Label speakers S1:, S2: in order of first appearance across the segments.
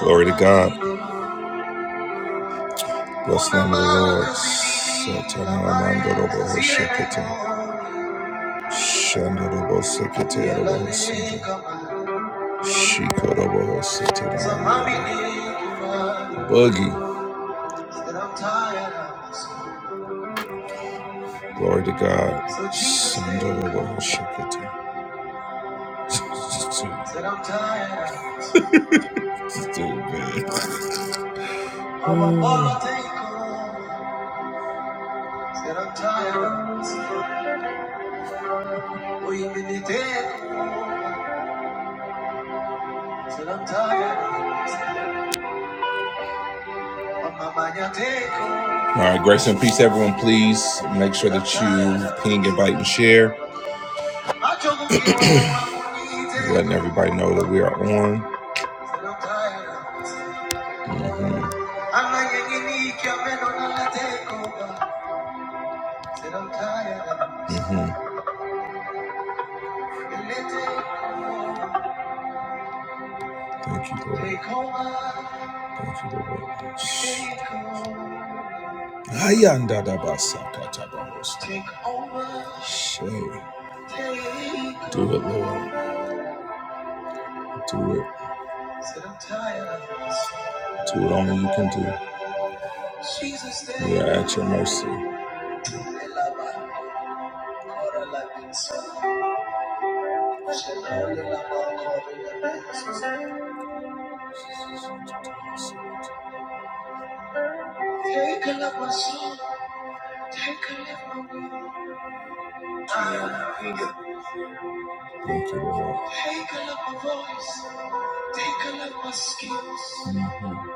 S1: Glory to God. Bless the name of the Lord. Satana Ramando Robo Hoshekete. Shando Robo Sekete Robo Hosete. Shiko Robo Hosete Boogie. Glory to God. Sando Robo Hoshekete. Stupid. All right, grace and peace, everyone. Please make sure that you ping, invite, and share. Letting everybody know that we are on. hmm Mm hmm Thank you, Lord. Thank you, Lord. Ayanda Ayandadabasakatabaros. Shay. Do it, Lord. Do it. Do it only you can do. We are at your mercy. Thank you, Lord. Take a look my voice. Take a look my skills. Mhm.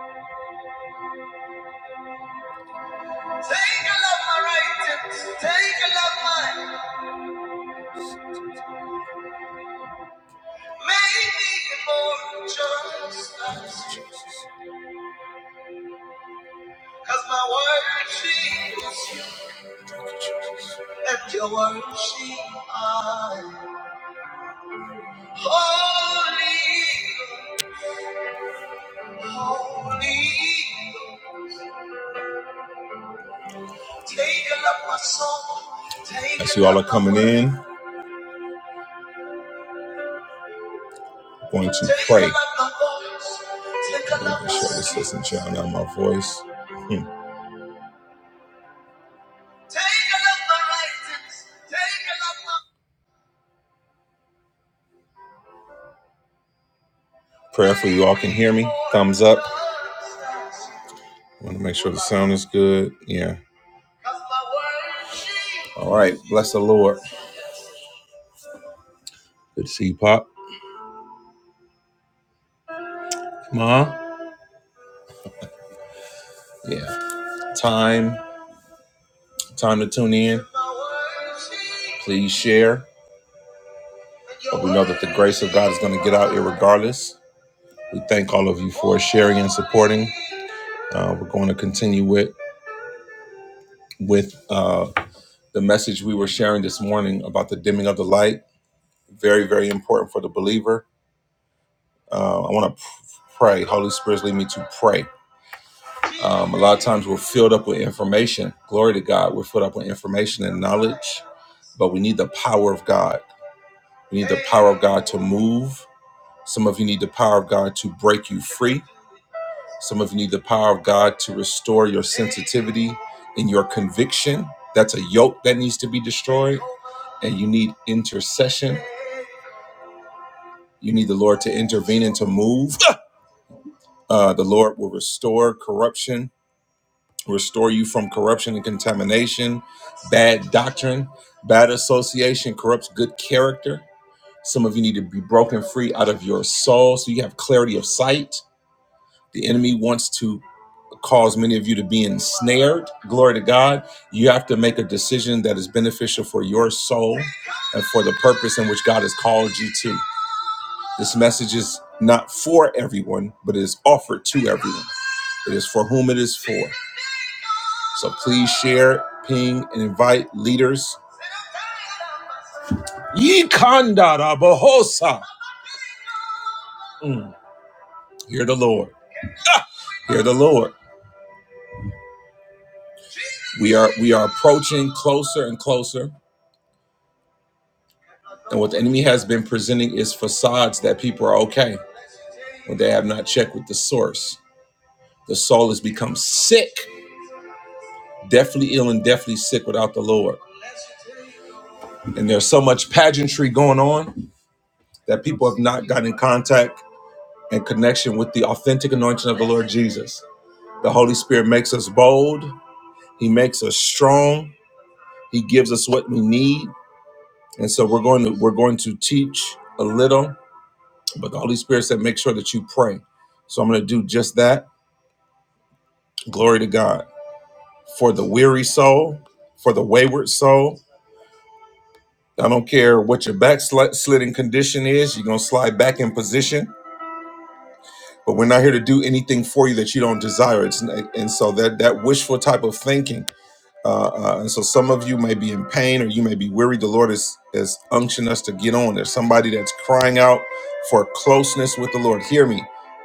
S1: Take a look my soul. Take y'all are coming in. I'm going to pray. a Making sure this isn't drowning out my voice. Hmm. Prayerfully, you all can hear me. Thumbs up. Want to make sure the sound is good. Yeah. All right. Bless the Lord. Good to see you, Pop. Ma. Yeah. Time. Time to tune in. Please share. But we know that the grace of God is going to get out irregardless. We thank all of you for sharing and supporting. Uh, we're going to continue with with uh, the message we were sharing this morning about the dimming of the light. Very, very important for the believer. Uh, I want to pray. Holy Spirit, lead me to pray. Um, a lot of times we're filled up with information. Glory to God. We're filled up with information and knowledge, but we need the power of God. We need the power of God to move. Some of you need the power of God to break you free. Some of you need the power of God to restore your sensitivity and your conviction. That's a yoke that needs to be destroyed. And you need intercession. You need the Lord to intervene and to move. Uh, the Lord will restore corruption, restore you from corruption and contamination, bad doctrine, bad association corrupts good character. Some of you need to be broken free out of your soul so you have clarity of sight. The enemy wants to cause many of you to be ensnared. Glory to God. You have to make a decision that is beneficial for your soul and for the purpose in which God has called you to. This message is not for everyone, but it is offered to everyone. It is for whom it is for. So please share, ping, and invite leaders. Ye kandara bohosa. Mm. Hear the Lord. Hear the Lord. We are we are approaching closer and closer And what the enemy has been presenting is facades that people are okay when they have not checked with the source. The soul has become sick, deathly ill and deathly sick without the Lord. And there's so much pageantry going on that people have not gotten in contact and connection with the authentic anointing of the Lord Jesus. The Holy Spirit makes us bold, He makes us strong, He gives us what we need. And so we're going to we're going to teach a little But the Holy Spirit said, make sure that you pray. So I'm going to do just that. Glory to God. For the weary soul, for the wayward soul. I don't care what your backsliding condition is, you're going to slide back in position but we're not here to do anything for you that you don't desire. It's and so that that wishful type of thinking. Uh, uh, and so some of you may be in pain or you may be weary. The Lord is is unctioning us to get on. There's somebody that's crying out for closeness with the Lord. Hear me.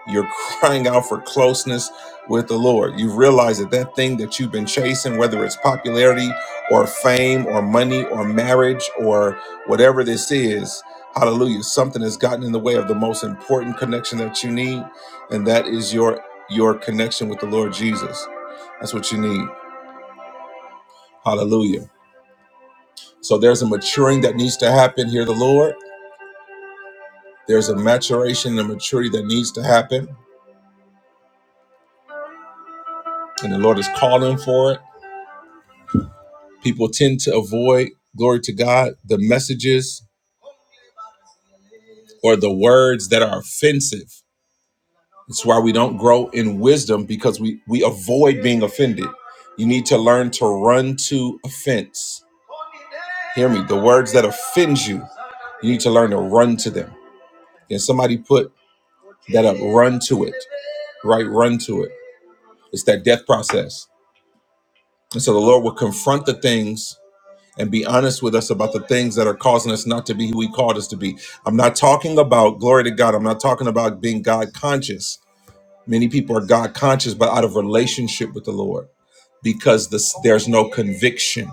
S1: You're crying out for closeness with the Lord. You've realized that that thing that you've been chasing, whether it's popularity or fame or money or marriage or whatever this is, hallelujah, something has gotten in the way of the most important connection that you need and that is your your connection with the Lord Jesus. That's what you need. Hallelujah. So there's a maturing that needs to happen here, the Lord. There's a maturation and a maturity that needs to happen, and the Lord is calling for it. People tend to avoid, glory to God, the messages or the words that are offensive. It's why we don't grow in wisdom because we, we avoid being offended. You need to learn to run to offense. Hear me, the words that offend you You need to learn to run to them. And somebody put that up, run to it, right? Run to it. It's that death process. And so the Lord will confront the things and be honest with us about the things that are causing us not to be who He called us to be. I'm not talking about, glory to God, I'm not talking about being God conscious. Many people are God conscious, but out of relationship with the Lord because this, there's no conviction.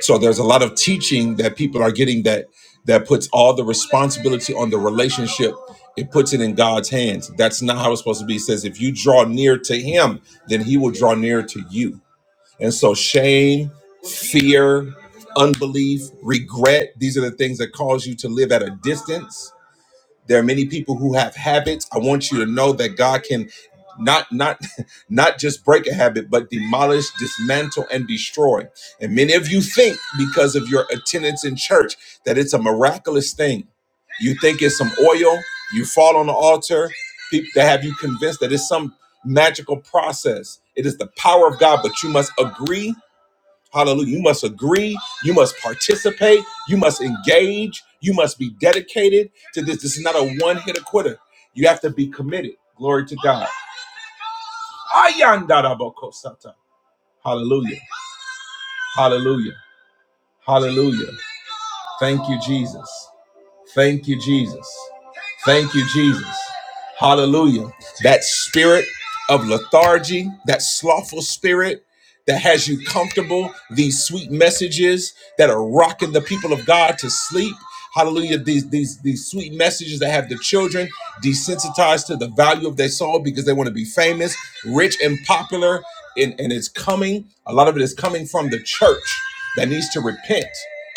S1: So there's a lot of teaching that people are getting that that puts all the responsibility on the relationship. It puts it in God's hands. That's not how it's supposed to be. It says if you draw near to Him, then He will draw near to you. And so shame, fear, unbelief, regret, these are the things that cause you to live at a distance there are many people who have habits i want you to know that god can not not not just break a habit but demolish dismantle and destroy and many of you think because of your attendance in church that it's a miraculous thing you think it's some oil you fall on the altar people that have you convinced that it's some magical process it is the power of god but you must agree Hallelujah. You must agree. You must participate. You must engage. You must be dedicated to this. This is not a one hitter quitter. You have to be committed. Glory to God. Ayandarabokosata. Hallelujah. Hallelujah. Hallelujah. Thank you, Jesus. Thank you, Jesus. Thank you, Jesus. Hallelujah. That spirit of lethargy, that slothful spirit that has you comfortable, these sweet messages that are rocking the people of God to sleep. Hallelujah. These, these, these sweet messages that have the children desensitized to the value of their soul because they want to be famous, rich, and popular. And, and it's coming. A lot of it is coming from the church that needs to repent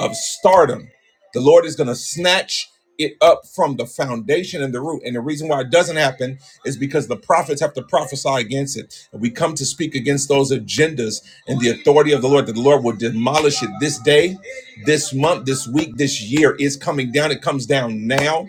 S1: of stardom the Lord is going to snatch it up from the foundation and the root. And the reason why it doesn't happen is because the prophets have to prophesy against it. And we come to speak against those agendas and the authority of the Lord, that the Lord will demolish it this day, this month, this week, this year is coming down. It comes down now.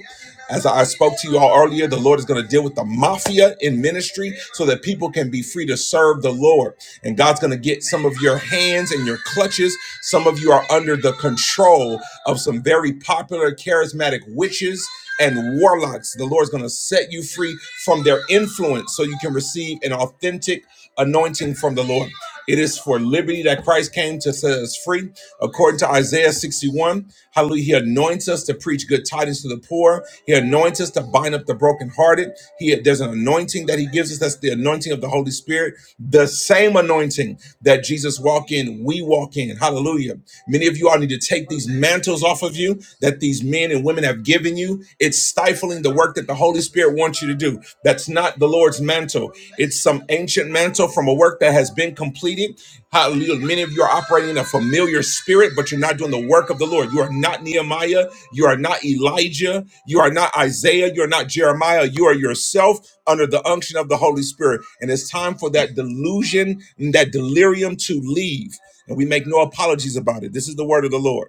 S1: As I spoke to you all earlier, the Lord is going to deal with the mafia in ministry so that people can be free to serve the Lord. And God's going to get some of your hands and your clutches. Some of you are under the control of some very popular charismatic witches and warlocks. The Lord's going to set you free from their influence so you can receive an authentic anointing from the Lord. It is for liberty that Christ came to set us free. According to Isaiah 61, hallelujah, he anoints us to preach good tidings to the poor. He anoints us to bind up the brokenhearted. He there's an anointing that he gives us. That's the anointing of the Holy Spirit. The same anointing that Jesus walked in, we walk in. Hallelujah. Many of you all need to take these mantles off of you that these men and women have given you. It's stifling stifling the work that the Holy Spirit wants you to do. That's not the Lord's mantle. It's some ancient mantle from a work that has been completed. Hallelujah. Many of you are operating in a familiar spirit, but you're not doing the work of the Lord. You are not Nehemiah. You are not Elijah. You are not Isaiah. You are not Jeremiah. You are yourself under the unction of the Holy Spirit. And it's time for that delusion and that delirium to leave. And we make no apologies about it. This is the word of the Lord.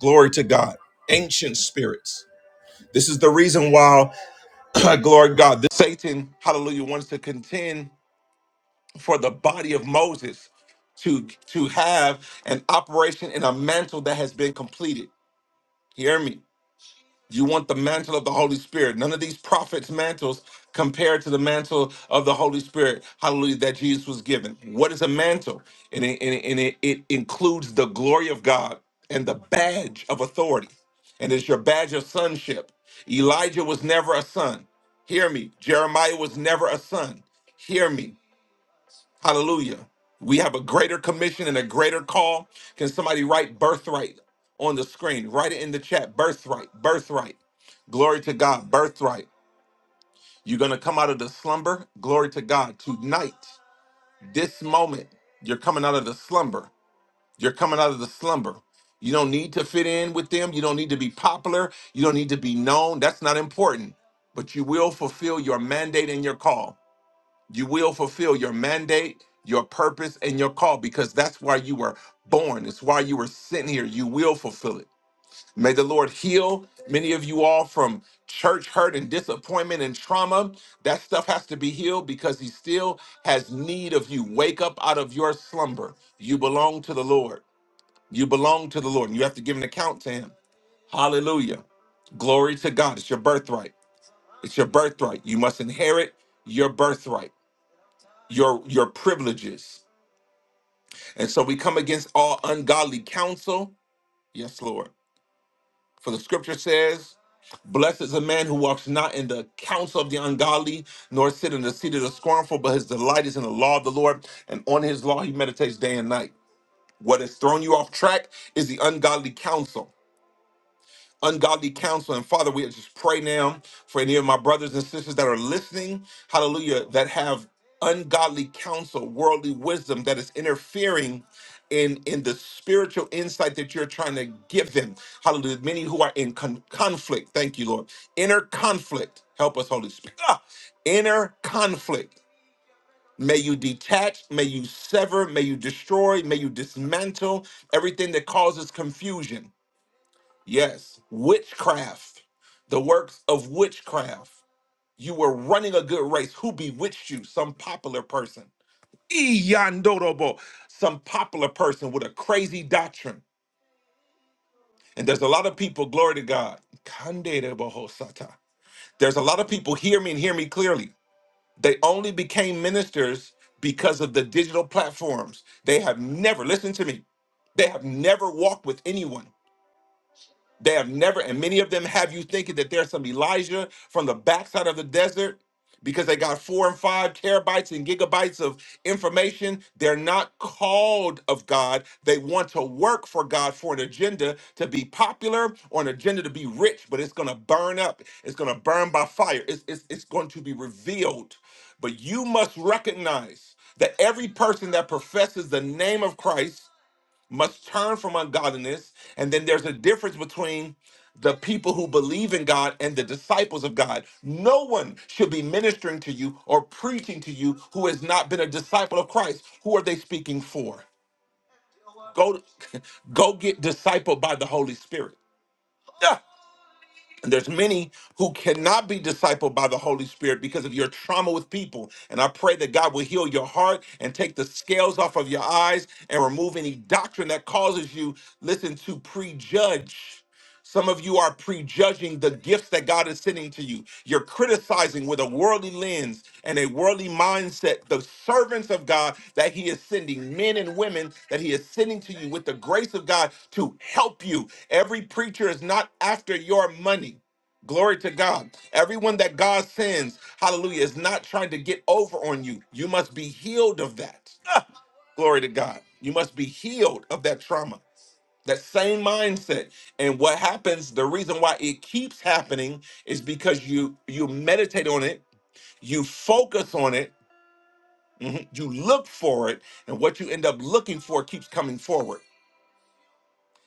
S1: Glory to God. Ancient spirits. This is the reason why. Glory to God. This Satan, hallelujah, wants to contend for the body of Moses to to have an operation in a mantle that has been completed. Hear me. You want the mantle of the Holy Spirit. None of these prophets' mantles compared to the mantle of the Holy Spirit, hallelujah, that Jesus was given. What is a mantle? And it, and it, and it, it includes the glory of God and the badge of authority. And it's your badge of sonship. Elijah was never a son. Hear me. Jeremiah was never a son. Hear me. Hallelujah. We have a greater commission and a greater call. Can somebody write birthright on the screen? Write it in the chat. Birthright, birthright. Glory to God, birthright. You're going to come out of the slumber. Glory to God. Tonight, this moment, you're coming out of the slumber. You're coming out of the slumber. You don't need to fit in with them. You don't need to be popular. You don't need to be known. That's not important. But you will fulfill your mandate and your call. You will fulfill your mandate, your purpose, and your call because that's why you were born. It's why you were sent here. You will fulfill it. May the Lord heal many of you all from church hurt and disappointment and trauma. That stuff has to be healed because He still has need of you. Wake up out of your slumber. You belong to the Lord. You belong to the Lord, and you have to give an account to Him. Hallelujah. Glory to God. It's your birthright. It's your birthright. You must inherit your birthright your your privileges. And so we come against all ungodly counsel. Yes, Lord. For the scripture says, Blessed is a man who walks not in the counsel of the ungodly, nor sit in the seat of the scornful, but his delight is in the law of the Lord, and on his law he meditates day and night. What has thrown you off track is the ungodly counsel. ungodly counsel. And Father, we just pray now for any of my brothers and sisters that are listening, hallelujah, that have ungodly counsel, worldly wisdom that is interfering in in the spiritual insight that you're trying to give them. Hallelujah. Many who are in con- conflict. Thank you, Lord. Inner conflict. Help us, Holy Spirit. Ah! inner conflict. May you detach, may you sever, may you destroy, may you dismantle everything that causes confusion Yes, witchcraft, the works of witchcraft. You were running a good race. Who bewitched you? Some popular person. Iyandorobo, some popular person with a crazy doctrine. And there's a lot of people, glory to God. Kanderebohosata. There's a lot of people, hear me and hear me clearly. They only became ministers because of the digital platforms. They have never, listen to me, they have never walked with anyone. They have never, and many of them have you thinking that there's some Elijah from the backside of the desert because they got four and five terabytes and gigabytes of information. They're not called of God. They want to work for God for an agenda to be popular or an agenda to be rich, but it's going to burn up. It's going to burn by fire. It's, it's, it's going to be revealed. But you must recognize that every person that professes the name of Christ must turn from ungodliness. And then there's a difference between the people who believe in God and the disciples of God. No one should be ministering to you or preaching to you who has not been a disciple of Christ. Who are they speaking for? Go, go get discipled by the Holy Spirit. Yeah. And there's many who cannot be discipled by the Holy Spirit because of your trauma with people. And I pray that God will heal your heart and take the scales off of your eyes and remove any doctrine that causes you, listen, to prejudge. Some of you are prejudging the gifts that God is sending to you. You're criticizing with a worldly lens and a worldly mindset the servants of God that He is sending, men and women that He is sending to you with the grace of God to help you. Every preacher is not after your money. Glory to God. Everyone that God sends, hallelujah, is not trying to get over on you. You must be healed of that. Glory to God. You must be healed of that trauma, that same mindset. And what happens, the reason why it keeps happening is because you you meditate on it, you focus on it, mhm, you look for it, and what you end up looking for keeps coming forward.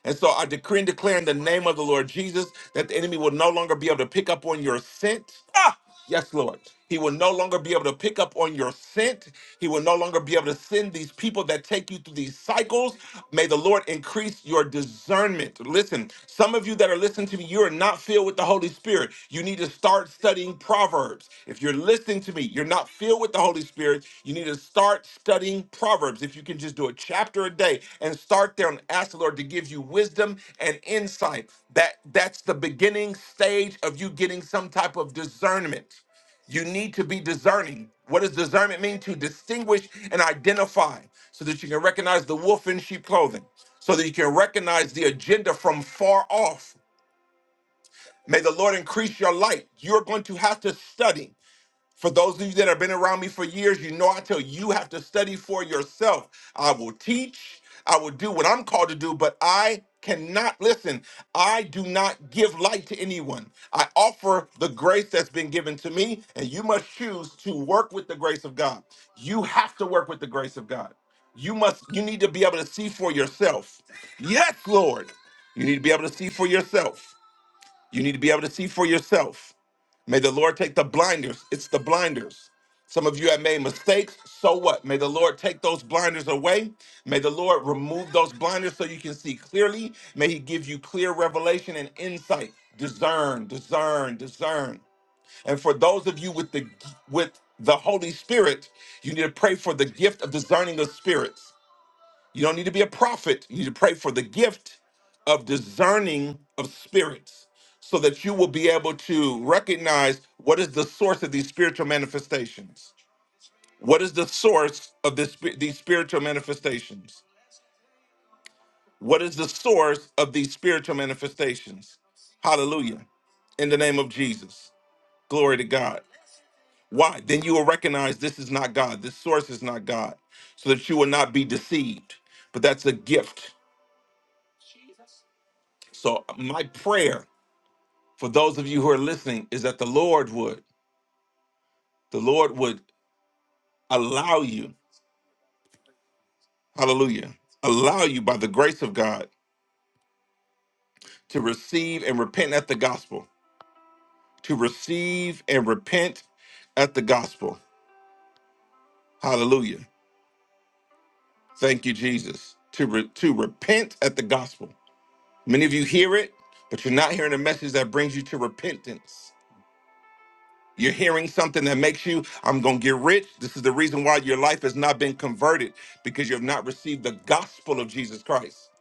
S1: And so I decree and declare in the name of the Lord Jesus that the enemy will no longer be able to pick up on your scent. Ah, yes, Lord. He will no longer be able to pick up on your scent. He will no longer be able to send these people that take you through these cycles. May the Lord increase your discernment. Listen, some of you that are listening to me, you are not filled filled with the Holy Spirit, you need to start studying Proverbs. If you're listening to me, you're not filled with the Holy Spirit, you need to start studying Proverbs. If you can just do a chapter a day and start there and ask the Lord to give you wisdom and insight. That that's the beginning stage of you getting some type of discernment. You need to be discerning. What does discernment mean? To distinguish and identify so that you can recognize the wolf in sheep clothing, so that you can recognize the agenda from far off. May the Lord increase your light. You're going to have to study. For those of you that have been around me for years, you know I tell you, you have to study for yourself. I will teach, I will do what I'm called to do, but I cannot listen. I do not give light to anyone. I offer the grace that's been given to me, and you must choose to work with the grace of God. You have to work with the grace of God. You must, you need to be able to see for yourself. Yes, Lord. You need to be able to see for yourself. You need to be able to see for yourself. May the Lord take the blinders. It's the blinders. Some of you have made mistakes. So what? May the Lord take those blinders away. May the Lord remove those blinders so you can see clearly. May He give you clear revelation and insight. Discern, discern, discern. And for those of you with the with the Holy Spirit, you need to pray for the gift of discerning of spirits. You don't need to be a prophet. You need to pray for the gift of discerning of spirits so that you will be able to recognize what is the source of these spiritual manifestations. What is the source of this, these spiritual manifestations? What is the source of these spiritual manifestations? Hallelujah. In the name of Jesus. Glory to God. Why? Then you will recognize this is not God. This source is not God so that you will not be deceived. But that's a gift. So my prayer for those of you who are listening is that the Lord would, the Lord would allow you, hallelujah, allow you by the grace of God to receive and repent at the gospel, to receive and repent at the gospel. Hallelujah. Thank you, Jesus. To, re- to repent at the gospel. Many of you hear it, but you're not hearing a message that brings you to repentance. You're hearing something that makes you, I'm going to get rich. This is the reason why your life has not been converted because you have not received the gospel of Jesus Christ.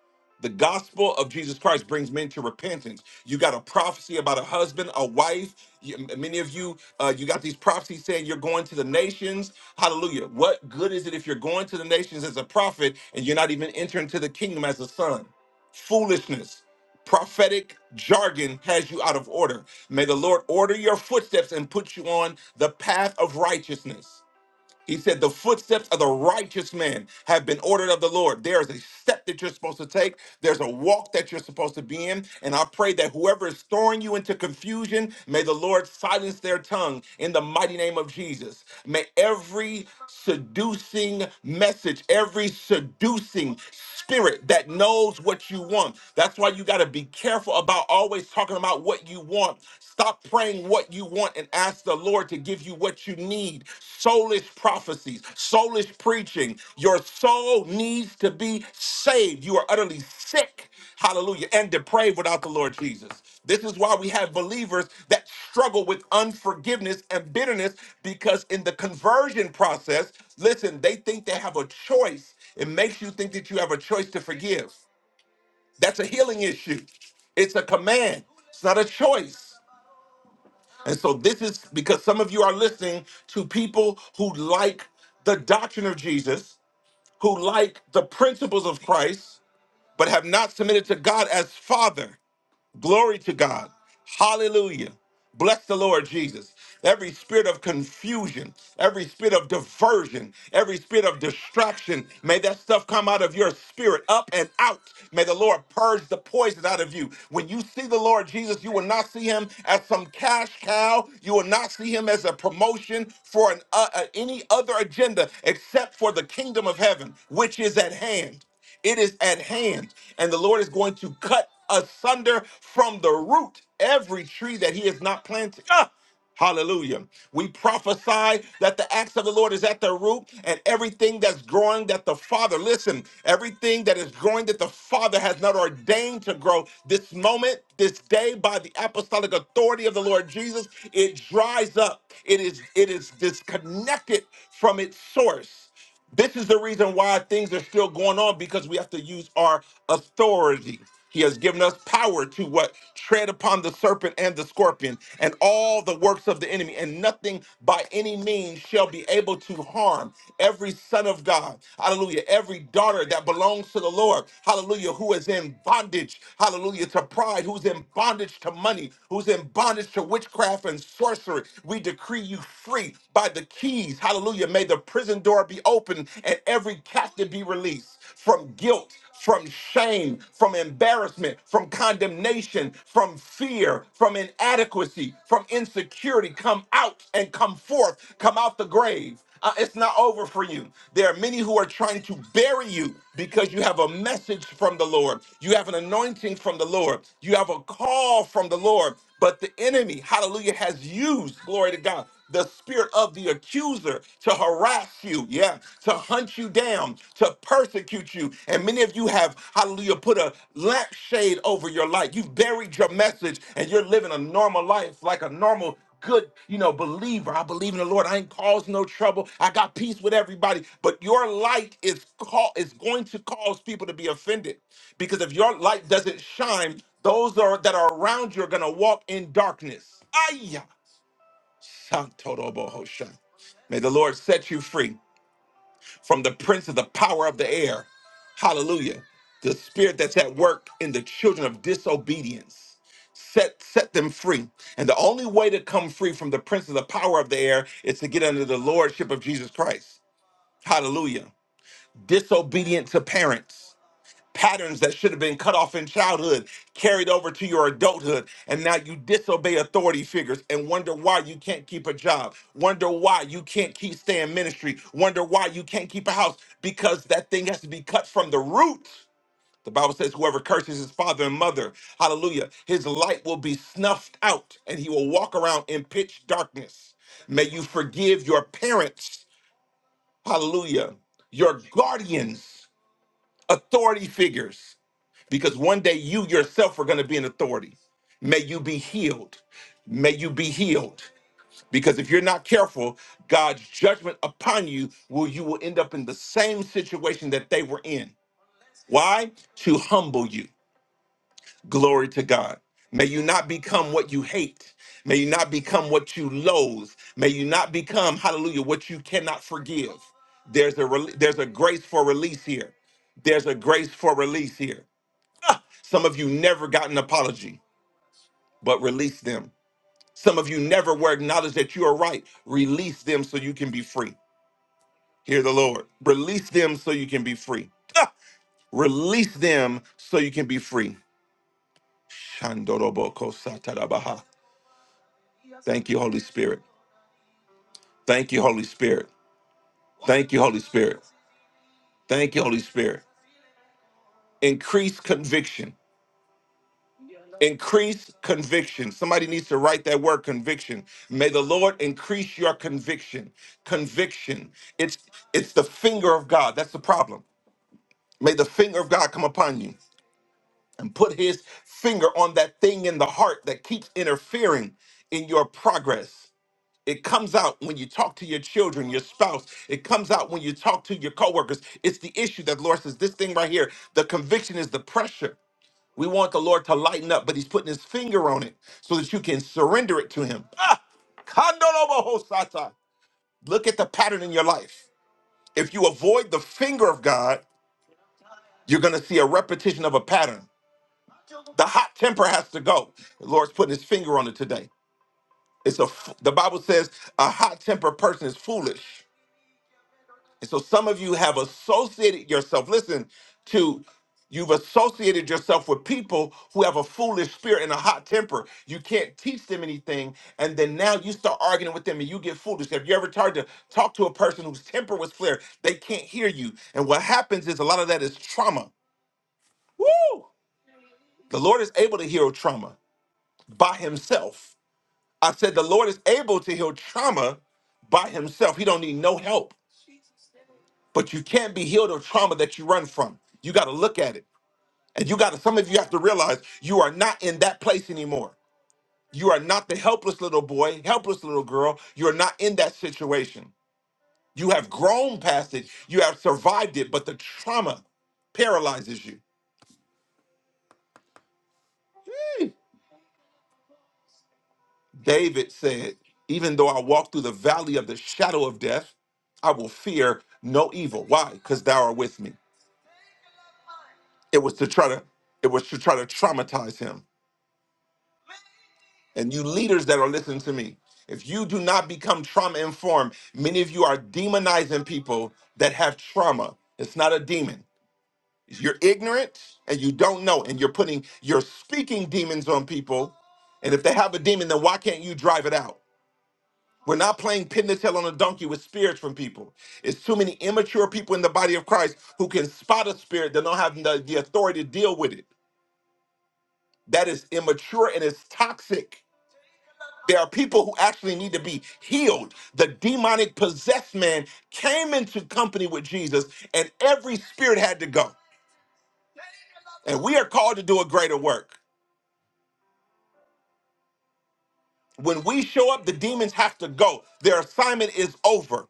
S1: The gospel of Jesus Christ brings men to repentance. You got a prophecy about a husband, a wife. You- many of you, uh, you got these prophecies saying you're going to the nations. Hallelujah. What good is it if you're going to the nations as a prophet and you're not even entering to the kingdom as a son? Foolishness prophetic jargon has you out of order. May the Lord order your footsteps and put you on the path of righteousness. He said, The footsteps of the righteous man have been ordered of the Lord. There is a step that you're supposed to take, there's a walk that you're supposed to be in. And I pray that whoever is throwing you into confusion, may the Lord silence their tongue in the mighty name of Jesus. May every seducing message, every seducing spirit that knows what you want. That's why you got to be careful about always talking about what you want. Stop praying what you want and ask the Lord to give you what you need. Soulish prophecies, soulish preaching. Your soul needs to be saved. You are utterly sick, hallelujah, and depraved without the Lord Jesus. This is why we have believers that struggle with unforgiveness and bitterness because in the conversion process, listen, they think they have a choice. It makes you think that you have a choice to forgive. That's a healing issue. It's a command. It's not a choice. And so this is because some of you are listening to people who like the doctrine of Jesus, who like the principles of Christ, but have not submitted to God as Father. Glory to God. Hallelujah. Bless the Lord Jesus. Every spirit of confusion, every spirit of diversion, every spirit of distraction, may that stuff come out of your spirit up and out. May the Lord purge the poison out of you. When you see the Lord Jesus, you will not see him as some cash cow. You will not see him as a promotion for an, uh, uh, any other agenda except for the kingdom of heaven, which is at hand. It is at hand, and the Lord is going to cut asunder from the root every tree that He has not planted. Ah! Hallelujah. We prophesy that the axe of the Lord is at the root and everything that's growing that the Father, listen, everything that is growing that the Father has not ordained to grow this moment, this day, by the apostolic authority of the Lord Jesus, it dries up. It is it is disconnected from its source. This is the reason why things are still going on because we have to use our authority. He has given us power to what tread upon the serpent and the scorpion and all the works of the enemy, and nothing by any means shall be able to harm every son of God. Hallelujah. Every daughter that belongs to the Lord. Hallelujah. Who is in bondage. Hallelujah. To pride, who's in bondage to money, who's in bondage to witchcraft and sorcery. We decree you free by the keys. Hallelujah Hallelujah. May the prison door be open and every captive be released from guilt, from shame, from embarrassment, from condemnation, from fear, from inadequacy, from insecurity. Come out and come forth. Come out the grave. Uh, it's not over for you. There are many who are trying to bury you because you have a message from the Lord. You have an anointing from the Lord. You have a call from the Lord. But the enemy, hallelujah, has used, glory to God, the spirit of the accuser to harass you, yeah, to hunt you down, to persecute you. And many of you have, hallelujah, put a lampshade over your life. You've buried your message and you're living a normal life like a normal good, you know, believer. I believe in the Lord. I ain't caused no trouble. I got peace with everybody. But your light is call is going to cause people to be offended because if your light doesn't shine, those are that are around you are gonna walk in darkness. Aya. Shantorobohosha. May the Lord set you free from the prince of the power of the air. Hallelujah. The spirit that's at work in the children of disobedience. Set set them free. And the only way to come free from the prince of the power of the air is to get under the lordship of Jesus Christ. Hallelujah. Disobedient to parents patterns that should have been cut off in childhood carried over to your adulthood and now you disobey authority figures and wonder why you can't keep a job wonder why you can't keep staying in ministry wonder why you can't keep a house because that thing has to be cut from the root the bible says whoever curses his father and mother hallelujah his light will be snuffed out and he will walk around in pitch darkness may you forgive your parents hallelujah your guardians authority figures because one day you yourself are going to be an authority. May you be healed. May you be healed. Because if you're not careful, God's judgment upon you will you will end up in the same situation that they were in. Why? To humble you. Glory to God. May you not become what you hate. May you not become what you loathe. May you not become, hallelujah, what you cannot forgive. There's a rel- there's a grace for release here. There's a grace for release here. Some of you never got an apology, but release them. Some of you never were acknowledged that you are right. Release them so you can be free. Hear the Lord. Release them so you can be free. Ah! Release them so you can be free. Shandoroboko satarabaha. Thank you, Holy Spirit. Thank you, Holy Spirit. Thank you, Holy Spirit. Thank you, Holy Spirit. Increase conviction. Increase conviction. Somebody needs to write that word conviction. May the Lord increase your conviction. Conviction. It's it's the finger of God. That's the problem. May the finger of God come upon you and put his finger on that thing in the heart that keeps interfering in your progress. It comes out when you talk to your children, your spouse. It comes out when you talk to your coworkers. It's the issue that the Lord says this thing right here. The conviction is the pressure. We want the Lord to lighten up, but He's putting His finger on it so that you can surrender it to Him. Ah! Kandorobohosata. Look at the pattern in your life. If you avoid the finger of God, you're going to see a repetition of a pattern. The hot temper has to go. The Lord's putting His finger on it today. It's a. f- The Bible says a hot tempered person is foolish. And so some of you have associated yourself, listen, to you've associated yourself with people who have a foolish spirit and a hot temper. You can't teach them anything. And then now you start arguing with them and you get foolish. Have you ever tried to talk to a person whose temper was flared? They can't hear you. And what happens is a lot of that is trauma. Woo! The Lord is able to heal trauma by himself. I said the Lord is able to heal trauma by himself. He don't need no help. But you can't be healed of trauma that you run from. You got to look at it. And you got to, some of you have to realize you are not in that place anymore. You are not the helpless little boy, helpless little girl. You're not in that situation. You have grown past it. You have survived it, but the trauma paralyzes you. David said, Even though I walk through the valley of the shadow of death, I will fear no evil. Why? Because thou art with me. It was to try to, it was to try to traumatize him And you leaders that are listening to me, if you do not become trauma informed, many of you are demonizing people that have trauma. It's not a demon. You're ignorant and you don't know, and you're putting, you're speaking demons on people. And if they have a demon, then why can't you drive it out? We're not playing pin the tail on a donkey with spirits from people. It's too many immature people in the body of Christ who can spot a spirit that don't have the, the authority to deal with it. That is immature and it's toxic. There are people who actually need to be healed. The demonic possessed man came into company with Jesus, and every spirit had to go. And we are called to do a greater work. When we show up, the demons have to go. Their assignment is over.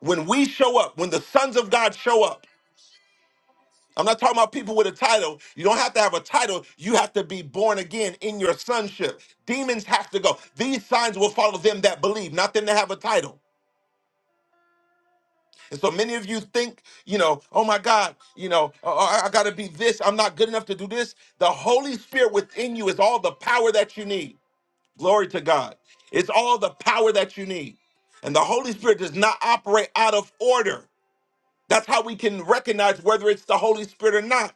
S1: When we show up, when the sons of God show up, I'm not talking about people with a title. You don't have to have a title. You have to be born again in your sonship. Demons have to go. These signs will follow them that believe, not them that have a title. And so many of you think, you know, oh my God, you know, uh, uh, I, I got to be this. I'm not good enough to do this. The Holy Spirit within you is all the power that you need. Glory to God. It's all the power that you need. And the Holy Spirit does not operate out of order. That's how we can recognize whether it's the Holy Spirit or not.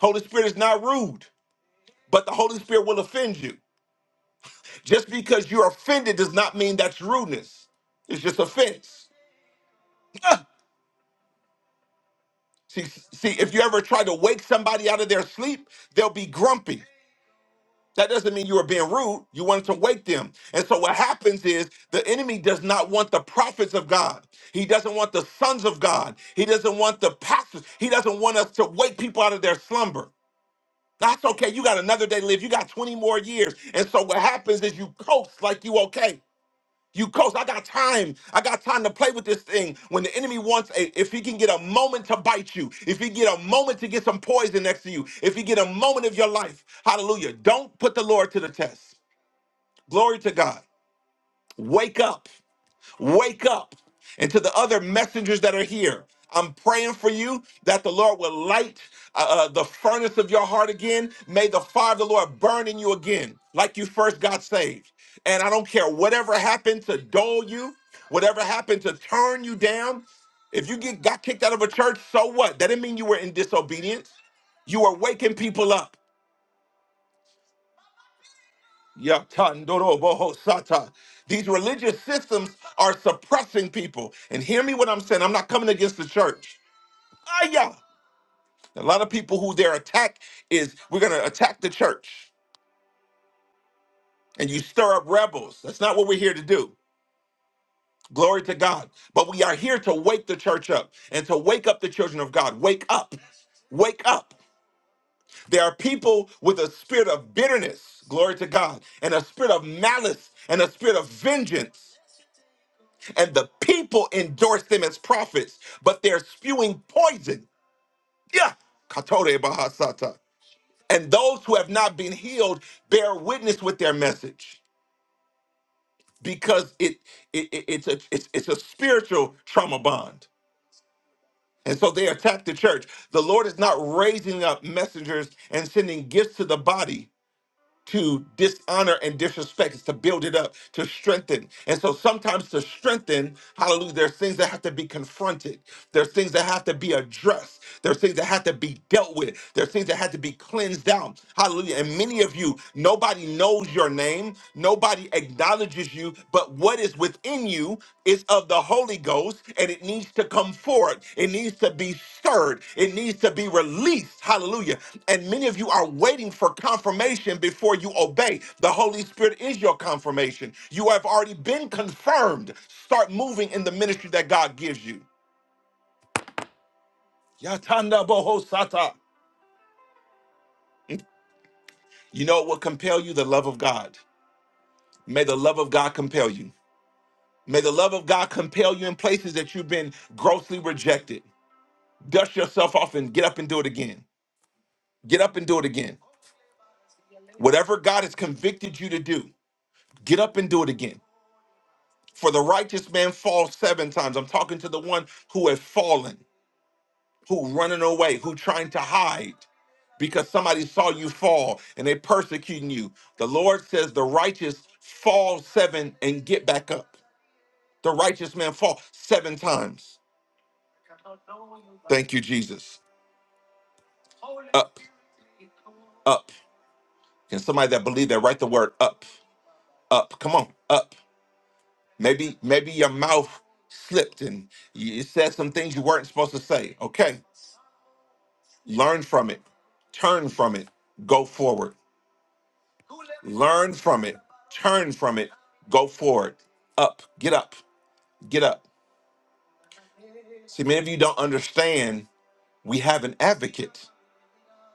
S1: Holy Spirit is not rude, but the Holy Spirit will offend you. Just because you're offended does not mean that's rudeness. It's just offense. See, see, if you ever try to wake somebody out of their sleep, they'll be grumpy. That doesn't mean you were being rude. You wanted to wake them. And so what happens is the enemy does not want the prophets of God. He doesn't want the sons of God. He doesn't want the pastors. He doesn't want us to wake people out of their slumber. That's okay. You got another day to live. You got 20 more years. And so what happens is you coast like you okay. You coach, I got time. I got time to play with this thing. When the enemy wants, a, if he can get a moment to bite you, if he get a moment to get some poison next to you, if he get a moment of your life, hallelujah. Don't put the Lord to the test. Glory to God. Wake up. Wake up. And to the other messengers that are here, I'm praying for you that the Lord will light uh, uh, the furnace of your heart again. May the fire of the Lord burn in you again, like you first got saved. And I don't care whatever happened to dull you, whatever happened to turn you down. If you get got kicked out of a church, so what? That didn't mean you were in disobedience. You are waking people up. Yatandoro boho, sata. These religious systems are suppressing people. And hear me what I'm saying. I'm not coming against the church. Ah, yeah. A lot of people who their attack is we're going to attack the church and you stir up rebels. That's not what we're here to do. Glory to God. But we are here to wake the church up and to wake up the children of God. Wake up. Wake up. There are people with a spirit of bitterness, glory to God, and a spirit of malice and a spirit of vengeance. and the people endorse them as prophets, but they're spewing poison. Yeah. Katore Bahasata. And those who have not been healed bear witness with their message because it, it, it- it's a it's, it's a spiritual trauma bond. And so they attack the church. The Lord is not raising up messengers and sending gifts to the body to dishonor and disrespect it's to build it up, to strengthen. And so sometimes to strengthen, hallelujah, there's things that have to be confronted. There's things that have to be addressed. There's things that have to be dealt with. There's things that have to be cleansed out. Hallelujah. And many of you, nobody knows your name. Nobody acknowledges you, but what is within you? is of the Holy Ghost and it needs to come forward. It needs to be stirred. It needs to be released. Hallelujah. And many of you are waiting for confirmation before you obey. The Holy Spirit is your confirmation. You have already been confirmed. Start moving in the ministry that God gives you. Yatanda boho sata. You know what will compel you? The love of God. May the love of God compel you. May the love of God compel you in places that you've been grossly rejected. Dust yourself off and get up and do it again. Get up and do it again. Whatever God has convicted you to do, get up and do it again. For the righteous man falls seven times. I'm talking to the one who has fallen, who running away, who trying to hide because somebody saw you fall and they persecuting you. The Lord says the righteous fall seven and get back up. The righteous man fall seven times. Thank you, Jesus. Up, up. Can somebody that believe that write the word up, up? Come on, up. Maybe maybe your mouth slipped and you said some things you weren't supposed to say. Okay, learn from it, turn from it, go forward. Learn from it, turn from it, go forward. Up, get up, get up. See, many of you don't understand. We have an advocate.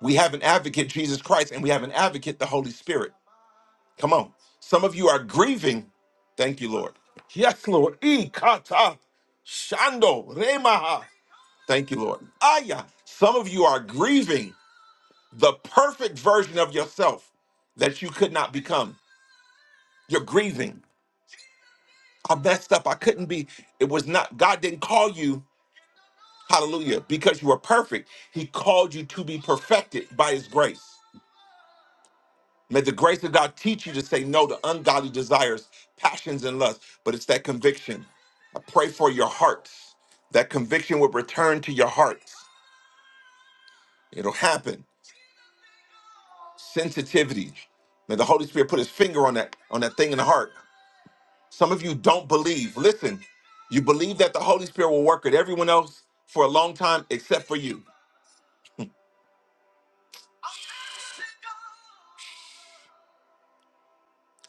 S1: We have an advocate, Jesus Christ, and we have an advocate, the Holy Spirit. Come on. Some of you are grieving. Thank you, Lord. Yes, Lord. E kata shando remaha. Thank you, Lord. Aya, some of you are grieving the perfect version of yourself that you could not become. You're grieving. I messed up. I couldn't be. It was not, God didn't call you, hallelujah, because you were perfect. He called you to be perfected by His grace. May the grace of God teach you to say no to ungodly desires, passions, and lusts, but it's that conviction. I pray for your hearts. That conviction will return to your hearts. It'll happen. sensitivity. May the Holy Spirit put his finger on that on that thing in the heart. Some of you don't believe. Listen, you believe that the Holy Spirit will work with everyone else for a long time except for you.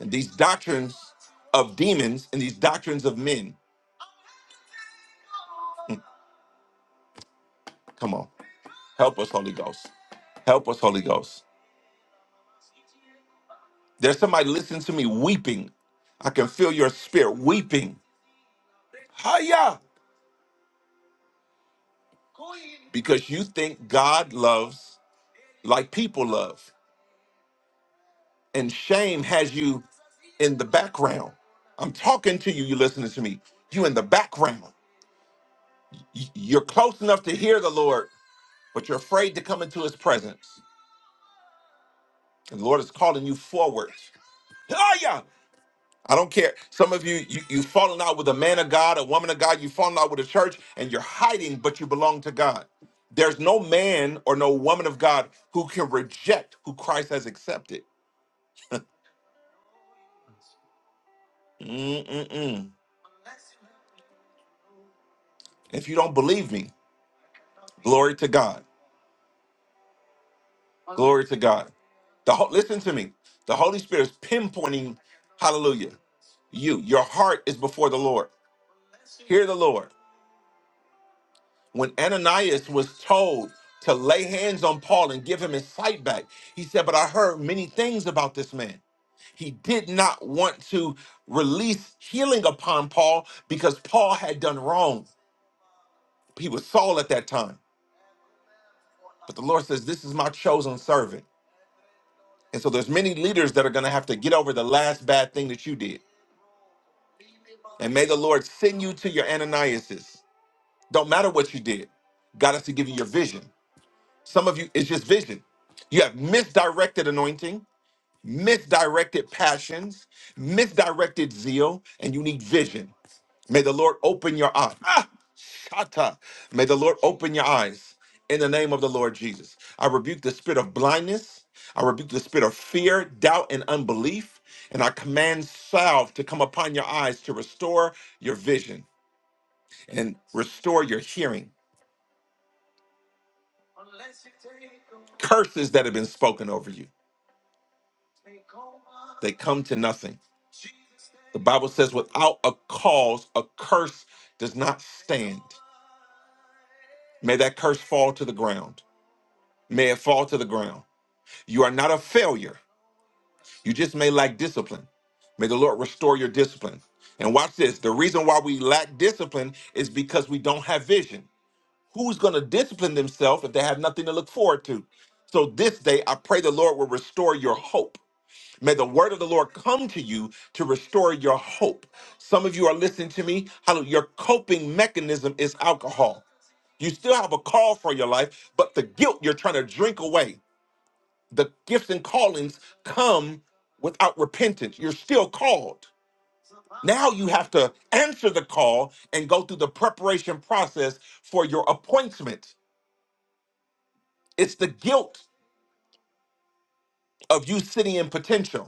S1: And these doctrines of demons and these doctrines of men. Come on. Help us, Holy Ghost. Help us, Holy Ghost. There's somebody listening to me weeping. I can feel your spirit weeping. Hiya! Because you think God loves like people love. and shame has you in the background. I'm talking to you, you listening to me. You in the background. Y- You're close enough to hear the Lord, but you're afraid to come into his presence. And the Lord is calling you forward. Oh yeah. I don't care. Some of you, you you've fallen out with a man of God, a woman of God, you've fallen out with a church, and you're hiding, but you belong to God. There's no man or no woman of God who can reject who Christ has accepted. Mm-mm-mm. If you don't believe me, glory to God. Glory to God. The ho- listen to me. The Holy Spirit is pinpointing, hallelujah, you. Your heart is before the Lord. Hear the Lord. When Ananias was told to lay hands on Paul and give him his sight back, he said, But I heard many things about this man. He did not want to release healing upon Paul because Paul had done wrong. He was Saul at that time. But the Lord says, This is my chosen servant. And so there's many leaders that are going to have to get over the last bad thing that you did And may the Lord send you to your Ananiases. Don't matter what you did. God has to give you your vision. Some of you, it's just vision. You have misdirected anointing, misdirected passions, misdirected zeal, and you need vision. May the Lord open your eyes. Ah, shata. May the Lord open your eyes in the name of the Lord Jesus. I rebuke the spirit of blindness. I rebuke the spirit of fear, doubt, and unbelief. And I command salve to come upon your eyes to restore your vision and restore your hearing. Curses that have been spoken over you, they come to nothing. The Bible says, without a cause, a curse does not stand. May that curse fall to the ground. May it fall to the ground. You are not a failure. You just may lack discipline. May the Lord restore your discipline. And watch this the reason why we lack discipline is because we don't have vision. Who's going to discipline themselves if they have nothing to look forward to? So, this day, I pray the Lord will restore your hope. May the word of the Lord come to you to restore your hope. Some of you are listening to me. Hallelujah. Your coping mechanism is alcohol. You still have a call for your life, but the guilt you're trying to drink away, the gifts and callings come without repentance. You're still called. Now you have to answer the call and go through the preparation process for your appointment. It's the guilt of you sitting in potential.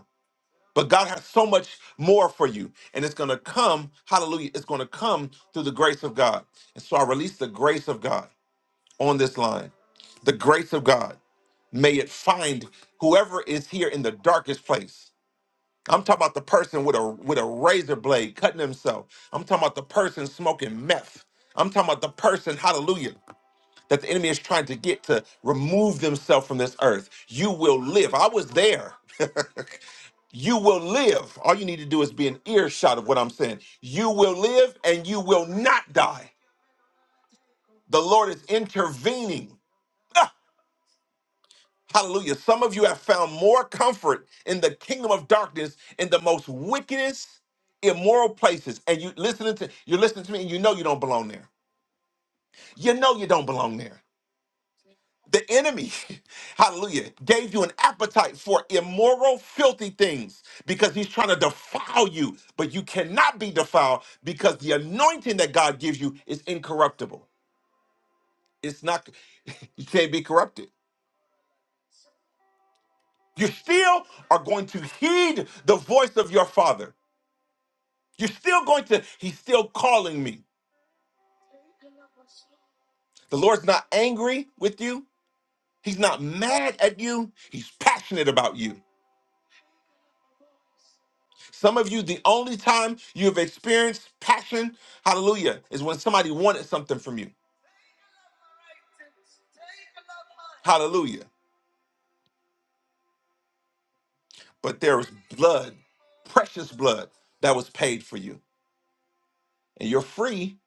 S1: But God has so much more for you. And it's going to come, hallelujah, it's going to come through the grace of God. And so I release the grace of God on this line. The grace of God. May it find whoever is here in the darkest place. I'm talking about the person with a with a razor blade cutting himself. I'm talking about the person smoking meth. I'm talking about the person, hallelujah that the enemy is trying to get to remove themselves from this earth. You will live. I was there. you will live. All you need to do is be an earshot of what I'm saying. You will live and you will not die. The Lord is intervening. Ah, hallelujah. Some of you have found more comfort in the kingdom of darkness in the most wickedest, immoral places. And you listening to you're listening to me and you know you don't belong there. You know you don't belong there. The enemy, hallelujah, gave you an appetite for immoral, filthy things because he's trying to defile you. But you cannot be defiled because the anointing that God gives you is incorruptible. It's not, you can't be corrupted. You still are going to heed the voice of your father. You're still going to, he's still calling me. The Lord's not angry with you, he's not mad at you, he's passionate about you. Some of you, the only time you've experienced passion, hallelujah, is when somebody wanted something from you. Hallelujah. But there was blood, precious blood, that was paid for you. And you're free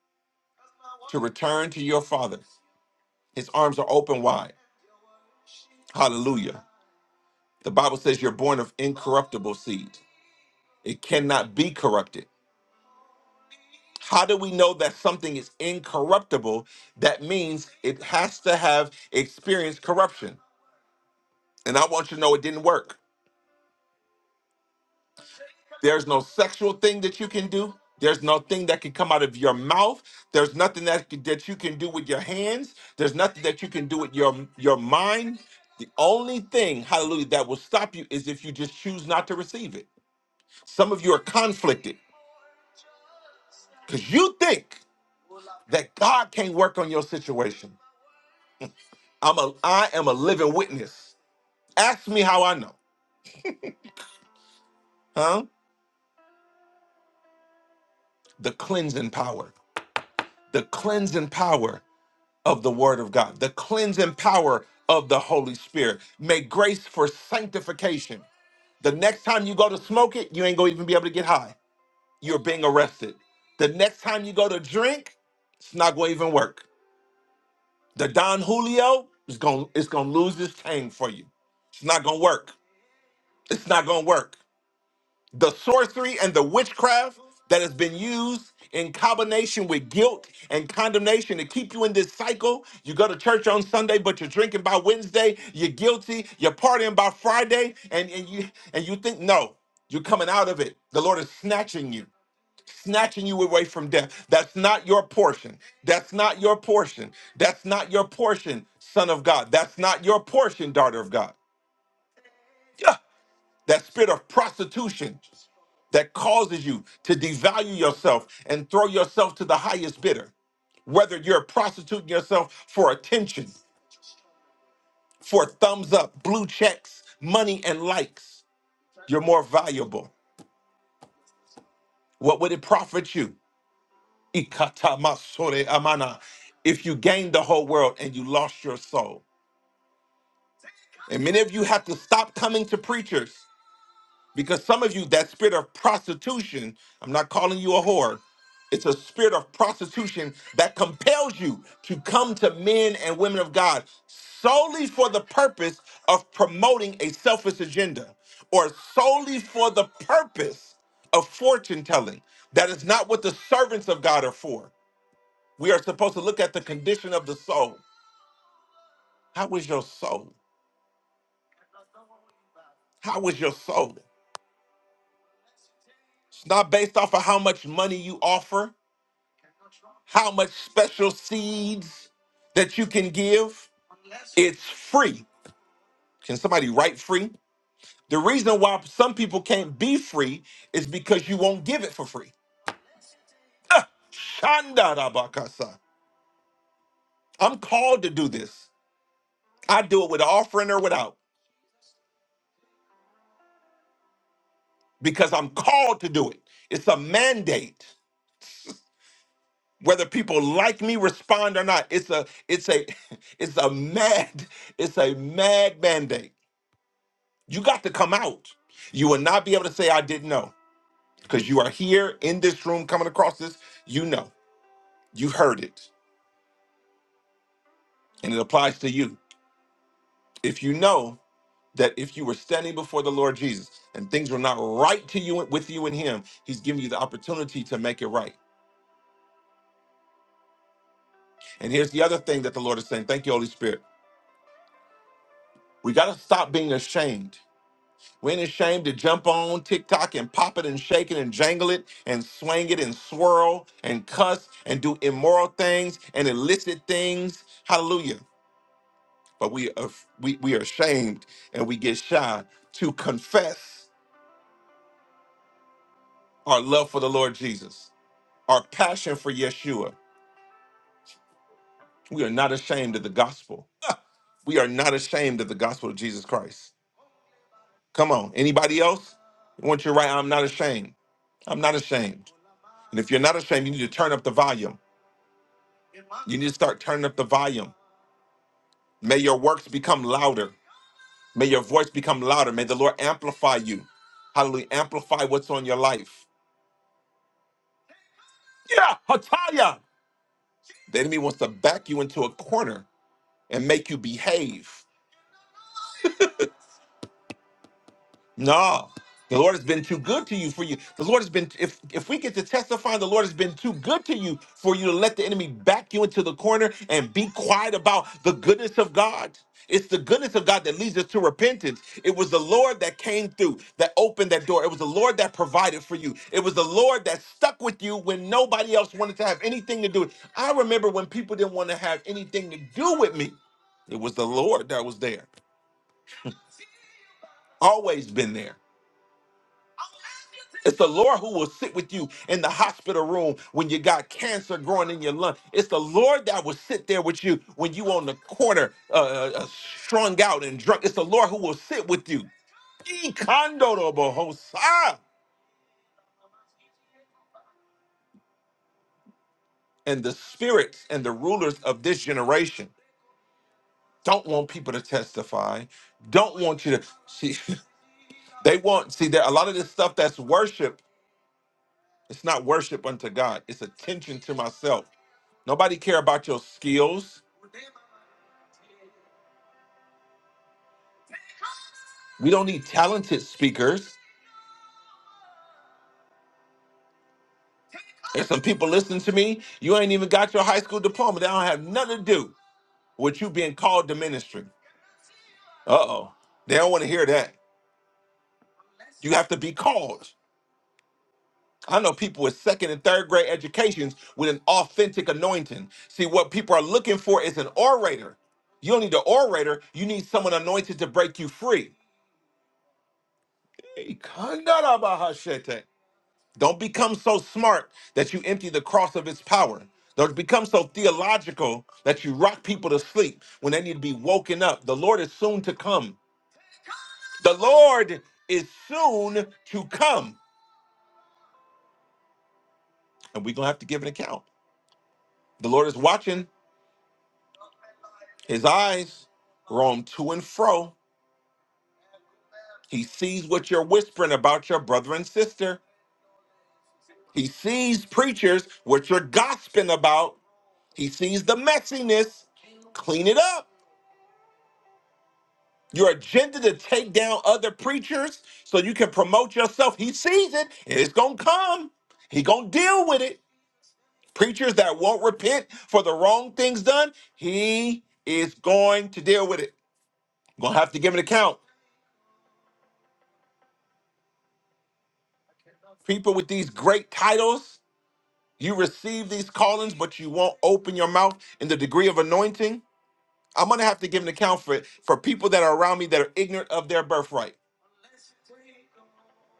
S1: to return to your father. His arms are open wide. Hallelujah. The Bible says you're born of incorruptible seed, it cannot be corrupted. How do we know that something is incorruptible? That means it has to have experienced corruption. And I want you to know it didn't work. There's no sexual thing that you can do. There's nothing that can come out of your mouth. There's nothing that that you can do with your hands. There's nothing that you can do with your your mind. The only thing, hallelujah, that will stop you is if you just choose not to receive it. Some of you are conflicted because you think that God can't work on your situation. I'm a I am a living witness. Ask me how I know, huh? The cleansing power, the cleansing power of the Word of God, the cleansing power of the Holy Spirit. May grace for sanctification. The next time you go to smoke it, you ain't gonna even be able to get high. You're being arrested. The next time you go to drink, it's not gonna even work. The Don Julio is gonna it's gonna lose its tang for you. It's not gonna work. It's not gonna work. the sorcery and the witchcraft that has been used in combination with guilt and condemnation to keep you in this cycle. You go to church on Sunday, but you're drinking by Wednesday, you're guilty, you're partying by Friday, and, and you and you think, no, you're coming out of it. The Lord is snatching you, snatching you away from death. That's not your portion. That's not your portion. That's not your portion, son of God. That's not your portion, daughter of God. Yeah. That spirit of prostitution that causes you to devalue yourself and throw yourself to the highest bidder. Whether you're prostituting yourself for attention, for thumbs up, blue checks, money, and likes, you're more valuable. What would it profit you? Ikatamasore amana. If you gained the whole world and you lost your soul. And many of you have to stop coming to preachers Because some of you, that spirit of prostitution, I'm not calling you a whore, it's a spirit of prostitution that compels you to come to men and women of God solely for the purpose of promoting a selfish agenda or solely for the purpose of fortune telling. That is not what the servants of God are for. We are supposed to look at the condition of the soul. How is your soul? How is your soul? It's not based off of how much money you offer. how much special seeds that you can give. It's free. Can somebody write free? The reason why some people can't be free is because you won't give it for free. Ah, shandarabakasa. I'm called to do this. I do it with offering or without because I'm called to do it. It's a mandate. Whether people like me respond or not, it's a it's a it's a mad it's a mad mandate. You got to come out. You will not be able to say, I didn't know, because you are here in this room coming across this. You know, you heard it, and it applies to you. If you know that if you were standing before the Lord Jesus and things were not right to you with you and Him, He's giving you the opportunity to make it right. And here's the other thing that the Lord is saying. Thank you, Holy Spirit. We got to stop being ashamed We ain't ashamed to jump on TikTok and pop it and shake it and jangle it and swing it and swirl and cuss and do immoral things and illicit things. Hallelujah. But we are, we, we are ashamed and we get shy to confess our love for the Lord Jesus, our passion for Yeshua. We are not ashamed of the gospel. We are not ashamed of the gospel of Jesus Christ. Come on. Anybody else? I Want you to write? I'm not ashamed. I'm not ashamed. And if you're not ashamed, you need to turn up the volume You need to start turning up the volume. May your works become louder. May your voice become louder. May the Lord amplify you. Hallelujah. Amplify what's on your life. Yeah, Hataya. The enemy wants to back you into a corner and make you behave. No, the Lord has been too good to you for you. The Lord has been if if we get to testify, the Lord has been too good to you for you to let the enemy back you into the corner and be quiet about the goodness of God. It's the goodness of God that leads us to repentance. It was the Lord that came through, that opened that door. It was the Lord that provided for you. It was the Lord that stuck with you when nobody else wanted to have anything to do with. I remember when people didn't want to have anything to do with me. It was the Lord that was there. Always been there. It's the Lord who will sit with you in the hospital room when you got cancer growing in your lung. It's the Lord that will sit there with you when you on the corner, uh, uh, uh, strung out and drunk. It's the Lord who will sit with you. Ikandorobohosa. And the spirits and the rulers of this generation don't want people to testify. Don't want you to see. They want see there a lot of this stuff that's worship. It's not worship unto God. It's attention to myself. Nobody care about your skills. We don't need talented speakers. There's some people listening to me. You ain't even got your high school diploma. They don't have nothing to do with you being called to ministry. Uh oh. They don't want to hear that. You have to be called. I know people with second and third grade educations with an authentic anointing. See, what people are looking for is an orator. You don't need an orator, you need someone anointed to break you free. Hey, Kandarabahashete. Don't become so smart that you empty the cross of its power. Don't become so theological that you rock people to sleep when they need to be woken up. The Lord is soon to come. The Lord is soon to come. And we're going to have to give an account. The Lord is watching. His eyes roam to and fro. He sees what you're whispering about your brother and sister. He sees preachers, what you're gossiping about. He sees the messiness. Clean it up. your agenda to take down other preachers so you can promote yourself. He sees it. It's gonna come. He gonna deal with it. Preachers that won't repent for the wrong things done, he is going to deal with it. gonna have to give an account. People with these great titles, you receive these callings, but you won't open your mouth in the degree of anointing. I'm gonna have to give an account for for people that are around me that are ignorant of their birthright.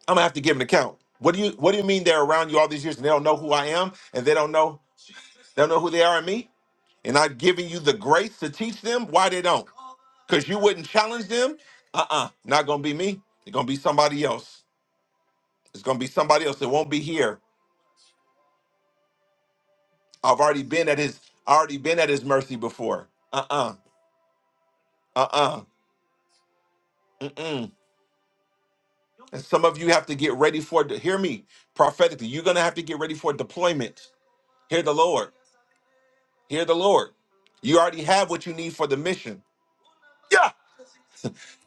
S1: I'm gonna have to give an account. What do you What do you mean they're around you all these years and they don't know who I am and they don't know they don't know who they are in me? And I've given you the grace to teach them why they don't. Because you wouldn't challenge them. Uh-uh. Not gonna be me. It's gonna be somebody else. It's gonna be somebody else. It won't be here. I've already been at his I already been at his mercy before. Uh-uh. Uh-uh. Mm-mm. And some of you have to get ready for it. Hear me prophetically. You're gonna have to get ready for deployment. Hear the Lord. Hear the Lord. You already have what you need for the mission. Yeah.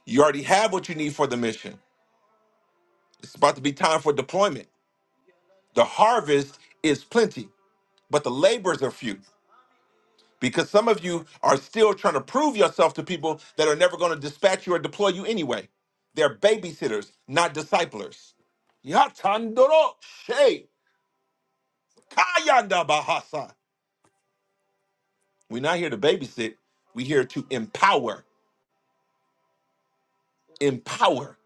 S1: You already have what you need for the mission. It's about to be time for deployment. The harvest is plenty, but the laborers are few because some of you are still trying to prove yourself to people that are never going to dispatch you or deploy you anyway. They're babysitters, not disciplers. Yatandoro she kayanda bahasa. We're not here to babysit. We're here to empower. Empower.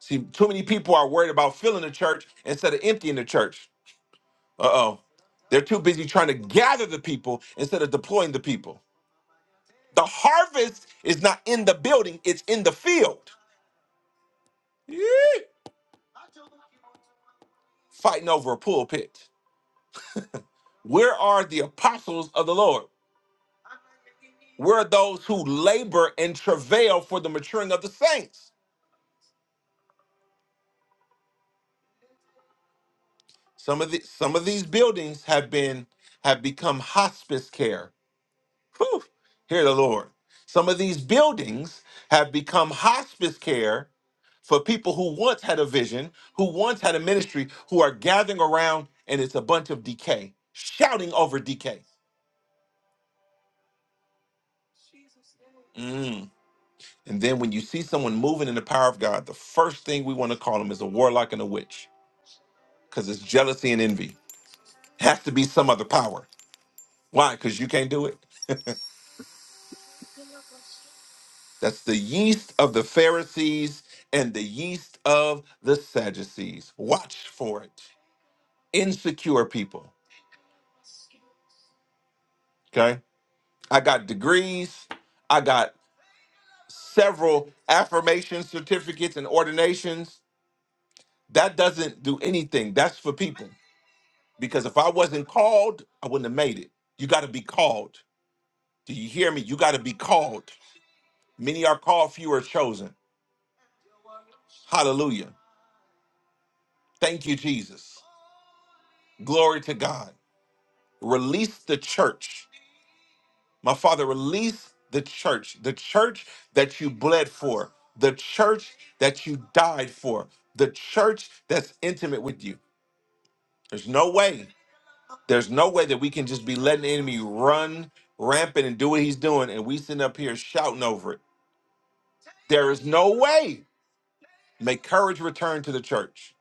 S1: See, too many people are worried about filling the church instead of emptying the church. Uh oh. They're too busy trying to gather the people instead of deploying the people. The harvest is not in the building, it's in the field. Yee. Fighting over a pulpit. Where are the apostles of the Lord? Where are those who labor and travail for the maturing of the saints? Some of the, some of these buildings have been have become hospice care Whew, hear the Lord. Some of these buildings have become hospice care for people who once had a vision, who once had a ministry, who are gathering around, and it's a bunch of decay, shouting over decay. Mm. And then when you see someone moving in the power of God, the first thing we want to call them is a warlock and a witch because it's jealousy and envy. Has to be some other power. Why? Because you can't do it. That's the yeast of the Pharisees and the yeast of the Sadducees. Watch for it. Insecure people. Okay. I got degrees. I got several affirmation certificates and ordinations. That doesn't do anything. That's for people. Because if I wasn't called, I wouldn't have made it. You got to be called. Do you hear me? You got to be called. Many are called, few are chosen. Hallelujah. Thank you, Jesus. Glory to God. Release the church. My Father, release the church, the church that you bled for, the church that you died for, the church that's intimate with you. There's no way, there's no way that we can just be letting the enemy run rampant and do what he's doing, and we sitting up here shouting over it. There is no way. May courage return to the church.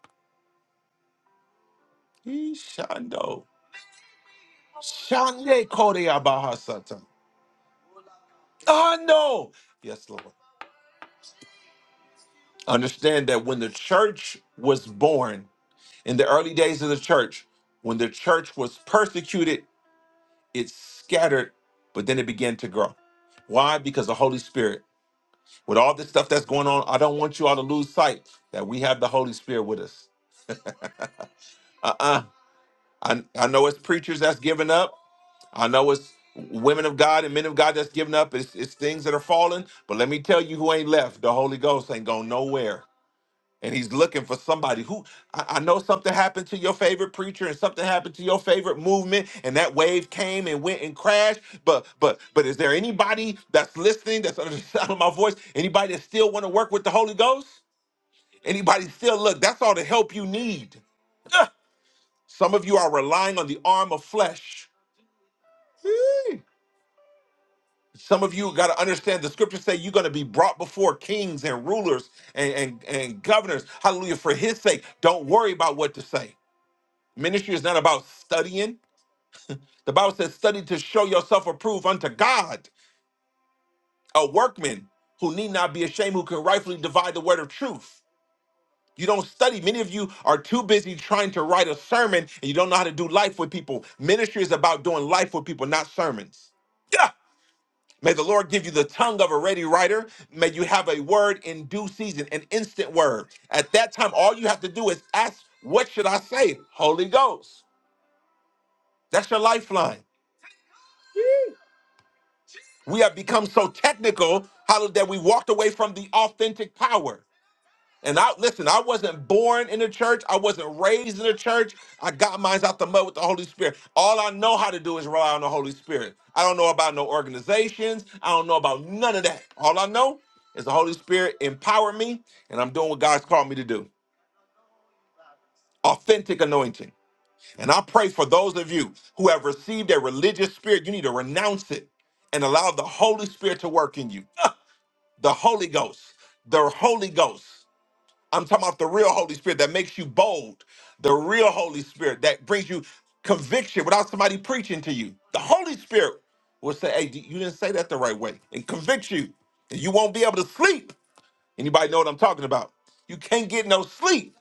S1: Yee, Shando. Shande Korea Bahasata. Ah, no. Yes, Lord. Understand that when the church was born, in the early days of the church, when the church was persecuted, it scattered, but then it began to grow. Why? Because the Holy Spirit, with all this stuff that's going on, I don't want you all to lose sight that we have the Holy Spirit with us. Uh uh I, I know it's preachers that's giving up. I know it's women of God and men of God that's giving up. It's, it's things that are falling. But let me tell you who ain't left. The Holy Ghost ain't going nowhere. and he's looking for somebody who I, I know something happened to your favorite preacher and something happened to your favorite movement and that wave came and went and crashed but but but is there anybody that's listening that's under the sound of my voice anybody that still want to work with the holy ghost anybody still look that's all the help you need Ugh. some of you are relying on the arm of flesh Whee! some of you got to understand the scriptures say you're going to be brought before kings and rulers and, and, and governors hallelujah for his sake don't worry about what to say Ministry is not about studying. The Bible says, study to show yourself approved unto God, a workman who need not be ashamed, who can rightfully divide the word of truth. You don't study. Many of you are too busy trying to write a sermon and you don't know how to do life with people. Ministry is about doing life with people, not sermons. Yeah. May the Lord give you the tongue of a ready writer. May you have a word in due season, an instant word. At that time, all you have to do is ask, What should I say? Holy Ghost. That's your lifeline. We have become so technical, how that we walked away from the authentic power. And I listen, I wasn't born in the church. I wasn't raised in the church. I got mine out the mud with the Holy Spirit. All I know how to do is rely on the Holy Spirit. I don't know about no organizations. I don't know about none of that. All I know is the Holy Spirit empowered me, and I'm doing what God's called me to do. Authentic anointing. And I pray for those of you who have received a religious spirit, you need to renounce it and allow the Holy Spirit to work in you. the Holy Ghost, the Holy Ghost. I'm talking about the real Holy Spirit that makes you bold, the real Holy Spirit that brings you conviction without somebody preaching to you. The Holy Spirit will say, "Hey, d- you didn't say that the right way," and convict you, and you won't be able to sleep. Anybody know what I'm talking about? You can't get no sleep.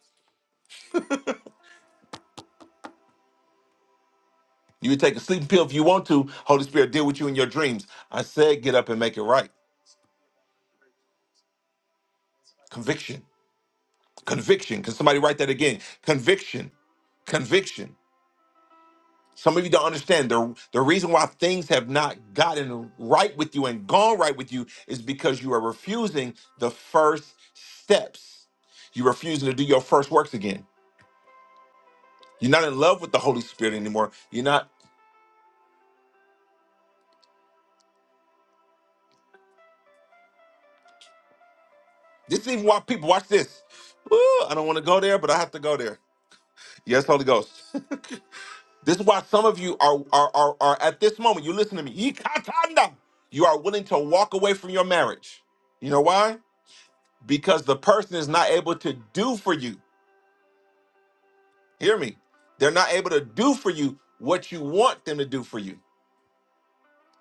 S1: You can take a sleeping pill if you want to. Holy Spirit deal with you in your dreams. I said, get up and make it right. Conviction, conviction. Can somebody write that again? Conviction, conviction. Some of you don't understand the, the reason why things have not gotten right with you and gone right with you is because you are refusing the first steps. You're refusing to do your first works again. You're not in love with the Holy Spirit anymore. You're not. This is even why people watch this. Woo, I don't want to go there, but I have to go there. Yes, Holy Ghost. this is why some of you are are are, are at this moment. You listen to me. Ikatanda. You are willing to walk away from your marriage. You know why? Because the person is not able to do for you Hear me. They're not able to do for you what you want them to do for you.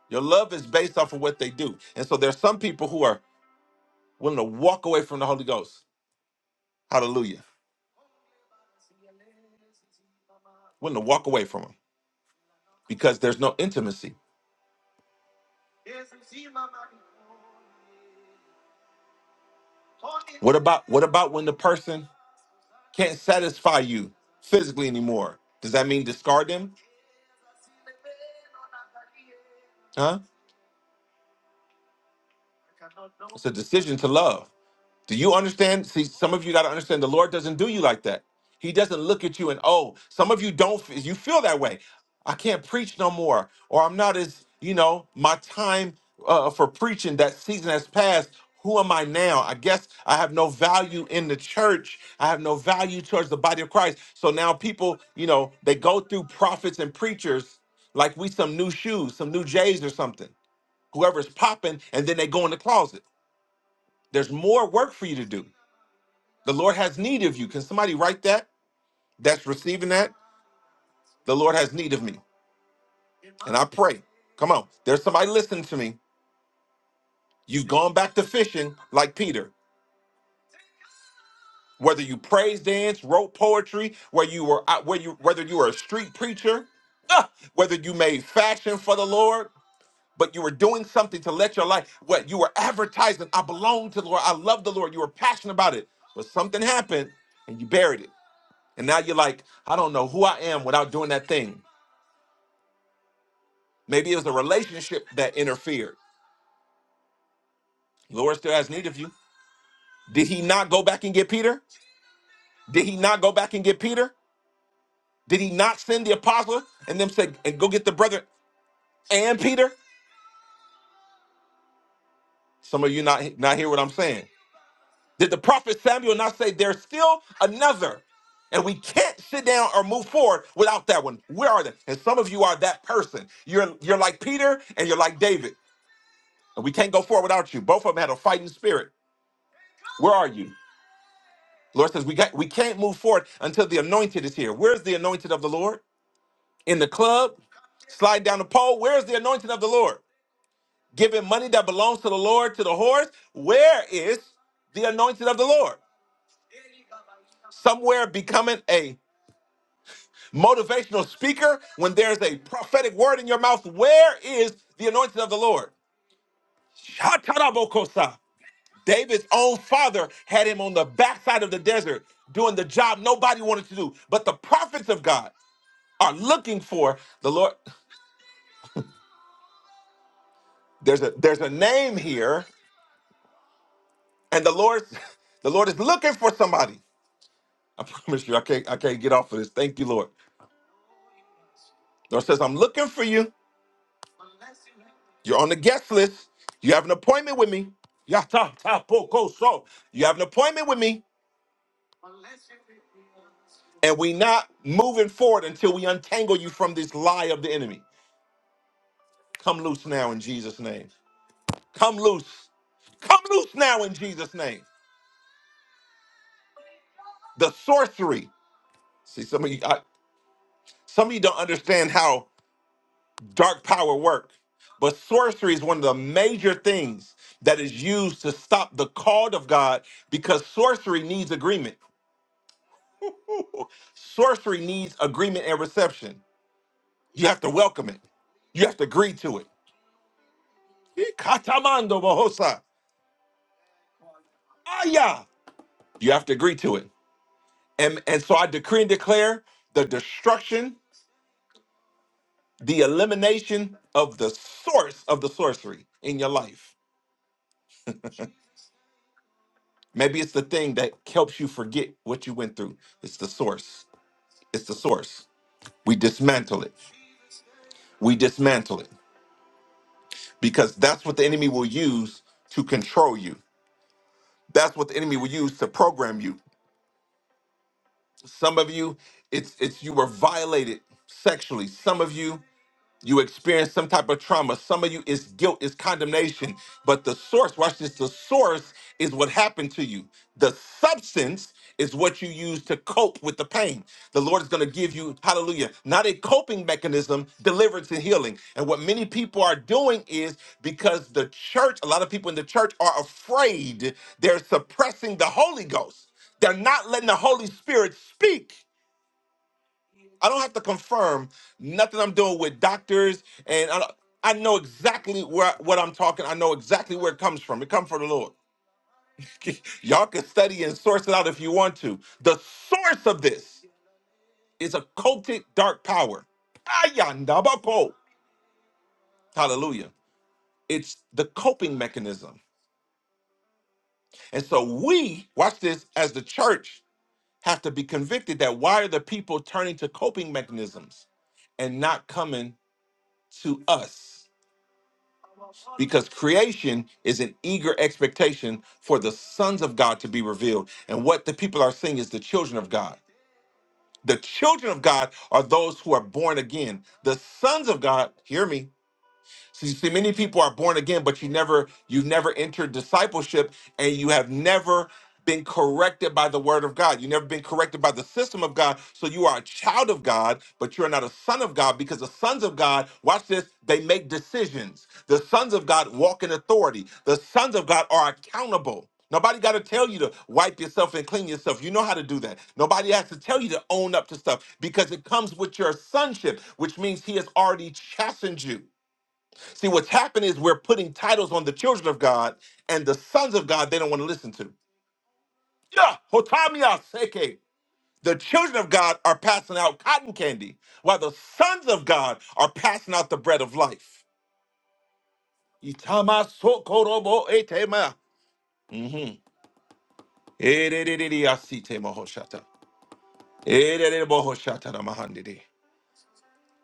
S1: Your love is based off of what they do. And so there's some people who are willing to walk away from the Holy Ghost. Hallelujah. Willing to walk away from him because there's no intimacy. What about what about when the person can't satisfy you physically anymore? Does that mean discard them? Huh? It's a decision to love. Do you understand? See, some of you got to understand the Lord doesn't do you like that. He doesn't look at you and, oh, some of you don't, f- you feel that way. I can't preach no more. Or I'm not as, you know, my time uh, for preaching, that season has passed. Who am I now? I guess I have no value in the church. I have no value towards the body of Christ. So now people, you know, they go through prophets and preachers like we some new shoes, some new J's or something. Whoever's popping, and then they go in the closet. There's more work for you to do. The Lord has need of you. Can somebody write that? That's receiving that. The Lord has need of me. And I pray. Come on. There's somebody listening to me. You've gone back to fishing like Peter. Whether you praise dance, wrote poetry, where you were out, where you whether you were a street preacher, ah, whether you made fashion for the Lord, but you were doing something to let your life what you were advertising. I belong to the Lord. I love the Lord. You were passionate about it. But something happened and you buried it. And now you're like, I don't know who I am without doing that thing. Maybe it was a relationship that interfered. Lord still has need of you. Did he not go back and get Peter? Did he not go back and get Peter? Did he not send the apostle and them say, and go get the brother and Peter? Some of you not, not hear what I'm saying. Did the prophet Samuel not say there's still another? And we can't sit down or move forward without that one. Where are they? And some of you are that person. You're you're like Peter and you're like David. And we can't go forward without you. Both of them had a fighting spirit. Where are you? Lord says we got we can't move forward until the anointed is here. Where's the anointed of the Lord? In the club, slide down the pole. Where's the anointed of the Lord? Giving money that belongs to the Lord to the horse. Where is the anointed of the Lord? Somewhere becoming a motivational speaker when there's a prophetic word in your mouth. Where is the anointed of the Lord? Shatarabokosa. David's own father had him on the backside of the desert doing the job nobody wanted to do. But the prophets of God are looking for the lord there's a there's a name here and the lord the lord is looking for somebody i promise you i can't i can't get off of this thank you lord the lord says i'm looking for you you're on the guest list you have an appointment with me Ya ta ta po ko so. you have an appointment with me and we not moving forward until we untangle you from this lie of the enemy come loose now in jesus name come loose come loose now in jesus name the sorcery see some of you Some of you don't understand how dark power works, but sorcery is one of the major things that is used to stop the call of God because sorcery needs agreement. Ooh. sorcery needs agreement and reception. You have to welcome it. You have to agree to it. Ikatamando bohosa. Aya. You have to agree to it. And, and so I decree and declare the destruction, the elimination of the source of the sorcery in your life. Maybe it's the thing that helps you forget what you went through. It's the source. It's the source. We dismantle it. We dismantle it because that's what the enemy will use to control you. That's what the enemy will use to program you. Some of you, it's it's you were violated sexually. Some of you, You experience some type of trauma. Some of you is guilt, is condemnation. But the source, watch this, the source is what happened to you. The substance is what you use to cope with the pain. The Lord is going to give you, hallelujah, not a coping mechanism, deliverance and healing. And what many people are doing is because the church, a lot of people in the church are afraid, they're suppressing the Holy Ghost. They're not letting the Holy Spirit speak. I don't have to confirm nothing I'm doing with doctors, and I, don't- I know exactly where what I'm talking. I know exactly where it comes from. It comes from the Lord. Y'all can study and source it out if you want to. The source of this is a cultic dark power. Ayandabako. Hallelujah. It's the coping mechanism. And so we, watch this, as the church, have to be convicted that why are the people turning to coping mechanisms and not coming to us? because creation is an eager expectation for the sons of God to be revealed. And what the people are seeing is the children of God. The children of God are those who are born again. The sons of God, hear me, so You see, many people are born again, but you never, you've never entered discipleship, and you have never been corrected by the word of God. You've never been corrected by the system of God. So you are a child of God, but you're not a son of God because the sons of God, watch this, they make decisions. The sons of God walk in authority. The sons of God are accountable. Nobody got to tell you to wipe yourself and clean yourself. You know how to do that. Nobody has to tell you to own up to stuff because it comes with your sonship, which means he has already chastened you. See, what's happened is we're putting titles on the children of God and the sons of God they don't want to listen to. Yeah, Hotamiya Seke. The children of God are passing out cotton candy, while the sons of God are passing out the bread of life. Itama sokorobo etema. Mhm. Erererere asitema hoshata. Erererebo hoshata ramahande.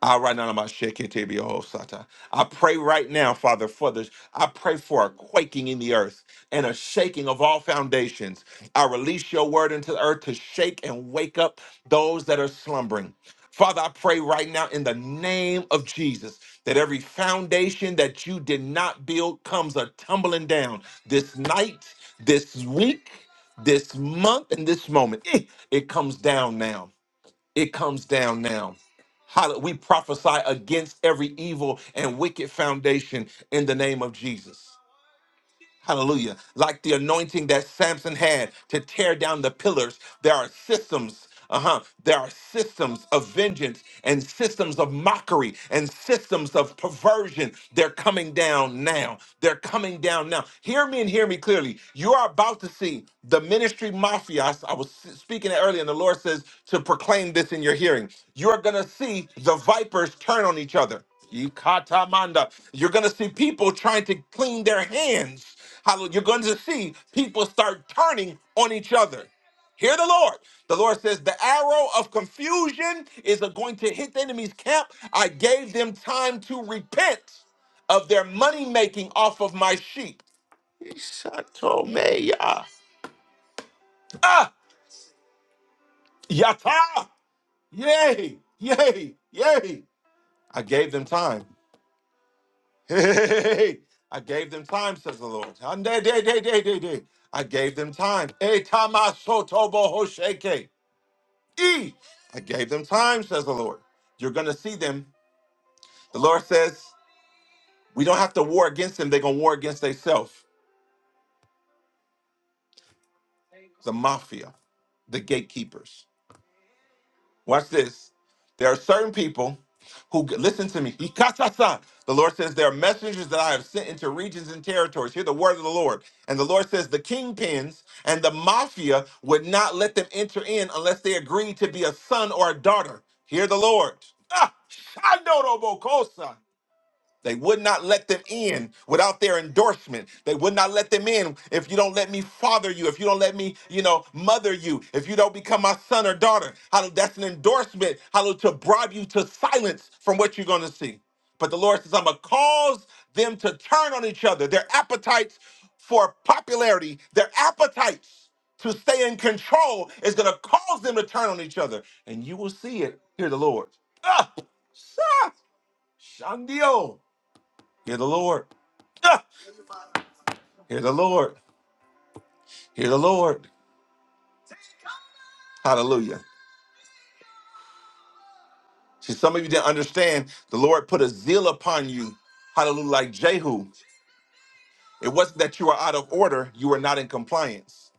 S1: Ah, right now, I'm about to shake it, baby, oh, Sata. I pray right now, Father, for this. I pray for a quaking in the earth and a shaking of all foundations. I release your word into the earth to shake and wake up those that are slumbering. Father, I pray right now in the name of Jesus that every foundation that you did not build comes a tumbling down this night, this week, this month, and this moment. Eh, It comes down now it comes down now. Hall- We prophesy against every evil and wicked foundation in the name of Jesus. Hallelujah. Like the anointing that Samson had to tear down the pillars, there are systems. Uh huh. There are systems of vengeance and systems of mockery and systems of perversion. They're coming down now. They're coming down now. Hear me and hear me clearly. You are about to see the ministry mafia. I s- I was s- speaking it earlier, and the Lord says to proclaim this in your hearing. You are going to see the vipers turn on each other. Ikatamanda. You're going to see people trying to clean their hands. Hallelujah. You're going to see people start turning on each other. Hear the Lord. The Lord says, The arrow of confusion is going to hit the enemy's camp. I gave them time to repent of their money making off of my sheep. Ishatomeya. Ah, yata. Yay, yay, yay. I gave them time. Hey, I gave them time, says the Lord. Ande, de, de, de, de, de. I gave them time. E tamasotobo hosheke. E. I gave them time, says the Lord. You're going to see them. The Lord says, we don't have to war against them. They're going to war against themselves. The mafia, the gatekeepers. Watch this. There are certain people who listen to me. Ikatasa. The Lord says there are messengers that I have sent into regions and territories. Hear the word of the Lord. And the Lord says the kingpins and the mafia would not let them enter in unless they agreed to be a son or a daughter. Hear the Lord. Ah, Shandorobokosa. They would not let them in without their endorsement. They would not let them in if you don't let me father you, if you don't let me, you know, mother you, if you don't become my son or daughter. Hallelujah. That's an endorsement, hallelujah, to bribe you to silence from what you're going to see. But the Lord says, I'm going to cause them to turn on each other. Their appetites for popularity, their appetites to stay in control is going to cause them to turn on each other. And you will see it. Hear the Lord. Ah! sha, Shandio. Hear the Lord. Ah! Hear the Lord. Hear the Lord. Hallelujah. See, some of you didn't understand. The Lord put a zeal upon you. Hallelujah. Like Jehu. It wasn't that you were out of order, you were not in compliance.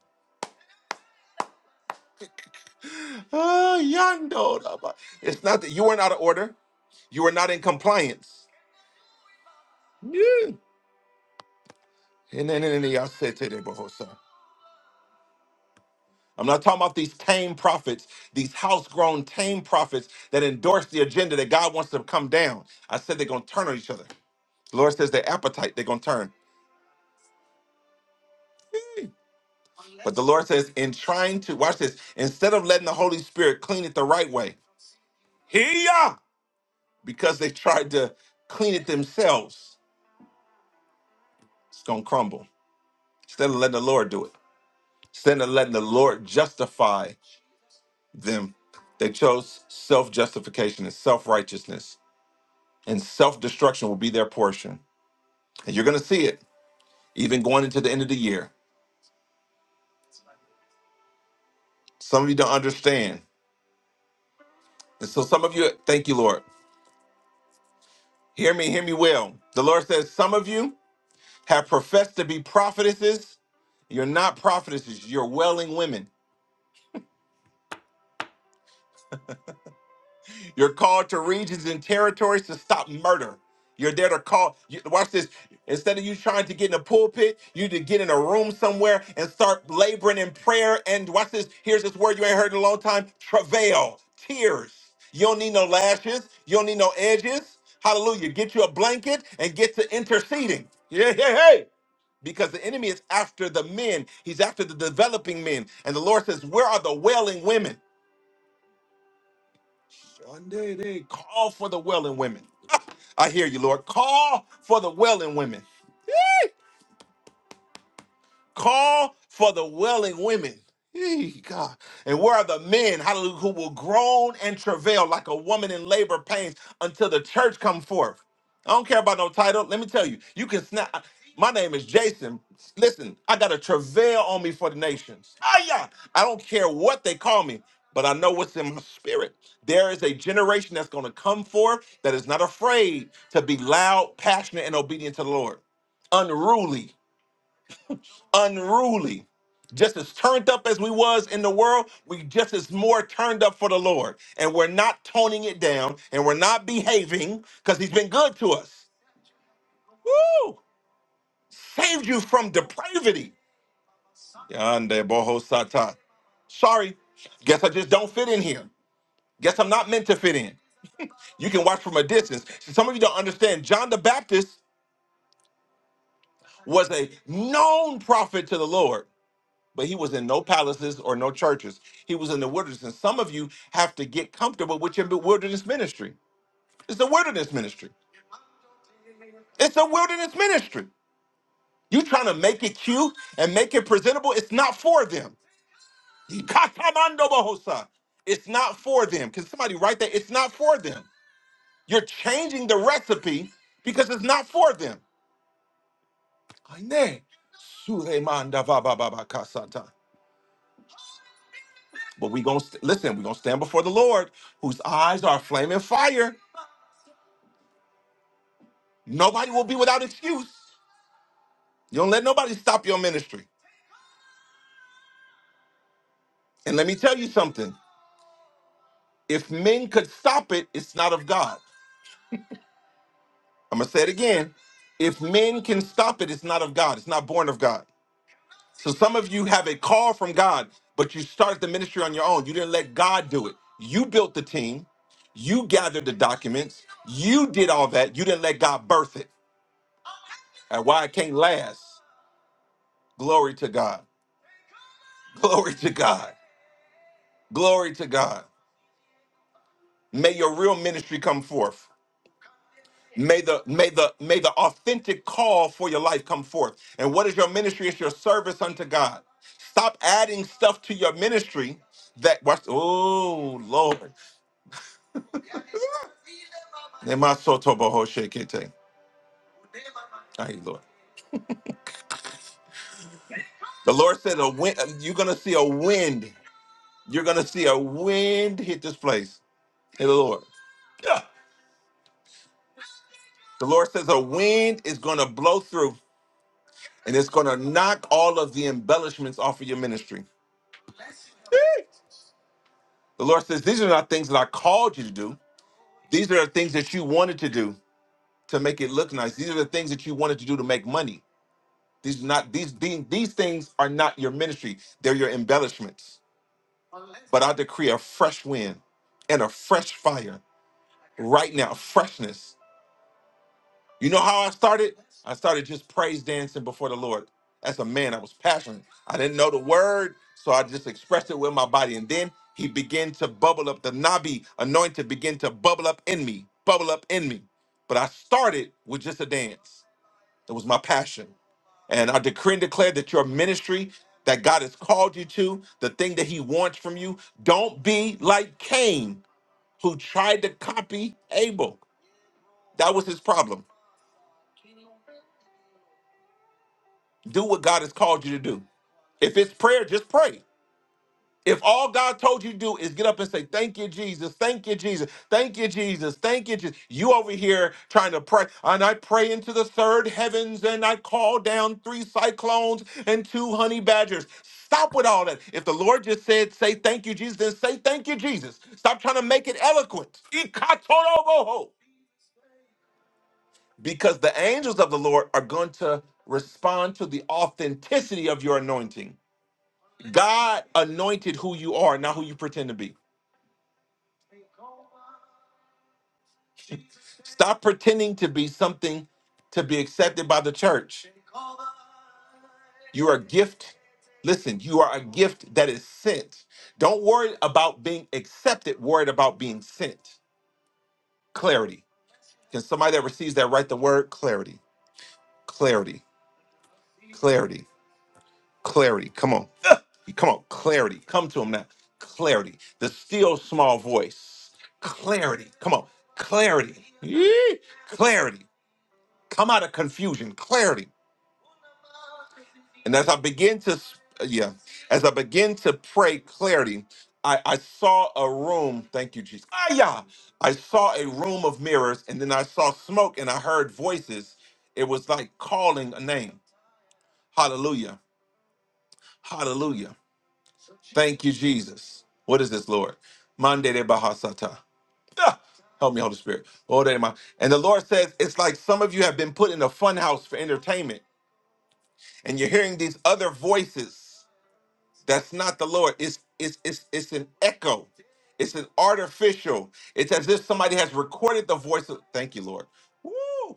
S1: Ah, yando raba. It's not that you weren't out of order, you were not in compliance. Yeah. And then- and then I said to them, "Bohosa." I'm not talking about these tame prophets, these house-grown tame prophets that endorse the agenda that God wants to come down. I said they're gonna turn on each other. The Lord says their appetite, they're going to turn. But the Lord says, in trying to, watch this, instead of letting the Holy Spirit clean it the right way, here, because they tried to clean it themselves, it's going to crumble. Instead of letting the Lord do it, instead of letting the Lord justify them, they chose self justification and self righteousness, and self destruction will be their portion. And you're going to see it, even going into the end of the year. Some of you don't understand. And so some of you, thank you, Lord. Hear me, hear me well. The Lord says, Some of you have professed to be prophetesses. You're not prophetesses, you're wailing women. You're called to regions and territories to stop murder. You're there to call. You, watch this. Instead of you trying to get in a pulpit, you to get in a room somewhere and start laboring in prayer. And watch this. Here's this word you ain't heard in a long time: travail, tears. You don't need no lashes. You don't need no edges. Hallelujah. Get you a blanket and get to interceding. Yeah, yeah, hey. because the enemy is after the men. He's after the developing men. And the Lord says, Where are the wailing women? Sunday, they Call for the wailing women. I hear you, Lord. Call for the wailing women. Call for the wailing women. Yee, God. And where are the men, hallelujah, who will groan and travail like a woman in labor pains until the church come forth? I don't care about no title. Let me tell you, you can snap. My name is Jason. Listen, I got a travail on me for the nations. Ah, yeah. I don't care what they call me, but I know what's in my spirit. There is a generation that's going to come forth that is not afraid to be loud, passionate, and obedient to the Lord. Unruly unruly. Just as turned up as we was in the world, we just as more turned up for the Lord. And we're not toning it down and we're not behaving because he's been good to us. Woo! Saved you from depravity. Yande boho satan. Sorry, guess I just don't fit in here. Guess I'm not meant to fit in. You can watch from a distance. See, some of you don't understand. John the Baptist was a known prophet to the Lord. but he was in no palaces or no churches. He was in the wilderness. And some of you have to get comfortable with your wilderness ministry. It's a wilderness ministry. It's a wilderness ministry. You trying to make it cute and make it presentable, it's not for them. Ikatamando bohosa. It's not for them. Can somebody write that? It's not for them. You're changing the recipe because it's not for them. Aine. Sulemanda ba kasata. But we gonna st- listen. We are gonna stand before the Lord, whose eyes are a flaming fire. Nobody will be without excuse. You don't let nobody stop your ministry. And let me tell you something if men could stop it, it's not of God. I'm going to say it again. If men can stop it, it's not of God. It's not born of God. So some of you have a call from God, but you started the ministry on your own. You didn't let God do it. You built the team, you gathered the documents, you did all that. You didn't let God birth it. And why it can't last. Glory to God. Glory to God. Glory to God. May your real ministry come forth. May the may the may the authentic call for your life come forth. And what is your ministry? It's your service unto God. Stop adding stuff to your ministry that watch. Oh Lord. Nemasotobohoshekete. Ay, Lord. The Lord said a wind, you're gonna see a wind. You're gonna see a wind hit this place. Hey Lord. Yeah. The Lord says a wind is going to blow through. and it's going to knock all of the embellishments off of your ministry. Eek. The Lord says, These are not things that I called you to do. These are the things that you wanted to do to make it look nice. These are the things that you wanted to do to make money. These are not these these, these things are not your ministry. They're your embellishments. But I decree a fresh wind and a fresh fire right now, freshness You know how I started? I started just praise dancing before the Lord. As a man, I was passionate. I didn't know the word, so I just expressed it with my body. And then he began to bubble up. The Nabi anointed began to bubble up in me, bubble up in me. But I started with just a dance. It was my passion. And I decree and declare that your ministry that God has called you to, the thing that He wants from you, don't be like Cain, who tried to copy Abel. That was his problem. Do what God has called you to do. If it's prayer, just pray. If all God told you to do is get up and say, Thank you, Jesus, thank you, Jesus, thank you, Jesus, thank you, Jesus. You over here trying to pray, and I pray into the third heavens, and I call down three cyclones and two honey badgers. Stop with all that. If the Lord just said, Say thank you, Jesus, then say thank you, Jesus. Stop trying to make it eloquent. Ikatoroboho. Because the angels of the Lord are going to respond to the authenticity of your anointing God anointed who you are, not who you pretend to be. Stop pretending to be something to be accepted by the church. You are a gift. Listen, you are a gift that is sent. Don't worry about being accepted, worried about being sent. Clarity. Can somebody that receives that write the word clarity? Clarity. Clarity. Clarity. Come on. Ugh. Come on. Clarity. Come to him now. Clarity. The still small voice. Clarity. Come on. Clarity. Yee. Clarity come out of confusion, clarity. And as I begin to, s- uh, yeah, as I begin to pray clarity, I, I saw a room. Thank you, Jesus. Ah, yeah. I saw a room of mirrors, and then I saw smoke, and I heard voices. It was like calling a name. Hallelujah. Hallelujah. Thank you, Jesus. What is this, Lord? Mande de Bahasata. Ah, Help me, Holy Spirit. Lord, am I- And the Lord says, it's like some of you have been put in a fun house for entertainment. and you're hearing these other voices that's not the lord it's it's it's, it's an echo it's an artificial it's as if somebody has recorded the voice of thank you lord Woo!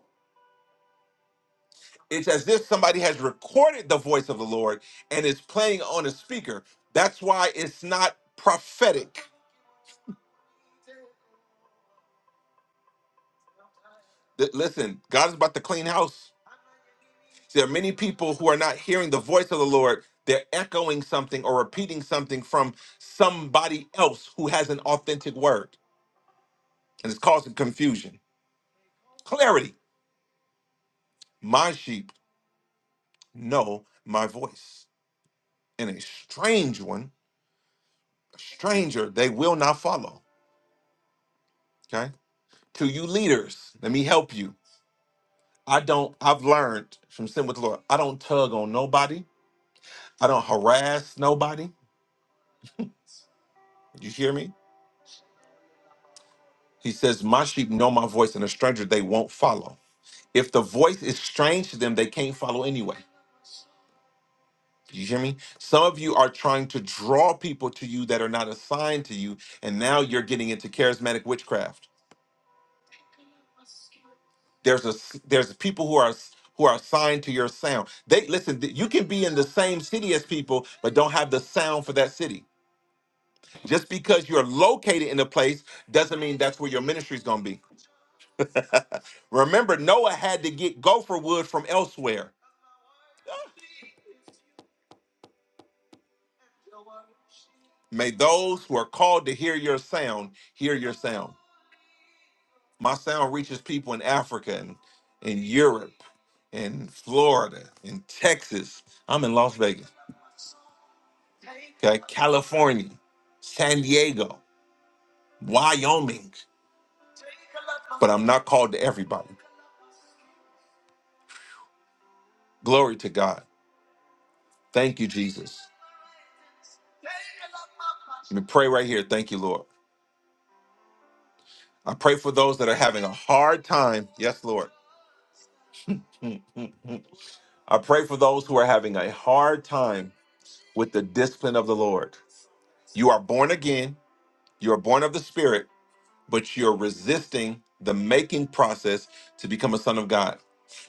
S1: it's as if somebody has recorded the voice of the lord and is playing on a speaker that's why it's not prophetic Th- listen god is about to clean house there are many people who are not hearing the voice of the lord they're echoing something or repeating something from somebody else who has an authentic word and it's causing confusion. Clarity. My sheep know my voice. And a strange one, a stranger, they will not follow. Okay. To you leaders, let me help you. I don't, I've learned from sin with the Lord. I don't tug on nobody. I don't harass nobody. You hear me? He says, My sheep know my voice, and a stranger they won't follow. If the voice is strange to them, they can't follow anyway. You hear me? Some of you are trying to draw people to you that are not assigned to you, and now you're getting into charismatic witchcraft. There's a s- there's people who are who are assigned to your sound. They listen. th- You can be in the same city as people, but don't have the sound for that city. Just because you're located in a place doesn't mean that's where your ministry is going to be. Remember, Noah had to get gopher wood from elsewhere. May those who are called to hear your sound hear your sound. My sound reaches people in Africa and in Europe and Florida and Texas. I'm in Las Vegas, okay, California, San Diego, Wyoming, but I'm not called to everybody. Glory to God. Thank you, Jesus. Let me pray right here. Thank you, Lord. I pray for those that are having a hard time. Yes, Lord. Mm, mm, mm. I pray for those who are having a hard time with the discipline of the Lord. You are born again, you are born of the Spirit, but you're resisting the making process to become a son of God.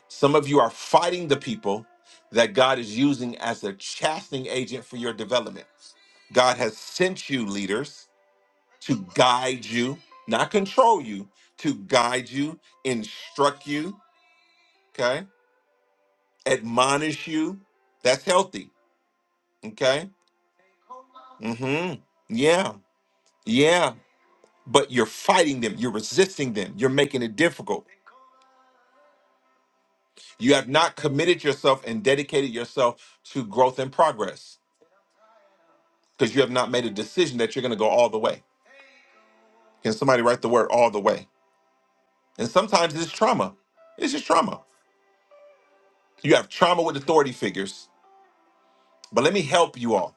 S1: Some of you are fighting the people that God is using as a chastening agent for your development. God has sent you leaders to guide you, not control you, to guide you, instruct you, okay? Admonish you. That's healthy, okay? Mhm. Yeah. Yeah. But you're fighting them, you're resisting them, you're making it difficult. You have not committed yourself and dedicated yourself to growth and progress because you have not made a decision that you're going to go all the way. Can somebody write the word all the way? And sometimes it's trauma. It's just trauma. You have trauma with authority figures. But let me help you all.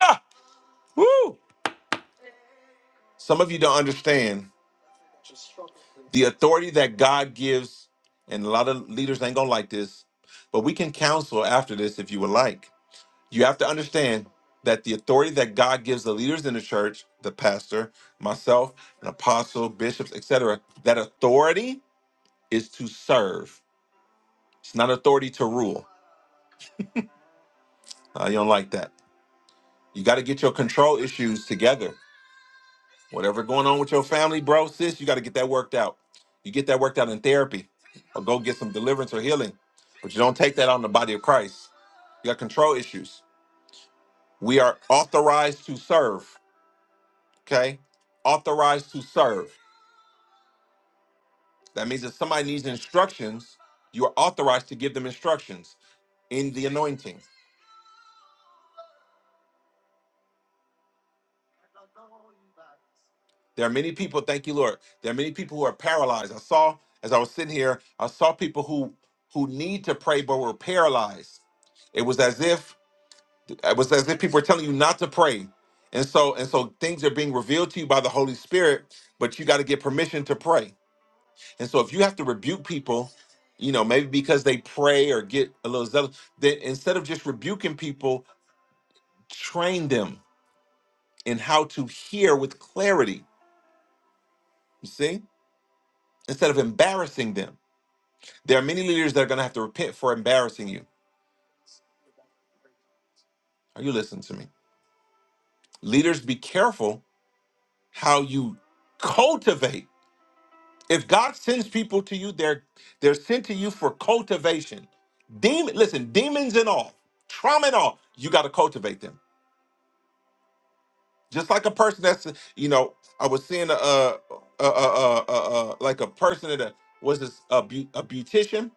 S1: Ah, woo! Some of you don't understand the authority that God gives, and a lot of leaders ain't gonna like this, but we can counsel after this if you would like You have to understand that the authority that God gives the leaders in the church, the pastor, myself, an apostle, bishops, etc., that authority is to serve. It's not authority to rule. Uh, you don't like that. You got to get your control issues together. Whatever going on with your family, bro, sis, you got to get that worked out. You get that worked out in therapy or go get some deliverance or healing. But you don't take that on the body of Christ. You got control issues. We are authorized to serve, okay? Authorized to serve. That means if somebody needs instructions, you are authorized to give them instructions in the anointing. There are many people, thank you, Lord. There are many people who are paralyzed. I saw as I was sitting here, I saw people who who need to pray but were paralyzed. It was as if it was as if people were telling you not to pray. And so and so things are being revealed to you by the Holy Spirit, but you got to get permission to pray. And so if you have to rebuke people, you know, maybe because they pray or get a little zealous, then instead of just rebuking people, Train them in how to hear with clarity, you see, instead of embarrassing them. There are many leaders that are going to have to repent for embarrassing you. Are you listening to me? Leaders, be careful how you cultivate. If God sends people to you, they're they're sent to you for cultivation. Demon, listen, demons and all, trauma and all, you got to cultivate them. Just like a person that's, you know, I was seeing a, a a a uh uh like a person that was this a, beau- a beautician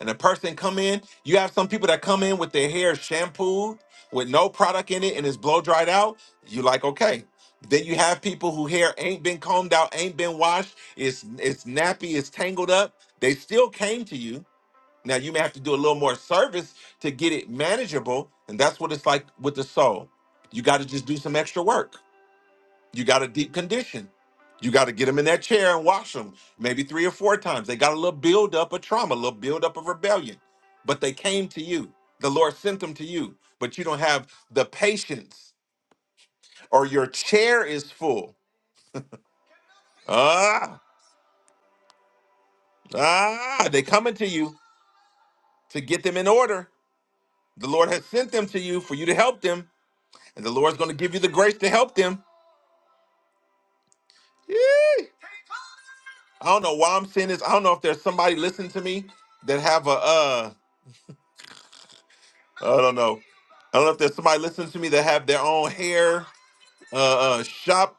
S1: and the person come in, you have some people that come in with their hair shampooed with no product in it and it's blow dried out. You like okay. Then you have people who hair ain't been combed out, ain't been washed. It's it's nappy, it's tangled up. They still came to you. Now you may have to do a little more service to get it manageable, and that's what it's like with the soul. You got to just do some extra work. You got a deep condition. You got to get them in that chair and wash them maybe three or four times. They got a little buildup of trauma, a little buildup of rebellion, but they came to you. The Lord sent them to you, but you don't have the patience or your chair is full. Ah, ah, they coming to you to get them in order. The Lord has sent them to you for you to help them, and the Lord's going to give you the grace to help them. Yee. I don't know why I'm saying this. I don't know if there's somebody listening to me that have a uh I don't know. I don't know if there's somebody listening to me that have their own hair uh, uh, shop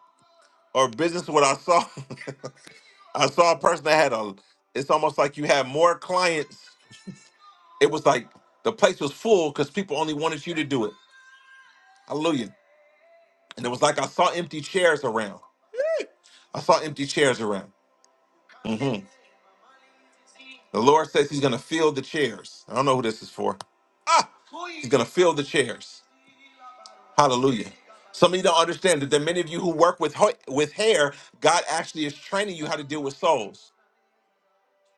S1: or business. What I saw, I saw a person that had a. It's almost like you had more clients. It was like the place was full because people only wanted you to do it. Hallelujah! And it was like I saw empty chairs around. I saw empty chairs around. hmm The Lord says He's gonna fill the chairs. I don't know who this is for. Ah, He's gonna fill the chairs. Hallelujah. Some of you don't understand that there are many of you who work with ho- with hair. God actually is training you how to deal with souls.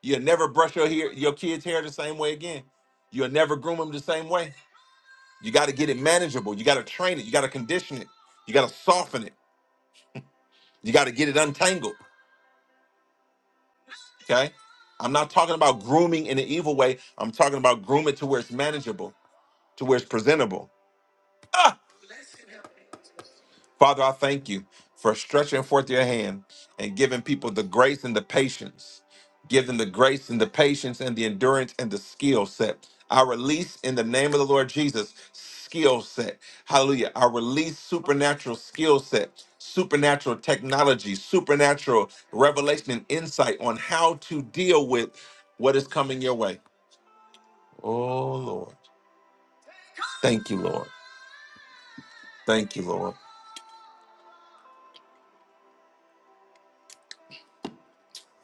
S1: You'll never brush your hair, your kids' hair the same way again. You'll never groom them the same way. You got to get it manageable. You got to train it. You got to condition it. You got to soften it. You got to get it untangled. Okay. I'm not talking about grooming in an evil way. I'm talking about groom it to where it's manageable, to where it's presentable. Father, I thank you for stretching forth your hand and giving people the grace and the patience. Give them the grace and the patience and the endurance and the skill set. I release in the name of the Lord Jesus skill set. Hallelujah. I release supernatural skill set, supernatural technology, supernatural revelation and insight on how to deal with what is coming your way. Oh, Lord. Thank you, Lord. Thank you, Lord.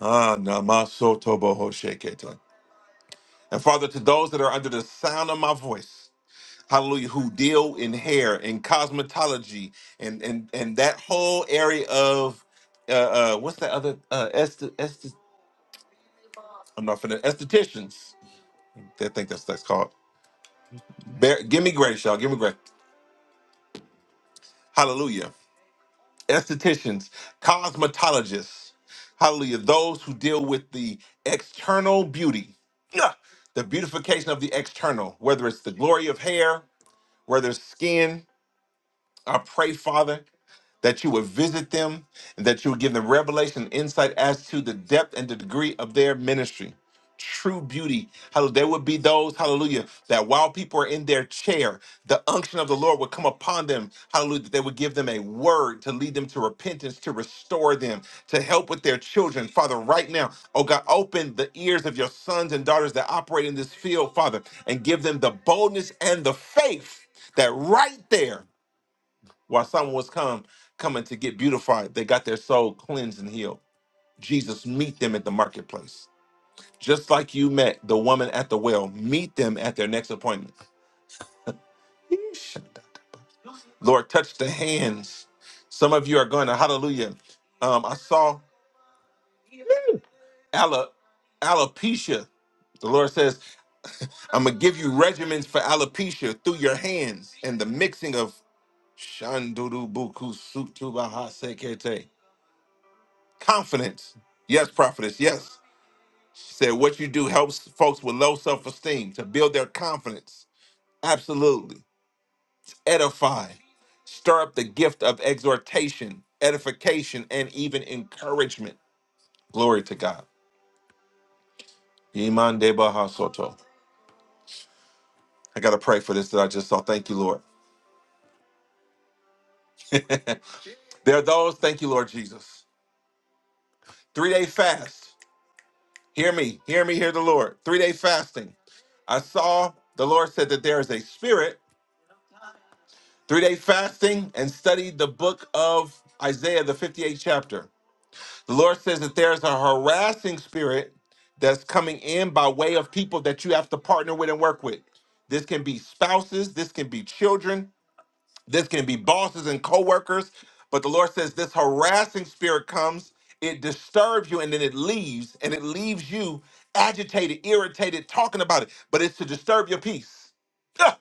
S1: Ah, namasoto And Father, to those that are under the sound of my voice, hallelujah, who deal in hair and cosmetology and and and that whole area of uh, uh what's that other uh est- est- I'm not finna estheticians. I think that's that's called. Bear, give me grace, y'all. Give me grace. Hallelujah. Estheticians, cosmetologists, hallelujah. Those who deal with the external beauty, yeah, the beautification of the external, whether it's the glory of hair, whether it's skin, I pray, Father, that you would visit them and that you would give them revelation and insight as to the depth and the degree of their ministry. True beauty. Hallelujah. There would be those, hallelujah, that while people are in their chair, the unction of the Lord would come upon them. Hallelujah. That they would give them a word to lead them to repentance, to restore them, to help with their children. Father, right now, oh God, open the ears of your sons and daughters that operate in this field, Father, and give them the boldness and the faith that right there while someone was come coming to get beautified, they got their soul cleansed and healed. Jesus meet them at the marketplace. Just like you met the woman at the well, meet them at their next appointment. Yeesh. Lord, touch the hands. Some of you are going to hallelujah. Um, I saw ale- alopecia. The Lord says, I'm gonna give you regimens for alopecia through your hands and the mixing of shanduru buku sutu baha sekete. Confidence. Yes, prophetess. Yes. She said, What you do helps folks with low self esteem to build their confidence. Absolutely. Edify. Stir up the gift of exhortation, edification, and even encouragement. Glory to God. Iman de Baha Soto. I got to pray for this that I just saw. Thank you, Lord. there are those, thank you, Lord Jesus. Three day fast. Hear me, hear me, hear the Lord. Three day fasting. I saw the Lord said that there is a spirit Three day fasting and studied the book of Isaiah, the 58th chapter. The Lord says that there's a harassing spirit that's coming in by way of people that you have to partner with and work with. This can be spouses, this can be children, this can be bosses and coworkers, but the Lord says this harassing spirit comes, it disturbs you, and then it leaves, and it leaves you agitated, irritated, talking about it. But it's to disturb your peace. Ah!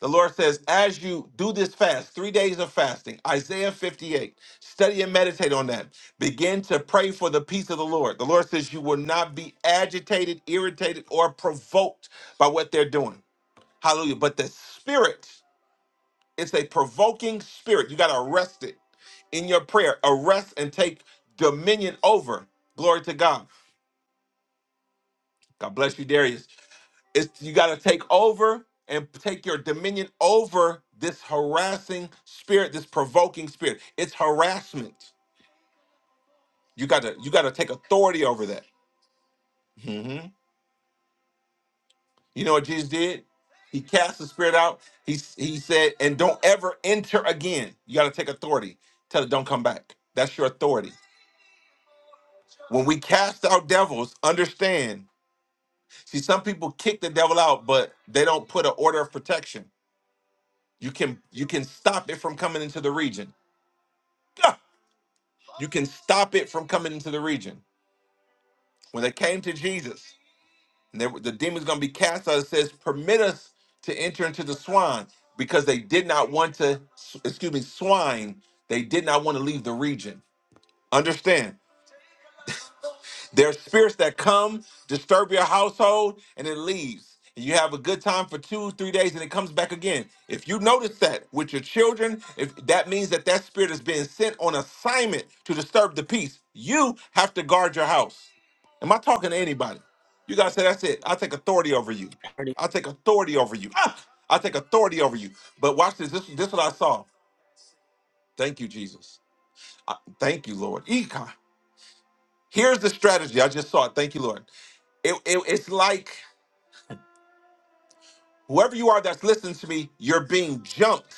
S1: The Lord says, as you do this fast, three days of fasting, Isaiah 58, study and meditate on that. Begin to pray for the peace of the Lord. The Lord says, you will not be agitated, irritated, or provoked by what they're doing. Hallelujah. But the Spirit it's a provoking spirit. You got to arrest it in your prayer. Arrest and take dominion over. Glory to God. God bless you, Darius. It's you got to take over and take your dominion over this harassing spirit, this provoking spirit. It's harassment. You got to you got to take authority over that. Mhm. You know what Jesus did? He cast the spirit out. He he said, and don't ever enter again. You got to take authority. Tell it don't come back. That's your authority When we cast out devils, understand. See, some people kick the devil out, but they don't put an order of protection. You can you can stop it from coming into the region. Ah! You can stop it from coming into the region. When they came to Jesus, and they, were- the demon's gonna be cast out, it says, "Permit us to enter into the swine," because they did not want to. Excuse me, swine. They did not want to leave the region. Understand? There are spirits that come, disturb your household, and it leaves. And you have a good time for two, three days, and it comes back again. If you notice that with your children, if that means that that spirit is being sent on assignment to disturb the peace, you have to guard your house. Am I talking to anybody? You guys say that's it. I take authority over you.
S2: 20.
S1: I take authority over you. Ah! I take authority over you. But watch this. This, this is what I saw. Thank you, Jesus. I- thank you, Lord. Econ. Here's the strategy. I just saw it. Thank you, Lord it, it- it's like whoever you are that's listening to me, you're being jumped,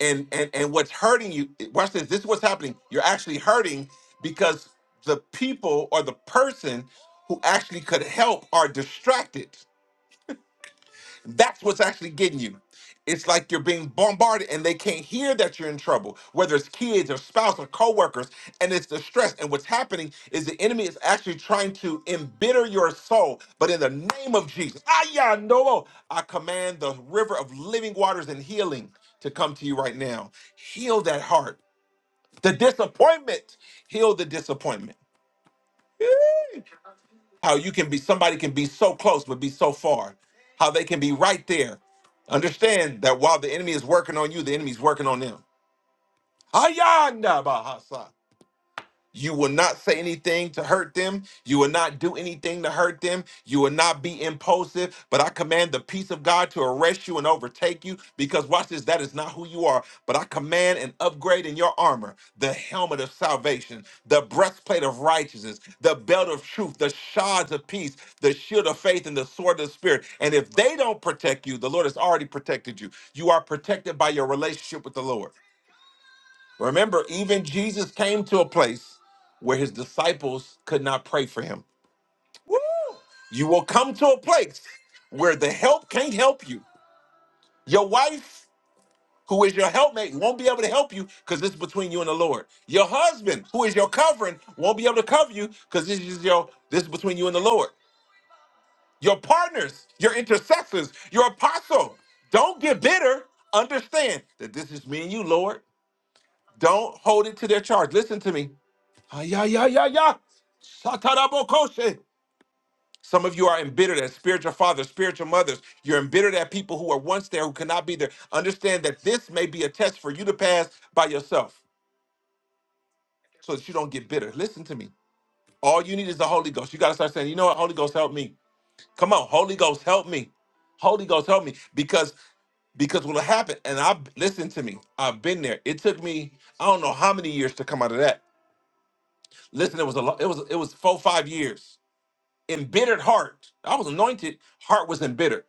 S1: and and and what's hurting you? Watch this. This is what's happening. You're actually hurting because the people or the person who actually could help are distracted. That's what's actually getting you. It's like you're being bombarded and they can't hear that you're in trouble, whether it's kids or spouse or coworkers, and it's the stress. And what's happening is the enemy is actually trying to embitter your soul. But in the name of Jesus, Ayah Noah, I command the river of living waters and healing to come to you right now. Heal that heart. The disappointment, heal the disappointment how you can be somebody can be so close but be so far how they can be right there understand that while the enemy is working on you the enemy's working on them Hayanda bahasa. You will not say anything to hurt them. You will not do anything to hurt them. You will not be impulsive. But I command the peace of God to arrest you and overtake you because, watch this, that is not who you are. But I command an upgrade in your armor the helmet of salvation, the breastplate of righteousness, the belt of truth, the shards of peace, the shield of faith, and the sword of the spirit. And if they don't protect you, the Lord has already protected you. You are protected by your relationship with the Lord. Remember, even Jesus came to a place where his disciples could not pray for him. Woo! You will come to a place where the help can't help you. Your wife, who is your helpmate, won't be able to help you because it's between you and the Lord. Your husband, who is your covering, won't be able to cover you because this is your this is between you and the Lord. Your partners, your intercessors, your apostle. Don't get bitter. Understand that this is me and you, Lord. Don't hold it to their charge. Listen to me. Yeah, yeah, yeah, yeah. Satarabokoshe. Some of you are embittered at spiritual fathers, spiritual mothers. You're embittered at people who are once there who cannot be there. Understand that this may be a test for you to pass by yourself so that you don't get bitter. Listen to me. All you need is the Holy Ghost. You got to start saying, you know what? Holy Ghost, help me. Come on, Holy Ghost, help me. Holy Ghost, help me. Because because what'll happen, and I listen to me, I've been there. It took me, I don't know how many years to come out of that. Listen, it was a lot, it was it was four, five years embittered heart. I was anointed, heart was embittered.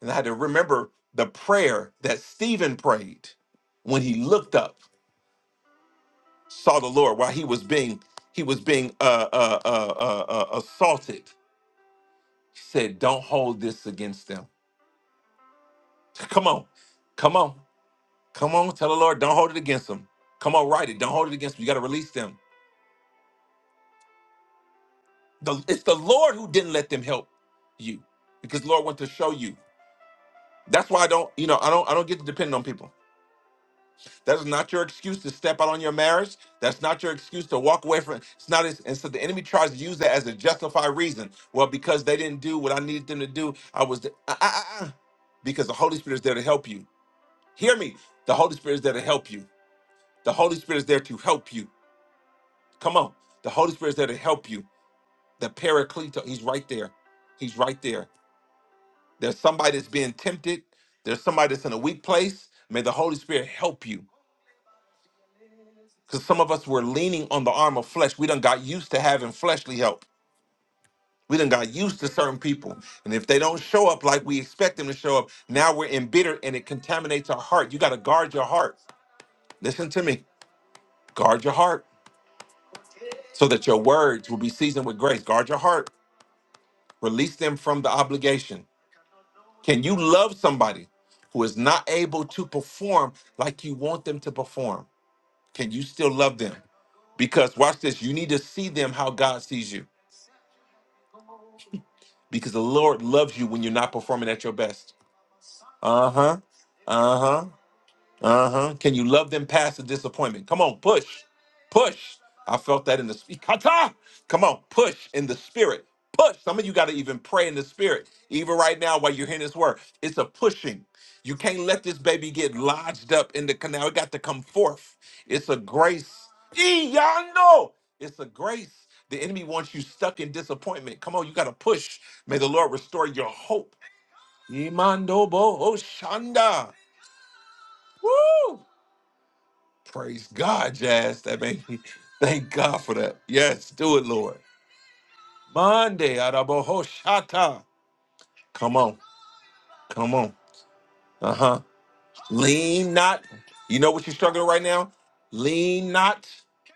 S1: And I had to remember the prayer that Stephen prayed when he looked up, saw the Lord while he was being he was being uh, uh, uh, uh, uh, assaulted. He said, "Don't hold this against them. Come on, come on, come on. Tell the Lord, don't hold it against them. Come on, write it. Don't hold it against them. You got to release them. The- it's the Lord who didn't let them help you, because the Lord went to show you. That's why I don't, you know, I don't, I don't get to depend on people. That is not your excuse to step out on your marriage. That's not your excuse to walk away from. It's not. As, and so the enemy tries to use that as a justified reason. Well, because they didn't do what I needed them to do, I was. The, uh, uh, uh, uh. because the Holy Spirit is there to help you. Hear me. The Holy Spirit is there to help you. The Holy Spirit is there to help you. Come on. The Holy Spirit is there to help you. The Paraclete. He's right there. He's right there. There's somebody that's being tempted. There's somebody that's in a weak place. May the Holy Spirit help you. Because some of us were leaning on the arm of flesh. We done got used to having fleshly help. We done got used to certain people. And if they don't show up like we expect them to show up, now we're embittered and it contaminates our heart. You got to guard your heart. Listen to me. Guard your heart so that your words will be seasoned with grace. Guard your heart. Release them from the obligation. Can you love somebody who is not able to perform like you want them to perform? Can you still love them? Because watch this, you need to see them how God sees you. because the Lord loves you when you're not performing at your best. Uh huh. Uh huh. Uh huh. Can you love them past the disappointment? Come on, push, push. I felt that in the spirit. Come on, push in the spirit. Push. Some of you got to even pray in the spirit, even right now while you're hearing this word. It's a pushing. You can't let this baby get lodged up in the canal. It got to come forth. It's a grace. Ee, Y'all know it's a grace. The enemy wants you stuck in disappointment. Come on, you got to push. May the Lord restore your hope. Imandobo Shanda. Woo! Praise God, Jazz. That made me thank God for that. Yes, do it, Lord. Monday, Arabohoshata. Come on. Come on. Uh huh. Lean not. You know what you're struggling right now? Lean not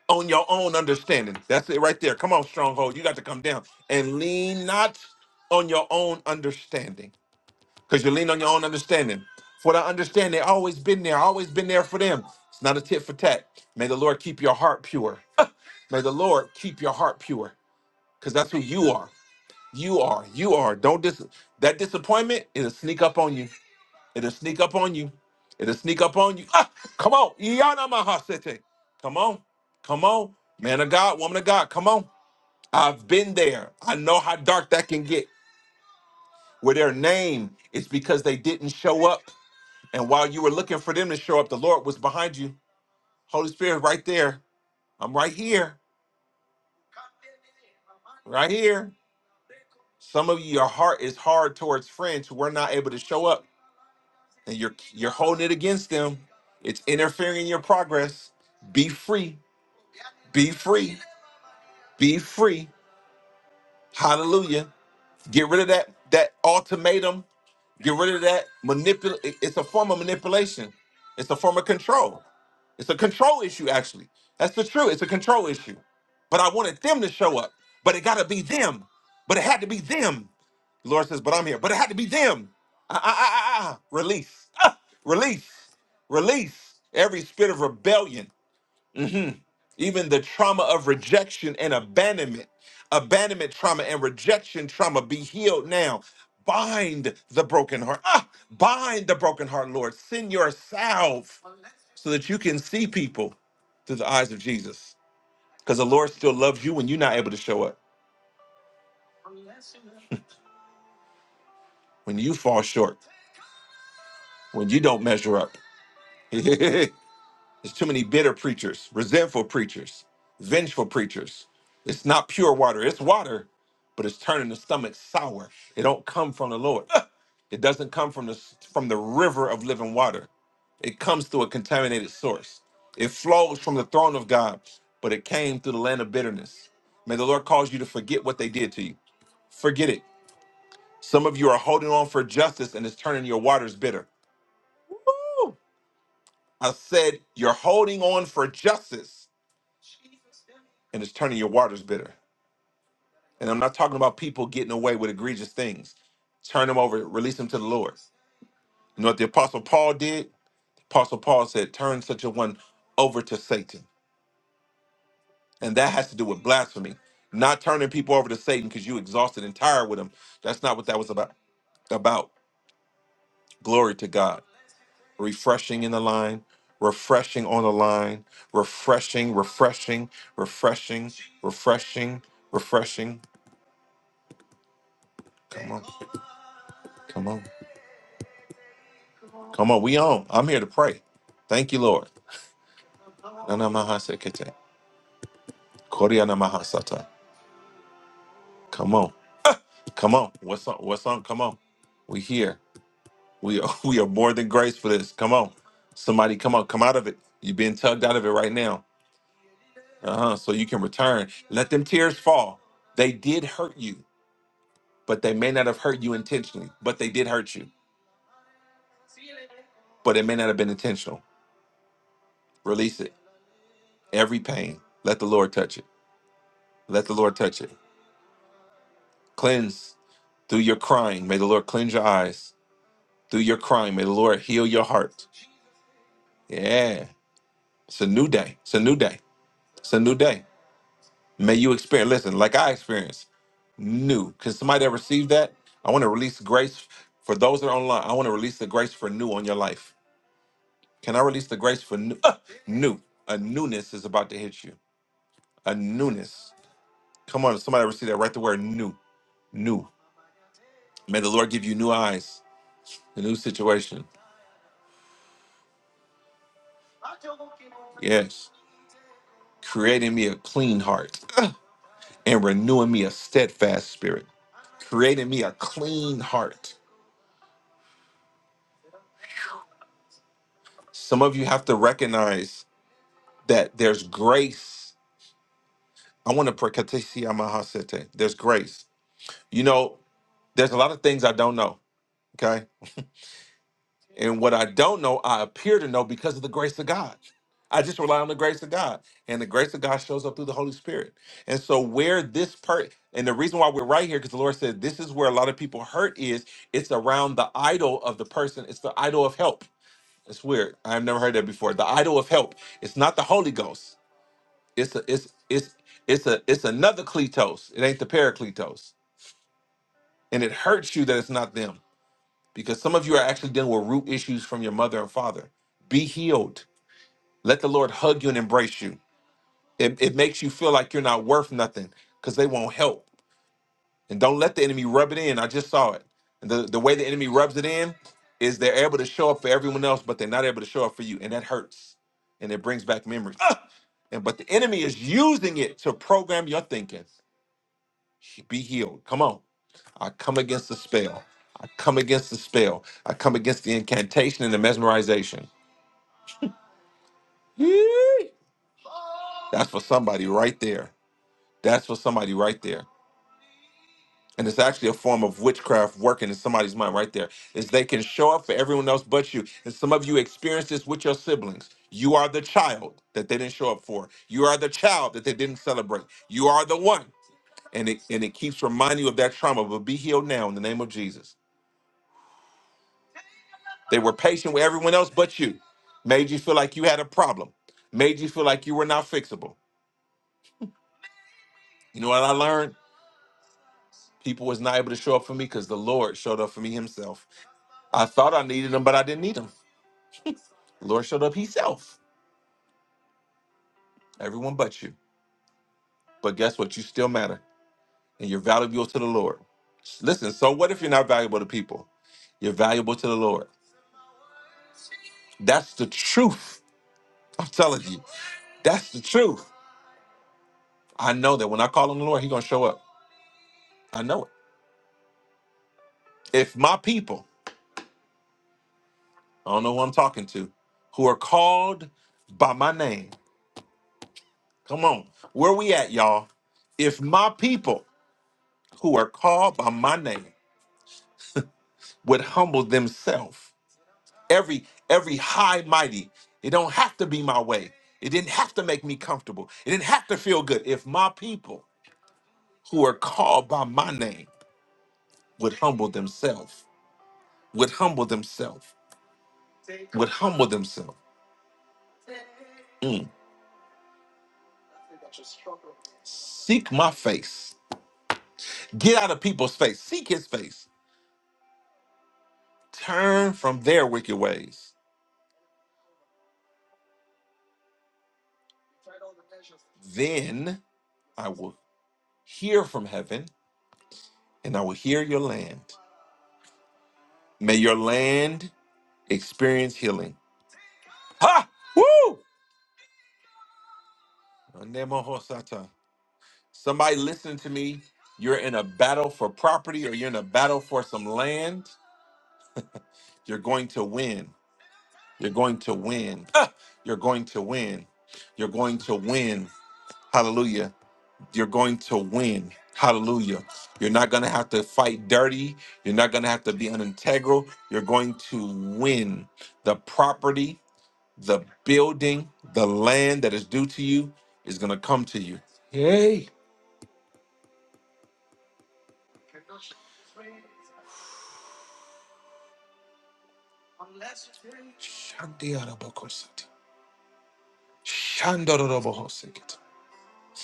S1: on your own understanding. That's it right there. Come on, stronghold. You got to come down and lean not on your own understanding because you lean on your own understanding. For the understanding, always been there, always been there for them. It's not a tit for tat. May the Lord keep your heart pure. May the Lord keep your heart pure, because that's who you are. You are. You are. Don't dis that disappointment. It'll sneak up on you. It'll sneak up on you. It'll sneak up on you. Ah, come on, Iyana Mahasete. Come on, come on, man of God, woman of God, come on. I've been there. I know how dark that can get. Where their name is because they didn't show up, and while you were looking for them to show up, the Lord was behind you. Holy Spirit, right there. I'm right here, right here. Some of you, your heart is hard towards friends who were not able to show up, and you're you're holding it against them. It's interfering in your progress. Be free. Be free. Be free. Hallelujah. Get rid of that that ultimatum Get rid of that. Manipulate. It's a form of manipulation. It's a form of control. It's a control issue, actually. That's the truth. It's a control issue. But I wanted them to show up. But it got to be them. But it had to be them. The Lord says, but I'm here. But it had to be them. Ah, ah, ah, ah, ah. Release. Ah, release. Release every spirit of rebellion. Mm-hmm even the trauma of rejection and abandonment, abandonment trauma and rejection trauma be healed now. Bind the broken heart. Ah, bind the broken heart, Lord. Send yourself so that you can see people through the eyes of Jesus. Because the Lord still loves you when you're not able to show up, when you fall short, when you don't measure up. There's too many bitter preachers, resentful preachers, vengeful preachers. It's not pure water. It's water, but it's turning the stomach sour. It don't come from the Lord. It doesn't come from the from the river of living water. It comes through a contaminated source. It flows from the throne of God, but it came through the land of bitterness. May the Lord cause you to forget what they did to you. Forget it. Some of you are holding on for justice and it's turning your waters bitter. Woo! I said you're holding on for justice and it's turning your waters bitter. And I'm not talking about people getting away with egregious things. Turn them over, release them to the Lord. You know what the Apostle Paul did? Apostle Paul said, Turn such a one over to Satan. And that has to do with blasphemy. Not turning people over to Satan because you exhausted and tired with them. That's not what that was about. About glory to God. Refreshing in the line, refreshing on the line, refreshing, refreshing, refreshing, refreshing, refreshing. Come on, come on. Come on, we on. I'm here to pray. Thank you, Lord. Nana maha sekete. Koriana maha sata. Come on. Come on. What's on? What's on? Come on. We here. We are we are more than grace for this. Come on. Somebody come on. Come out of it. You're being tugged out of it right now. Uh-huh. So you can return. Let them tears fall. They did hurt you, but they may not have hurt you intentionally, but they did hurt you. But it may not have been intentional. Release it. Every pain. Let the Lord touch it. Let the Lord touch it. Cleanse through your crying. May the Lord cleanse your eyes. Through your crying, may the Lord heal your heart. Yeah. It's a new day. It's a new day. It's a new day. May you experience, listen, like I experienced, new. Can somebody that received that? I want to release grace for those that are online. I want to release the grace for new on your life. Can I release the grace for new? Ah, new. A newness is about to hit you. A newness. Come on, somebody receive that. Write the word new. New. May the Lord give you new eyes, a new situation. Yes. Creating me a clean heart and renewing me a steadfast spirit. Creating me a clean heart. Some of you have to recognize that there's grace. I want to pray. There's grace. You know, there's a lot of things I don't know. Okay. And what I don't know, I appear to know because of the grace of God. I just rely on the grace of God. And the grace of God shows up through the Holy Spirit. And so where this part and the reason why we're right here, because the Lord said this is where a lot of people hurt is it's around the idol of the person. It's the idol of help. It's weird. I've never heard that before. The idol of help. It's not the Holy Ghost. It's a it's it's it's a it's another Kletos. It ain't the Paracletos. And it hurts you that it's not them because some of you are actually dealing with root issues from your mother and father. Be healed. Let the Lord hug you and embrace you. It, it makes you feel like you're not worth nothing because they won't help. And don't let the enemy rub it in. I just saw it. And the, the way the enemy rubs it in is they're able to show up for everyone else, but they're not able to show up for you. And that hurts. And it brings back memories. Ah! And but the enemy is using it to program your thinking. Be healed. Come on. I come against the spell. I come against the spell. I come against the incantation and the mesmerization. Yee! That's for somebody right there. That's for somebody right there. And it's actually a form of witchcraft working in somebody's mind right there. Is they can show up for everyone else but you. And some of you experience this with your siblings. You are the child that they didn't show up for. You are the child that they didn't celebrate. You are the one. And it and it keeps reminding you of that trauma. But be healed now in the name of Jesus. They were patient with everyone else but you. Made you feel like you had a problem. Made you feel like you were not fixable. You know what I learned? People was not able to show up for me because the Lord showed up for me himself. I thought I needed him, but I didn't need him. The Lord showed up himself. Everyone but you. But guess what? You still matter. And you're valuable to the Lord. Listen, so what if you're not valuable to people? You're valuable to the Lord. That's the truth. I'm telling you. That's the truth. I know that when I call on the Lord, He's gonna show up. I know it. If my people I don't know who I'm talking to, who are called by my name. Come on. Where we at, y'all? If my people who are called by my name would humble themselves, every every high mighty, it don't have to be my way. It didn't have to make me comfortable. It didn't have to feel good. If my people who are called by my name would humble themselves, would humble themselves, would humble themselves, mm, seek my face, get out of people's face, seek his face Turn from their wicked ways. Then I will hear from heaven and I will hear your land. May your land experience healing. Ha! Woo! Anemohosata. Somebody listen to me. You're in a battle for property or you're in a battle for some land. You're going to win. You're going to win. Ah! You're going to win. You're going to win. Hallelujah. you're going to win. Hallelujah. You're not going to have to fight dirty. You're not going to have to be unintegral. You're going to win. The property, the building, the land that is due to you is going to come to you. Yay. Shandiarabakosati. Shandorobohosekit.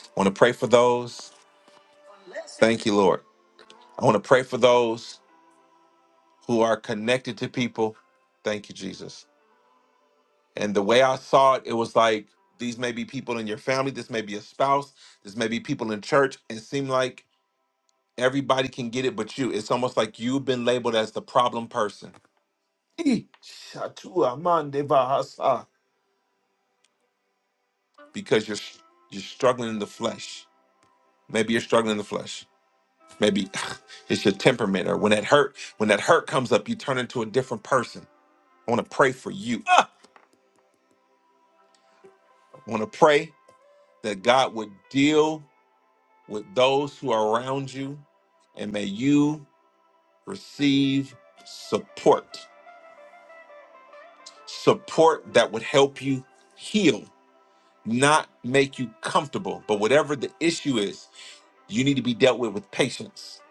S1: I want to pray for those. Thank you, Lord. I want to pray for those who are connected to people. Thank you, Jesus And the way I saw it, it was like these may be people in your family, this may be a spouse, this may be people in church. It seemed like everybody can get it but you. It's almost like you've been labeled as the problem person. Eh, shatua mande bahasa. Because you're you're struggling in the flesh. Maybe you're struggling in the flesh. Maybe it's your temperament, or when that hurt, when that hurt comes up, you turn into a different person. I want to pray for you. Ah! I want to pray that God would deal. with those who are around you, and may you receive support support that would help you heal, not make you comfortable. But whatever the issue is, you need to be dealt with with patience.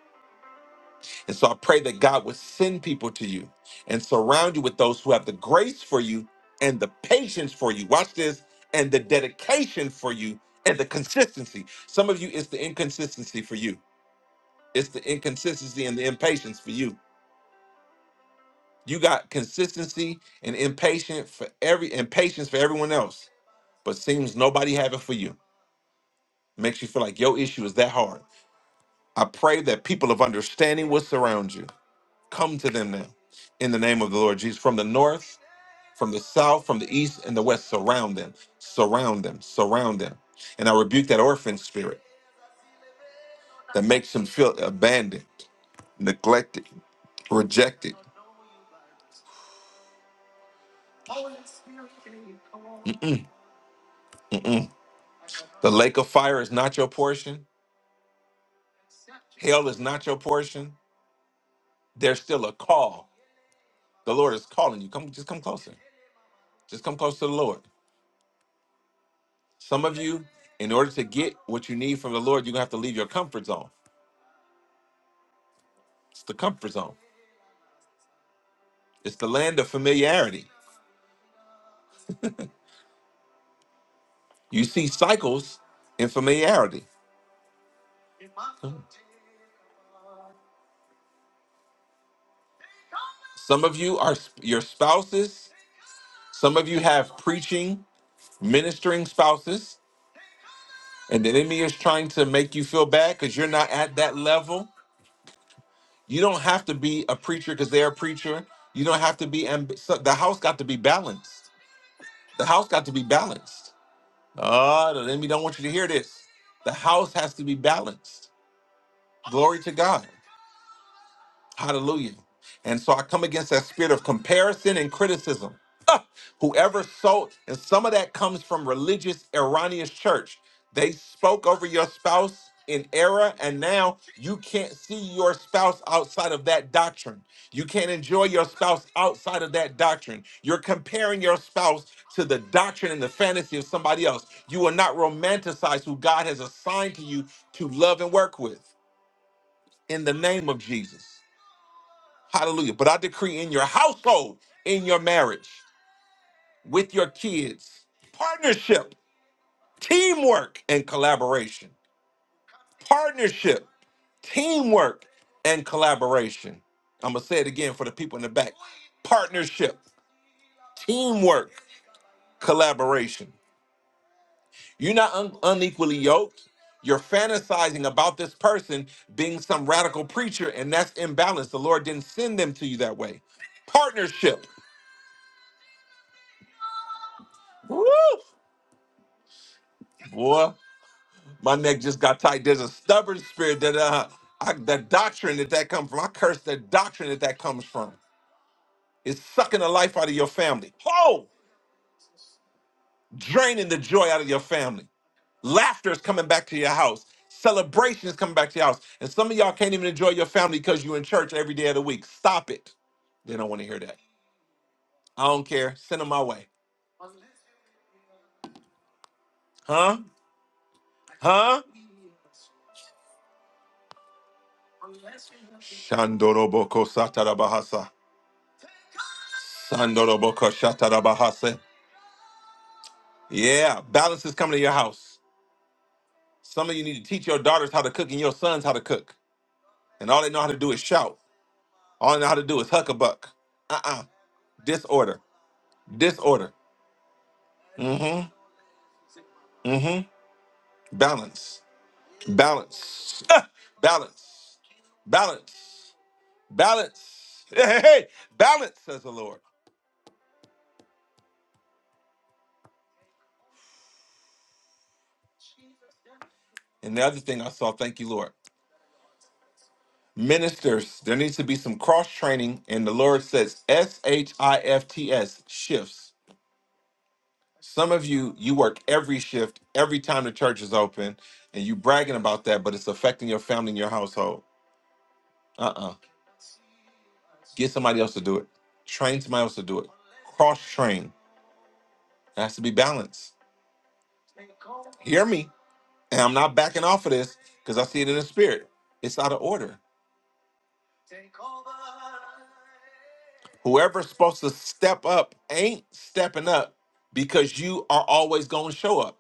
S1: And so I pray that God would send people to you and surround you with those who have the grace for you and the patience for you. Watch this and the dedication for you and the consistency. Some of you, it's the inconsistency for you, it's the inconsistency and the impatience for you. You got consistency and impatient for every and patience for everyone else, but seems nobody have it for you. Makes you feel like your issue is that hard. I pray that people of understanding will surround you. Come to them now. In the name of the Lord Jesus. From the north, from the south, from the east, and the west, surround them. Surround them. Surround them. And I rebuke that orphan spirit that makes them feel abandoned, neglected, rejected. The lake of fire is not your portion. Hell is not your portion. there's still a call. The Lord is calling you. Come, just come closer. Just come close to the Lord. Some of you, in order to get what you need from the Lord, you're gonna have to leave your comfort zone. It's the comfort zone. It's the land of familiarity. You see cycles in familiarity. Some of you are sp- your spouses. Some of you have preaching, ministering spouses, and the enemy is trying to make you feel bad because you're not at that level. You don't have to be a preacher because they're a preacher. You don't have to be amb- so the house got to be balanced. The house got to be balanced. Oh, the enemy don't want you to hear this. The house has to be balanced. Glory to God. Hallelujah. And so I come against that spirit of comparison and criticism. Ah, whoever sold, and some of that comes from religious Iranian church. They spoke over your spouse in error, and now you can't see your spouse outside of that doctrine. You can't enjoy your spouse outside of that doctrine. You're comparing your spouse to the doctrine and the fantasy of somebody else. You will not romanticize who God has assigned to you to love and work with in the name of Jesus. Hallelujah. But I decree in your household, in your marriage, with your kids, partnership, teamwork, and collaboration. Partnership, teamwork, and collaboration. I'm going to say it again for the people in the back partnership, teamwork, collaboration. You're not un- unequally yoked. You're fantasizing about this person being some radical preacher, and that's imbalanced. The Lord didn't send them to you that way. Partnership. Woo! Boy. My neck just got tight. There's a stubborn spirit that uh, I, the doctrine that that comes from. I curse the doctrine that that comes from. It's sucking the life out of your family. Oh, draining the joy out of your family. Laughter is coming back to your house. Celebration is coming back to your house. And some of y'all can't even enjoy your family because you're in church every day of the week. Stop it. They don't want to hear that. I don't care. Send them my way. Huh? Huh? Shandoroboko satarabahasa. Sandoroboko shatarabahase. Yeah, balance is coming to your house. Some of you need to teach your daughters how to cook and your sons how to cook. And all they know how to do is shout. All they know how to do is huck a buck. Uh-uh. Disorder. Disorder. Mm-hmm. Mm-hmm. Balance. Balance. Ah! Balance. Balance. Balance. Hey, hey, hey. Balance, says the Lord. And the other thing I saw, thank you, Lord. Ministers, there needs to be some cross training. And the Lord says S H I F T S shifts. Some of you, you work every shift, every time the church is open, and you bragging about that, but it's affecting your family and your household. Uh uh Get somebody else to do it. Train somebody else to do it. Cross train. It has to be balanced. Hear me. And I'm not backing off of this because I see it in the spirit. It's out of order. Whoever's supposed to step up ain't stepping up because you are always going to show up.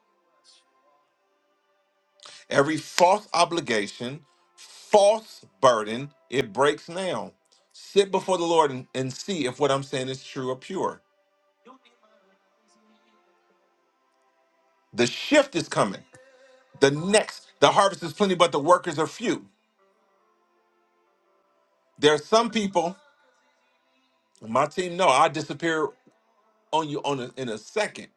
S1: Every false obligation, false burden, it breaks now. Sit before the Lord and, and see if what I'm saying is true or pure. The shift is coming. The next, the harvest is plenty, but the workers are few. There are some people, my team know I disappear on you on a, in a second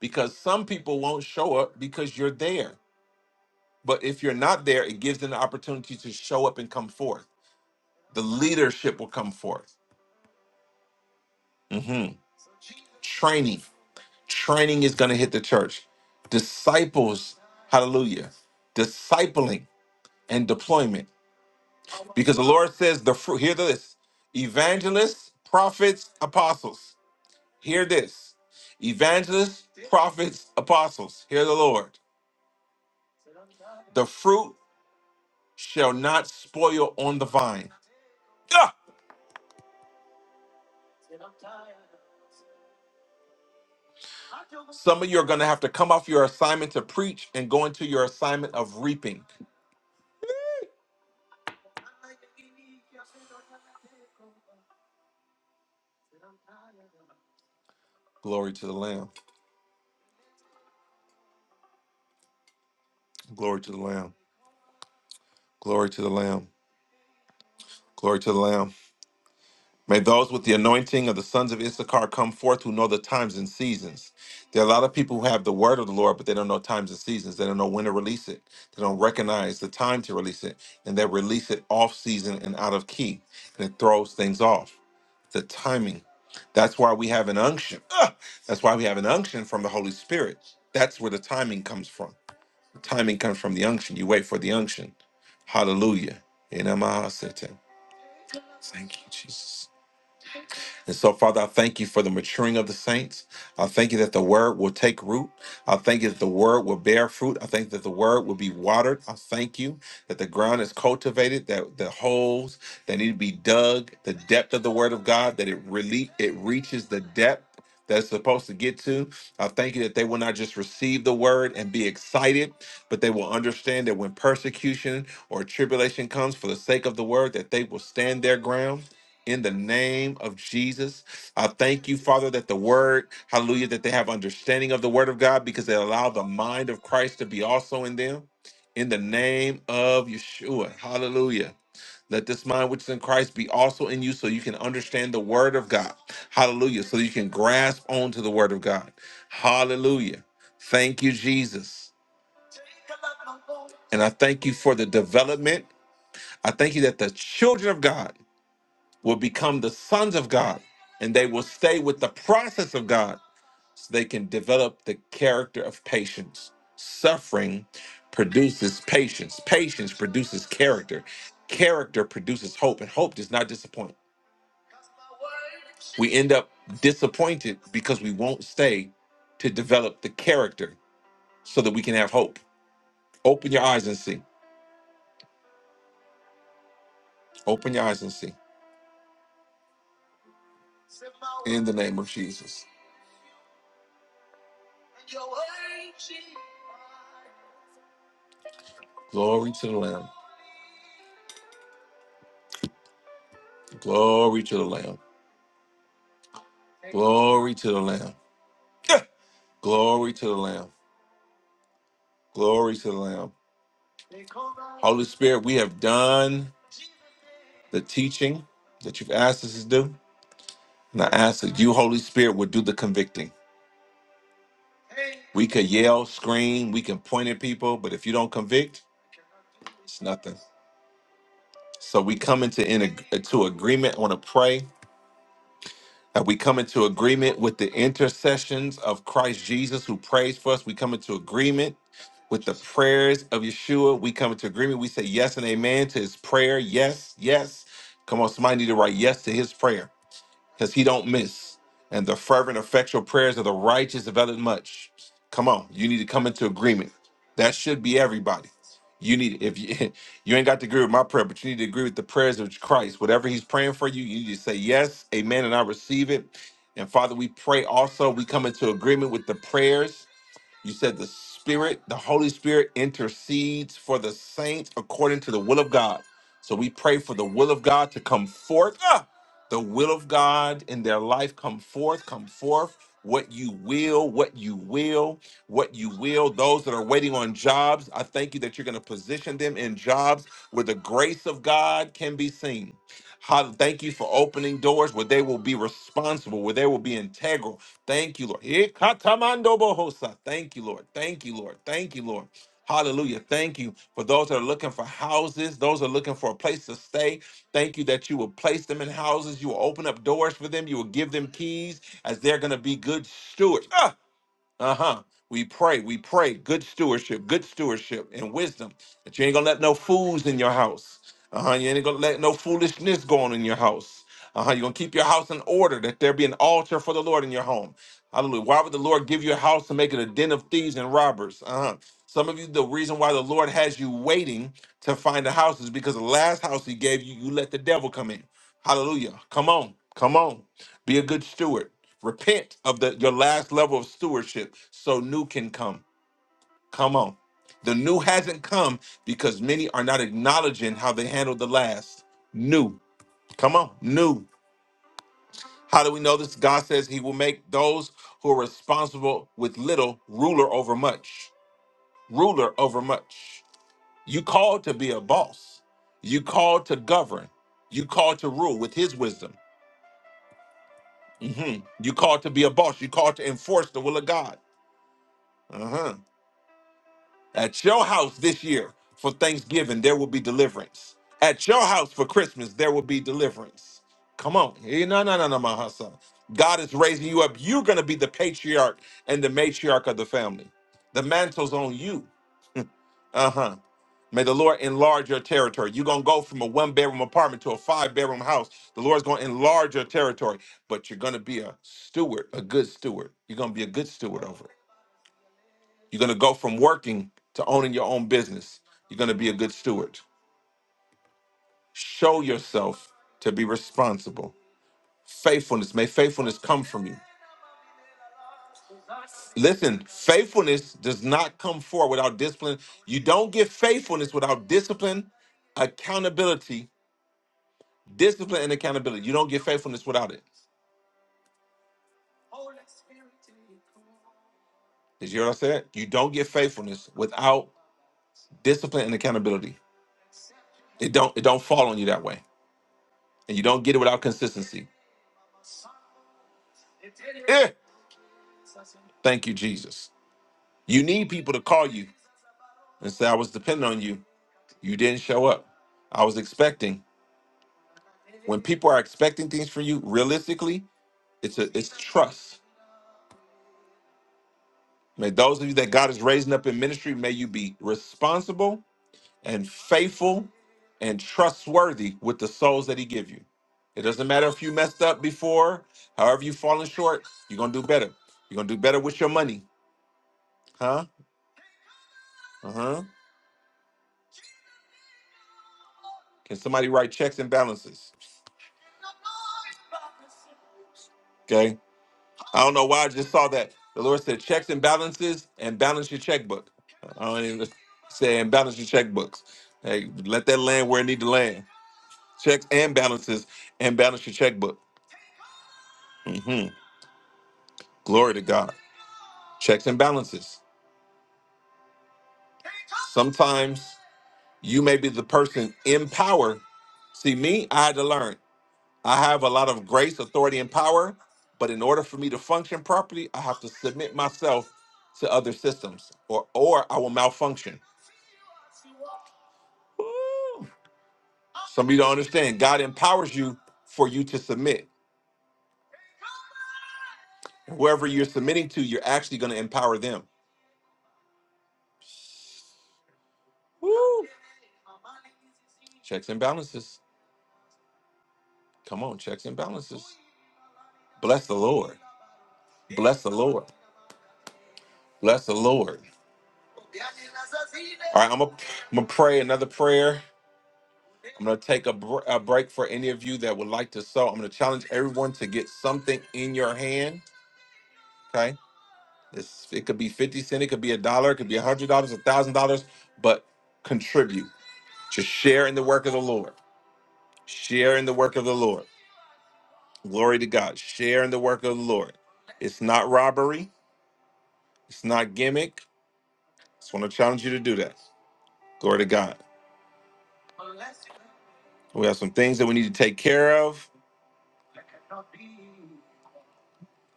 S1: because some people won't show up because you're there. But if you're not there, it gives them the opportunity to show up and come forth. The leadership will come forth. Mhm. Training. Training is going to hit the church. Disciples, hallelujah. Discipling and deployment. Because the Lord says, the fruit, hear this evangelists, prophets, apostles. Hear this evangelists, prophets, apostles. Hear the Lord. The fruit shall not spoil on the vine. Ah! Some of you are going to have to come off your assignment to preach and go into your assignment of reaping. Glory to the Lamb. Glory to the Lamb. Glory to the Lamb. Glory to the Lamb. May those with the anointing of the sons of Issachar come forth who know the times and seasons. There are a lot of people who have the word of the Lord, but they don't know times and seasons. They don't know when to release it. They don't recognize the time to release it. And they release it off season and out of key. And it throws things off. the timing. That's why we have an unction. Ah! That's why we have an unction from the Holy Spirit. That's where the timing comes from. The timing comes from the unction. You wait for the unction. Hallelujah. In Amahasete. Thank you, Jesus. And so, Father, I thank you for the maturing of the saints. I thank you that the word will take root. I thank you that the word will bear fruit. I thank that the word will be watered. I thank you that the ground is cultivated, that the holes that need to be dug, the depth of the word of God, that it really it reaches the depth. That it's supposed to get to. I thank you that they will not just receive the word and be excited, but they will understand that when persecution or tribulation comes for the sake of the word, that they will stand their ground in the name of Jesus. I thank you, Father, that the word, hallelujah, that they have understanding of the word of God because they allow the mind of Christ to be also in them. In the name of Yeshua, hallelujah. Let this mind which is in Christ be also in you so you can understand the word of God. Hallelujah. So you can grasp onto the word of God. Hallelujah. Thank you, Jesus. And I thank you for the development. I thank you that the children of God will become the sons of God and they will stay with the process of God so they can develop the character of patience. Suffering produces patience, patience produces character, character produces hope, and hope does not disappoint. We end up disappointed because we won't stay to develop the character so that we can have hope. Open your eyes and see. Open your eyes and see. In the name of Jesus. Glory to the Lamb. Glory to the Lamb. Glory to the Lamb. Yeah. Glory to the Lamb. Glory to the Lamb. Holy Spirit, we have done the teaching that you've asked us to do. And I ask that you, Holy Spirit, would do the convicting. We could yell, scream, we can point at people, but if you don't convict, it's nothing. So we come into in, to agreement. I want to pray. And we come into agreement with the intercessions of Christ Jesus who prays for us. We come into agreement with the prayers of Yeshua. We come into agreement. We say yes and amen to his prayer. Yes, yes. Come on, somebody need to write yes to his prayer because he don't miss. And the fervent, effectual prayers of the righteous availeth much. Come on, you need to come into agreement. That should be everybody. You need if you you ain't got to agree with my prayer, but you need to agree with the prayers of Christ. Whatever He's praying for you, you need to say yes, Amen, and I receive it. And Father, we pray also. We come into agreement with the prayers you said the Spirit, the Holy Spirit intercedes for the saints according to the will of God. So we pray for the will of God to come forth. Ah! The will of God in their life come forth, come forth. What you will, what you will, what you will. Those that are waiting on jobs, I thank you that you're going to position them in jobs where the grace of God can be seen. How, thank you for opening doors where they will be responsible, where they will be integral, Thank you, Lord. Eh, bohosa. Thank you, Lord. Thank you, Lord. Thank you, Lord. Hallelujah. Thank you for those that are looking for houses, those that are looking for a place to stay. Thank you that you will place them in houses. You will open up doors for them. You will give them keys as they're going to be good stewards. Uh-huh. We pray, we pray, good stewardship, good stewardship and wisdom. That you ain't gonna let no fools in your house. Uh-huh. You ain't gonna let no foolishness go on in your house. Uh-huh. You're gonna keep your house in order, that there be an altar for the Lord in your home. Hallelujah. Why would the Lord give you a house to make it a den of thieves and robbers? Uh-huh. Some of you, the reason why the Lord has you waiting to find a house is because the last house he gave you, you let the devil come in. Hallelujah. Come on, come on. Be a good steward. Repent of the your last level of stewardship so new can come. Come on. The new hasn't come because many are not acknowledging how they handled the last. New. Come on. New. How do we know this? God says he will make those who are responsible with little ruler over much. Ruler over much. You called to be a boss. You called to govern. You called to rule with his wisdom. Mhm. You called to be a boss. You called to enforce the will of God. Uh-huh. At your house this year for Thanksgiving, there will be deliverance. At your house for Christmas, there will be deliverance. Come on. Eh, No, no, no, no, my son. God is raising you up. You're going to be the patriarch and the matriarch of the family. The mantle's on you. Uh huh. May the Lord enlarge your territory. You're going to go from a one bedroom apartment to a five bedroom house. The Lord's going to enlarge your territory, but you're going to be a steward, a good steward. You're going to be a good steward over it. You're going to go from working to owning your own business. You're going to be a good steward. Show yourself to be responsible. Faithfulness, may faithfulness come from you. Listen, faithfulness does not come forward without discipline. You don't get faithfulness without discipline, accountability, discipline, and accountability. You don't get faithfulness without it. Did you hear what I said? You don't get faithfulness without discipline and accountability. It don't it don't fall on you that way. And you don't get it without consistency. Eh, thank you, Jesus. You need people to call you and say, I was depending on you. You didn't show up. I was expecting. When people are expecting things from you, realistically, it's a it's trust. May those of you that God is raising up in ministry, may you be responsible and faithful and trustworthy with the souls that he give you. It doesn't matter if you messed up before, however you fallen short, you're gonna do better. You're gonna do better with your money. Huh? Uh-huh. Can somebody write checks and balances? Okay. I don't know why I just saw that. The Lord said checks and balances and balance your checkbook. I don't even say and balance your checkbooks. Hey, let that land where it need to land. Checks and balances and balance your checkbook. hmm Glory to God. Checks and balances. Sometimes you may be the person in power. See, me, I had to learn. I have a lot of grace, authority, and power, but in order for me to function properly, I have to submit myself to other systems or or I will malfunction Woo! Some of you don't understand. God empowers you for you to submit. Whoever you're submitting to, you're actually going to empower them. Woo! Checks and balances. Come on, checks and balances. Bless the Lord. Bless the Lord. Bless the Lord. All right, I'm gonna I'm gonna pray another prayer. I'm gonna take a, br- a break for any of you that would like to sow. I'm gonna challenge everyone to get something in your hand. Okay, this it could be fifty cent, it could be a dollar, it could be a hundred dollars, a thousand dollars, but contribute. Just share in the work of the Lord. Share in the work of the Lord. Glory to God. Share in the work of the Lord. It's not robbery. It's not gimmick. Just want to challenge you to do that. Glory to God. We have some things that we need to take care of.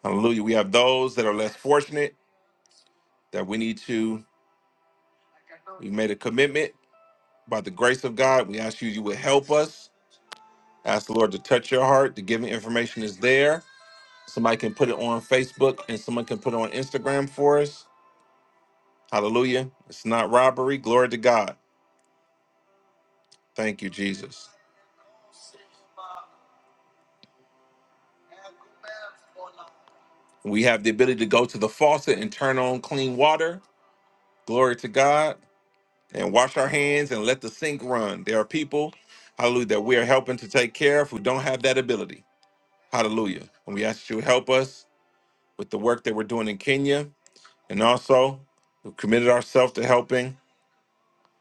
S1: Hallelujah. We have those that are less fortunate that we need to. We made a commitment by the grace of God. We ask you, you would help us. Ask the Lord to touch your heart. The giving information is there. Somebody can put it on Facebook and someone can put it on Instagram for us. Hallelujah. It's not robbery. Glory to God. Thank you, Jesus. We have the ability to go to the faucet and turn on clean water. Glory to God. And wash our hands and let the sink run. There are people, hallelujah, that we are helping to take care of who don't have that ability. Hallelujah. And we ask that you to help us with the work that we're doing in Kenya. And also, we've committed ourselves to helping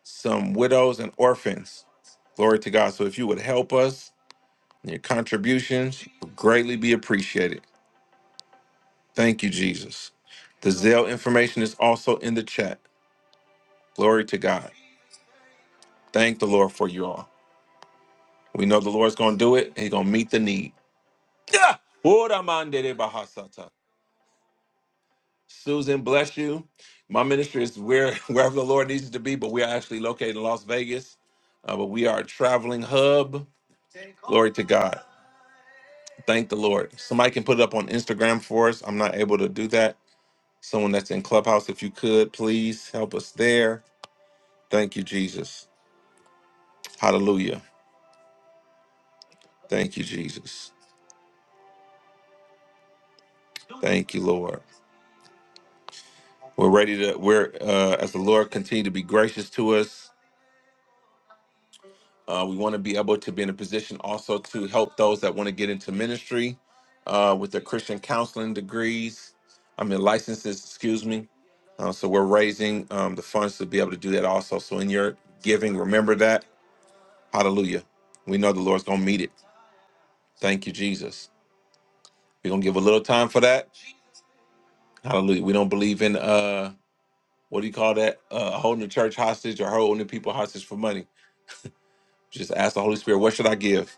S1: some widows and orphans. Glory to God. So if you would help us, your contributions would greatly be appreciated. Thank you, Jesus. The Zelle information is also in the chat. Glory to God. Thank the Lord for you all. We know the Lord's going to do it. He's going to meet the need. Yeah. Ora mande bahasata. Susan, bless you. My ministry is where wherever the Lord needs us to be, but we are actually located in Las Vegas. Uh, but we are a traveling hub. Glory to God. Thank the Lord. Somebody can put it up on Instagram for us. I'm not able to do that. Someone that's in Clubhouse, if you could, please help us there Thank you, Jesus. Hallelujah. Thank you, Jesus. Thank you, Lord. We're ready to, we're, uh, as the Lord continue to be gracious to us, uh, we want to be able to be in a position also to help those that want to get into ministry uh, with their Christian counseling degrees, I mean, licenses, excuse me. Uh, so we're raising um, the funds to be able to do that also. So in your giving, remember that. Hallelujah. We know the Lord's going to meet it. Thank you, Jesus. We're going to give a little time for that. Hallelujah. We don't believe in, uh, what do you call that? Uh, holding the church hostage or holding the people hostage for money. Just ask the Holy Spirit, what should I give?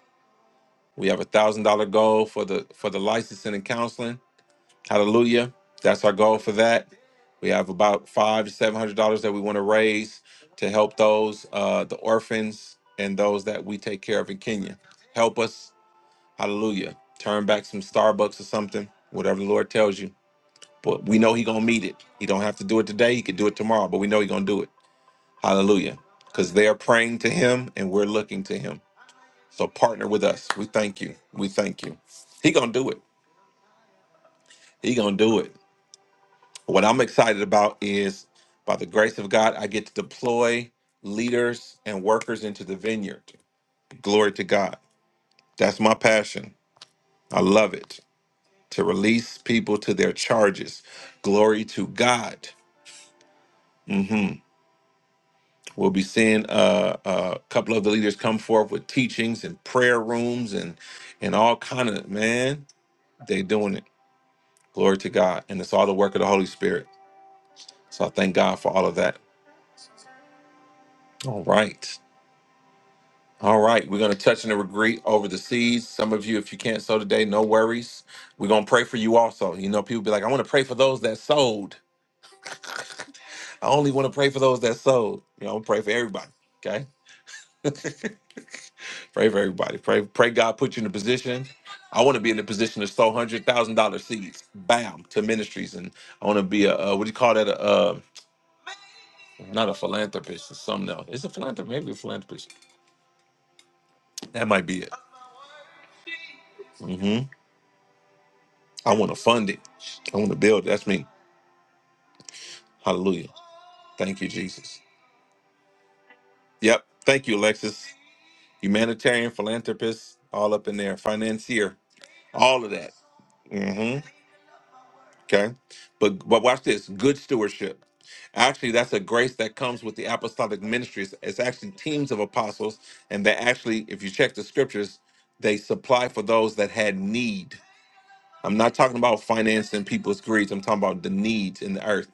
S1: We have a thousand dollar goal for the for the licensing and counseling. Hallelujah. That's our goal for that. We have about five to seven hundred dollars that we want to raise to help those uh, the orphans and those that we take care of in Kenya. Help us, hallelujah. Turn back some Starbucks or something, whatever the Lord tells you. But we know He gonna meet it. He don't have to do it today. He could do it tomorrow. But we know He gonna do it. Hallelujah. Because they are praying to him and we're looking to him. So partner with us. We thank you. We thank you. He gonna do it. He gonna do it. What I'm excited about is by the grace of God, I get to deploy leaders and workers into the vineyard. Glory to God. That's my passion. I love it. To release people to their charges. Glory to God. Mm-hmm. We'll be seeing uh, uh, a couple of the leaders come forth with teachings and prayer rooms and and all kind of man. They doing it. Glory to God, and it's all the work of the Holy Spirit. So I thank God for all of that. All right, all right. We're gonna touch and agree over the seeds. Some of you, if you can't sow today, no worries. We're gonna pray for you also. You know, people be like, I want to pray for those that sowed I only want to pray for those that sowed You know, pray for everybody. Okay. Pray for everybody. Pray, pray God put you in a position. I want to be in a position to sow hundred thousand dollar seeds, bam, to ministries, and I want to be a uh, what do you call that? A, uh, not a philanthropist, or something else. It's a philanthropist, maybe a philanthropist. That might be it. hmm I want to fund it. I want to build. That's me. Hallelujah. Thank you, Jesus. Yep. Thank you, Alexis. Humanitarian, philanthropist, all up in there, financier, all of that. Mm-hmm. Okay. But but watch this good stewardship. Actually, that's a grace that comes with the apostolic ministries. It's actually teams of apostles, and they actually, if you check the scriptures, they supply for those that had need. I'm not talking about financing people's greeds. I'm talking about the needs in the earth.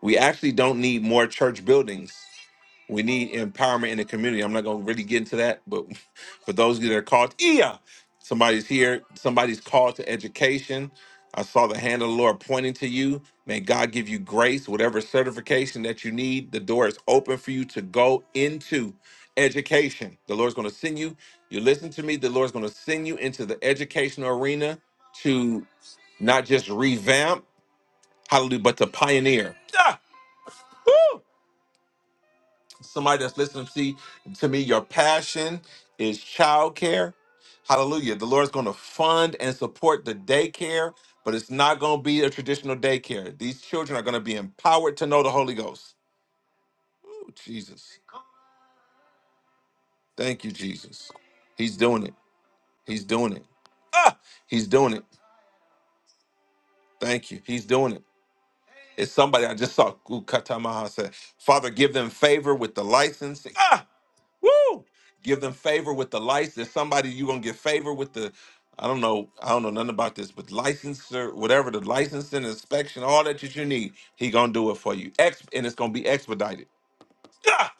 S1: We actually don't need more church buildings. We need empowerment in the community. I'm not going to really get into that, but for those of you that are called, yeah, somebody's here. Somebody's called to education. I saw the hand of the Lord pointing to you. May God give you grace, whatever certification that you need. The door is open for you to go into education. The Lord's going to send you. You listen to me. The Lord's going to send you into the educational arena to not just revamp, hallelujah, but to pioneer. Ah! Woo! somebody that's listening see to me your passion is childcare hallelujah the lord's going to fund and support the daycare but it's not going to be a traditional daycare these children are going to be empowered to know the holy ghost Ooh, jesus thank you jesus he's doing it he's doing it ah, he's doing it thank you he's doing it it's somebody i just saw Ooh, katamaha said father give them favor with the licensing Ah, Woo! Give them favor with the license. There's Somebody you gonna get favor with the, I don't know, I don't know nothing about this, but license whatever the licensing inspection, all that that you need, he gonna do it for you. Ex and it's gonna be expedited. Ah!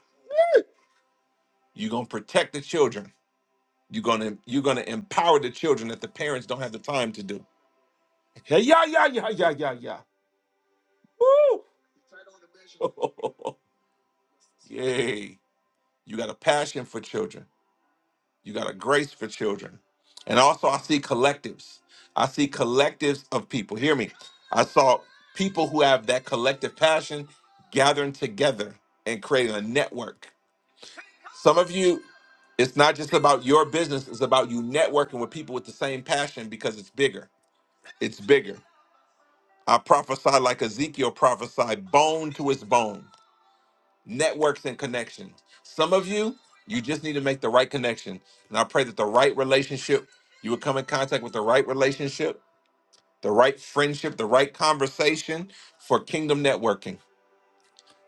S1: You gonna protect the children. You gonna you gonna empower the children that the parents don't have the time to do. Hey, Yeah yeah yeah yeah yeah yeah yeah. Woo! Yay! You got a passion for children. You got a grace for children. And also, I see collectives. I see collectives of people. Hear me. I saw people who have that collective passion gathering together and creating a network. Some of you, it's not just about your business, it's about you networking with people with the same passion because it's bigger. It's bigger. I prophesy like Ezekiel prophesied, bone to its bone networks and connections. Some of you, you just need to make the right connection. And I pray that the right relationship, you would come in contact with the right relationship, the right friendship, the right conversation for kingdom networking.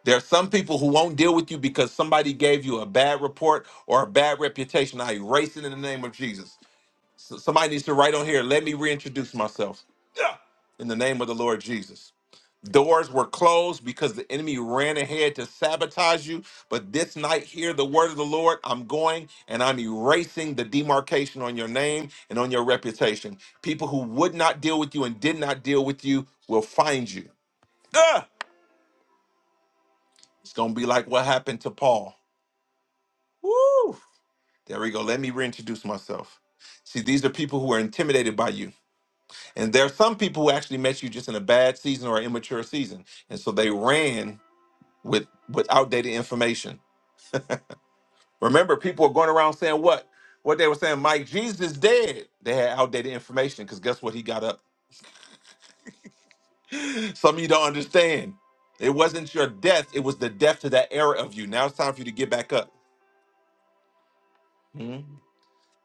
S1: There are some people who won't deal with you because somebody gave you a bad report or a bad reputation. I erase it in the name of Jesus. So somebody needs to write on here, let me reintroduce myself. Yeah. In the name of the Lord Jesus. Doors were closed because the enemy ran ahead to sabotage you. But this night, hear the word of the Lord. I'm going and I'm erasing the demarcation on your name and on your reputation. People who would not deal with you and did not deal with you will find you. Ah! It's going to be like what happened to Paul. Woo! There we go. Let me reintroduce myself. See, these are people who are intimidated by you. And there are some people who actually met you just in a bad season or an immature season. And so they ran with with outdated information Remember, people were going around saying what? What they were saying, Mike, Jesus is dead. They had outdated information because guess what? He got up. Some of you don't understand. It wasn't your death, it was the death to that era of you. Now it's time for you to get back up. Mhm.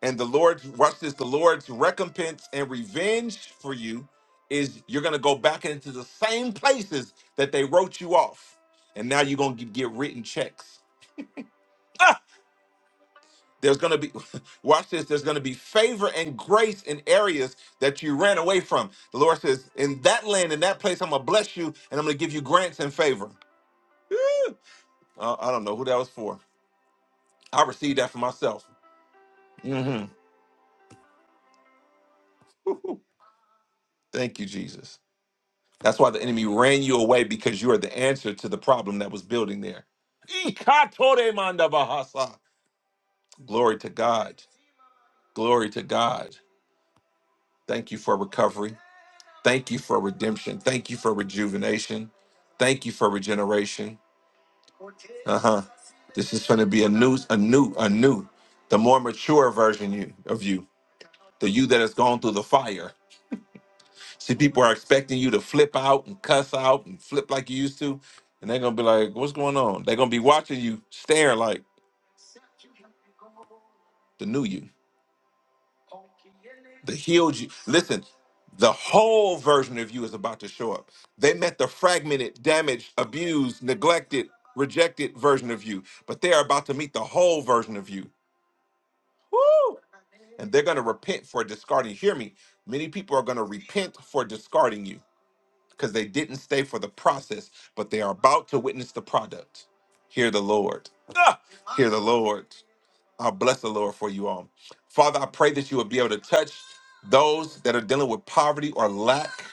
S1: And the Lord's watch this, the Lord's recompense and revenge for you is you're gonna go back into the same places that they wrote you off. And now you're gonna get get written checks. There's going to be, watch this, there's going to be favor and grace in areas that you ran away from. The Lord says, in that land, in that place, I'm going to bless you and I'm going to give you grants and favor. Woo! Uh, I don't know who that was for. I received that for myself. hmm Thank you, Jesus. That's why the enemy ran you away because you are the answer to the problem that was building there. Ikatore mandabahasa. Glory to God. Glory to God. Thank you for recovery. Thank you for redemption. Thank you for rejuvenation. Thank you for regeneration. Uh huh. This is going to be a new, a new, a new, the more mature version you of you, the you that has gone through the fire. See, people are expecting you to flip out and cuss out and flip like you used to, and they're gonna be like, "What's going on?" They're gonna be watching you stare like the new you. The healed you. Listen, the whole version of you is about to show up. They met the fragmented, damaged, abused, neglected, rejected version of you, but they are about to meet the whole version of you. Woo! And they're going to repent for discarding. Hear me. Many people are going to repent for discarding you because they didn't stay for the process, but they are about to witness the product. Hear the Lord. Ah! Hear the Lord. I bless the Lord for you all. Father, I pray that you would be able to touch those that are dealing with poverty or lack.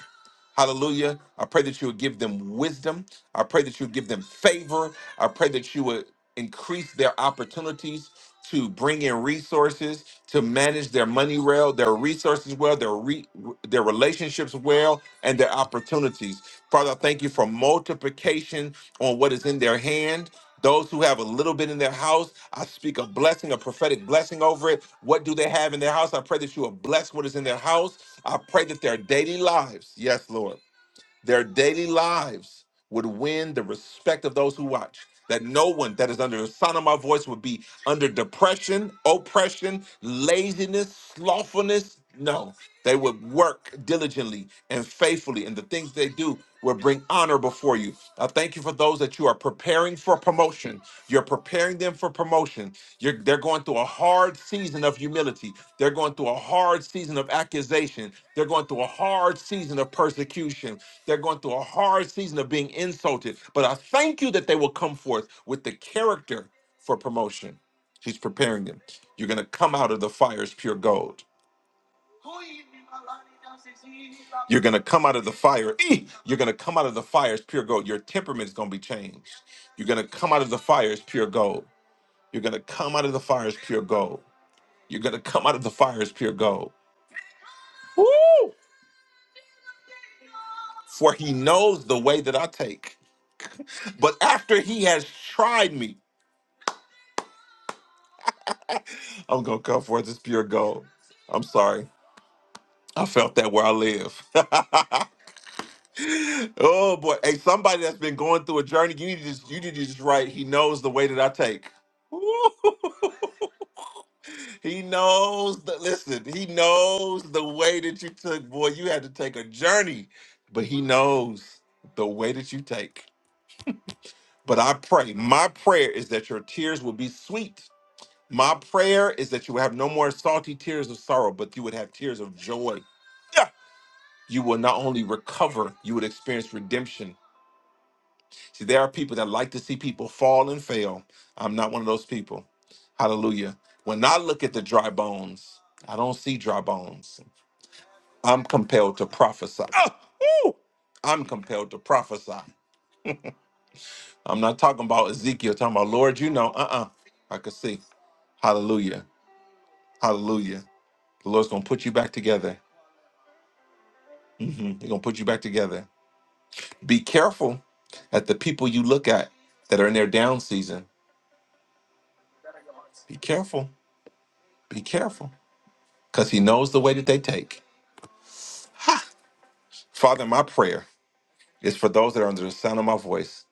S1: Hallelujah. I pray that you would give them wisdom. I pray that you would give them favor. I pray that you would increase their opportunities to bring in resources, to manage their money well, their resources well, their re- their relationships well, and their opportunities. Father, I thank you for multiplication on what is in their hand. Those who have a little bit in their house, I speak a blessing, a prophetic blessing over it. What do they have in their house? I pray that you are blessed what is in their house. I pray that their daily lives, yes, Lord, their daily lives would win the respect of those who watch. That no one that is under the sound of my voice would be under depression, oppression, laziness, slothfulness. No, they would work diligently and faithfully, and the things they do will bring honor before you. I thank you for those that you are preparing for promotion. You're preparing them for promotion. You're, they're going through a hard season of humility. They're going through a hard season of accusation. They're going through a hard season of persecution. They're going through a hard season of being insulted. But I thank you that they will come forth with the character for promotion. He's preparing them. You're going to come out of the fires pure gold. You're going to come out of the fire. Eh! You're going to come out of the fire as pure gold. Your temperament's going to be changed. You're going to come out of the fire as pure gold. You're going to come out of the fire as pure gold. You're going to come out of the fire as pure gold. Woo! For he knows the way that I take. But after he has tried me, I'm going to come forth as pure gold. I'm sorry. I felt that where I live. oh boy. Hey, somebody that's been going through a journey, you need to just you need to just write, he knows the way that I take. he knows the listen, he knows the way that you took. Boy, you had to take a journey, but he knows the way that you take. But I pray, my prayer is that your tears will be sweet. My prayer is that you will have no more salty tears of sorrow, but you would have tears of joy. Yeah. You will not only recover, you would experience redemption See, there are people that like to see people fall and fail. I'm not one of those people. Hallelujah. When I look at the dry bones, I don't see dry bones. I'm compelled to prophesy. Ah! Woo! I'm compelled to prophesy. I'm not talking about Ezekiel, talking about Lord, you know, uh uh I could see. Hallelujah. Hallelujah. The Lord's going to put you back together. hmm He's going to put you back together. Be careful at the people you look at that are in their down season. Be careful. Be careful. because he knows the way that they take. Father, my prayer is for those that are under the sound of my voice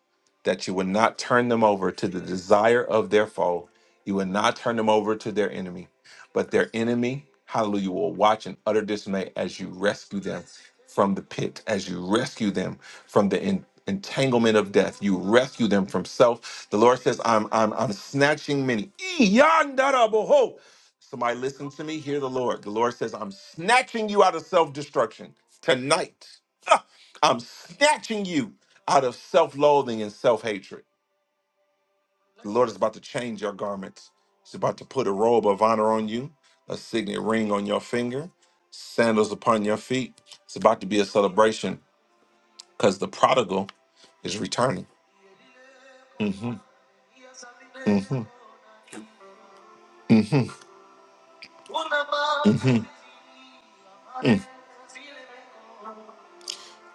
S1: that you would not turn them over to the desire of their foe. You would not turn them over to their enemy, but their enemy, hallelujah, will watch in utter dismay as you rescue them from the pit, as you rescue them from the en- entanglement of death. You rescue them from self. The Lord says, I'm I'm I'm snatching many. Somebody listen to me. Hear the Lord. The Lord says, I'm snatching you out of self destruction tonight. Ah, I'm snatching you out of self loathing and self hatred. The Lord is about to change your garments. He's about to put a robe of honor on you, a signet ring on your finger, sandals upon your feet. It's about to be a celebration because the prodigal is returning.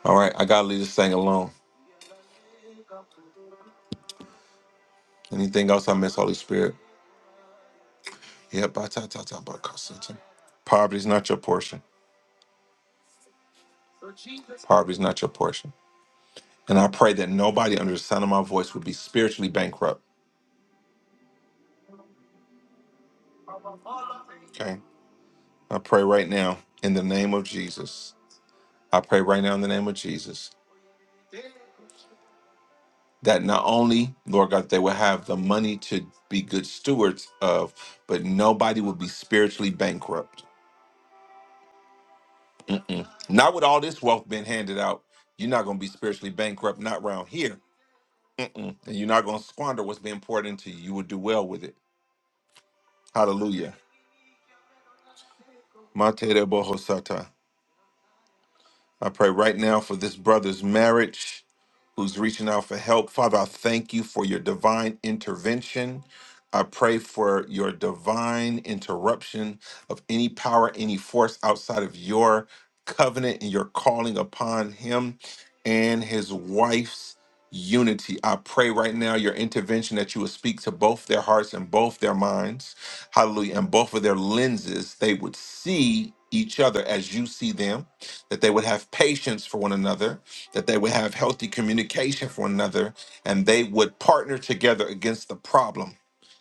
S1: All right, I got to leave this thing alone. Anything else I miss, Holy Spirit? Yep, I ta ta ta. Poverty's not your portion. Poverty's not your portion. And I pray that nobody under the sound of my voice would be spiritually bankrupt. Okay. I pray right now in the name of Jesus. I pray right now in the name of Jesus that not only, Lord God, they will have the money to be good stewards of, but nobody will be spiritually bankrupt. Mm-mm. Not with all this wealth being handed out. You're not going to be spiritually bankrupt, not around here. Mm-mm. And you're not going to squander what's being poured into you. You will do well with it. Hallelujah. Mate de boho I pray right now for this brother's marriage who's reaching out for help. Father, I thank you for your divine intervention. I pray for your divine interruption of any power, any force outside of your covenant and your calling upon him and his wife's unity. I pray right now your intervention that you would speak to both their hearts and both their minds. Hallelujah. And both of their lenses, they would see each other as you see them that they would have patience for one another, that they would have healthy communication for one another, and they would partner together against the problem,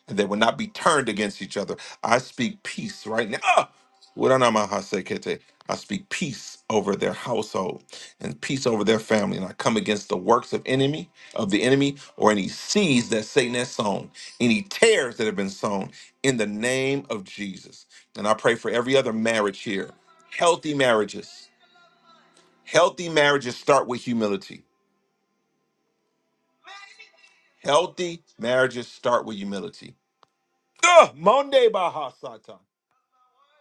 S1: and they would not be turned against each other. I speak peace right now. Ah! Wuranamahasekete. I speak peace over their household and peace over their family, and I come against the works of enemy of the enemy or any seeds that Satan has sown, any tares that have been sown in the name of Jesus. And I pray for every other marriage here, healthy marriages Healthy marriages start with humility. Healthy marriages start with humility. Ugh, Monday Baha Satan.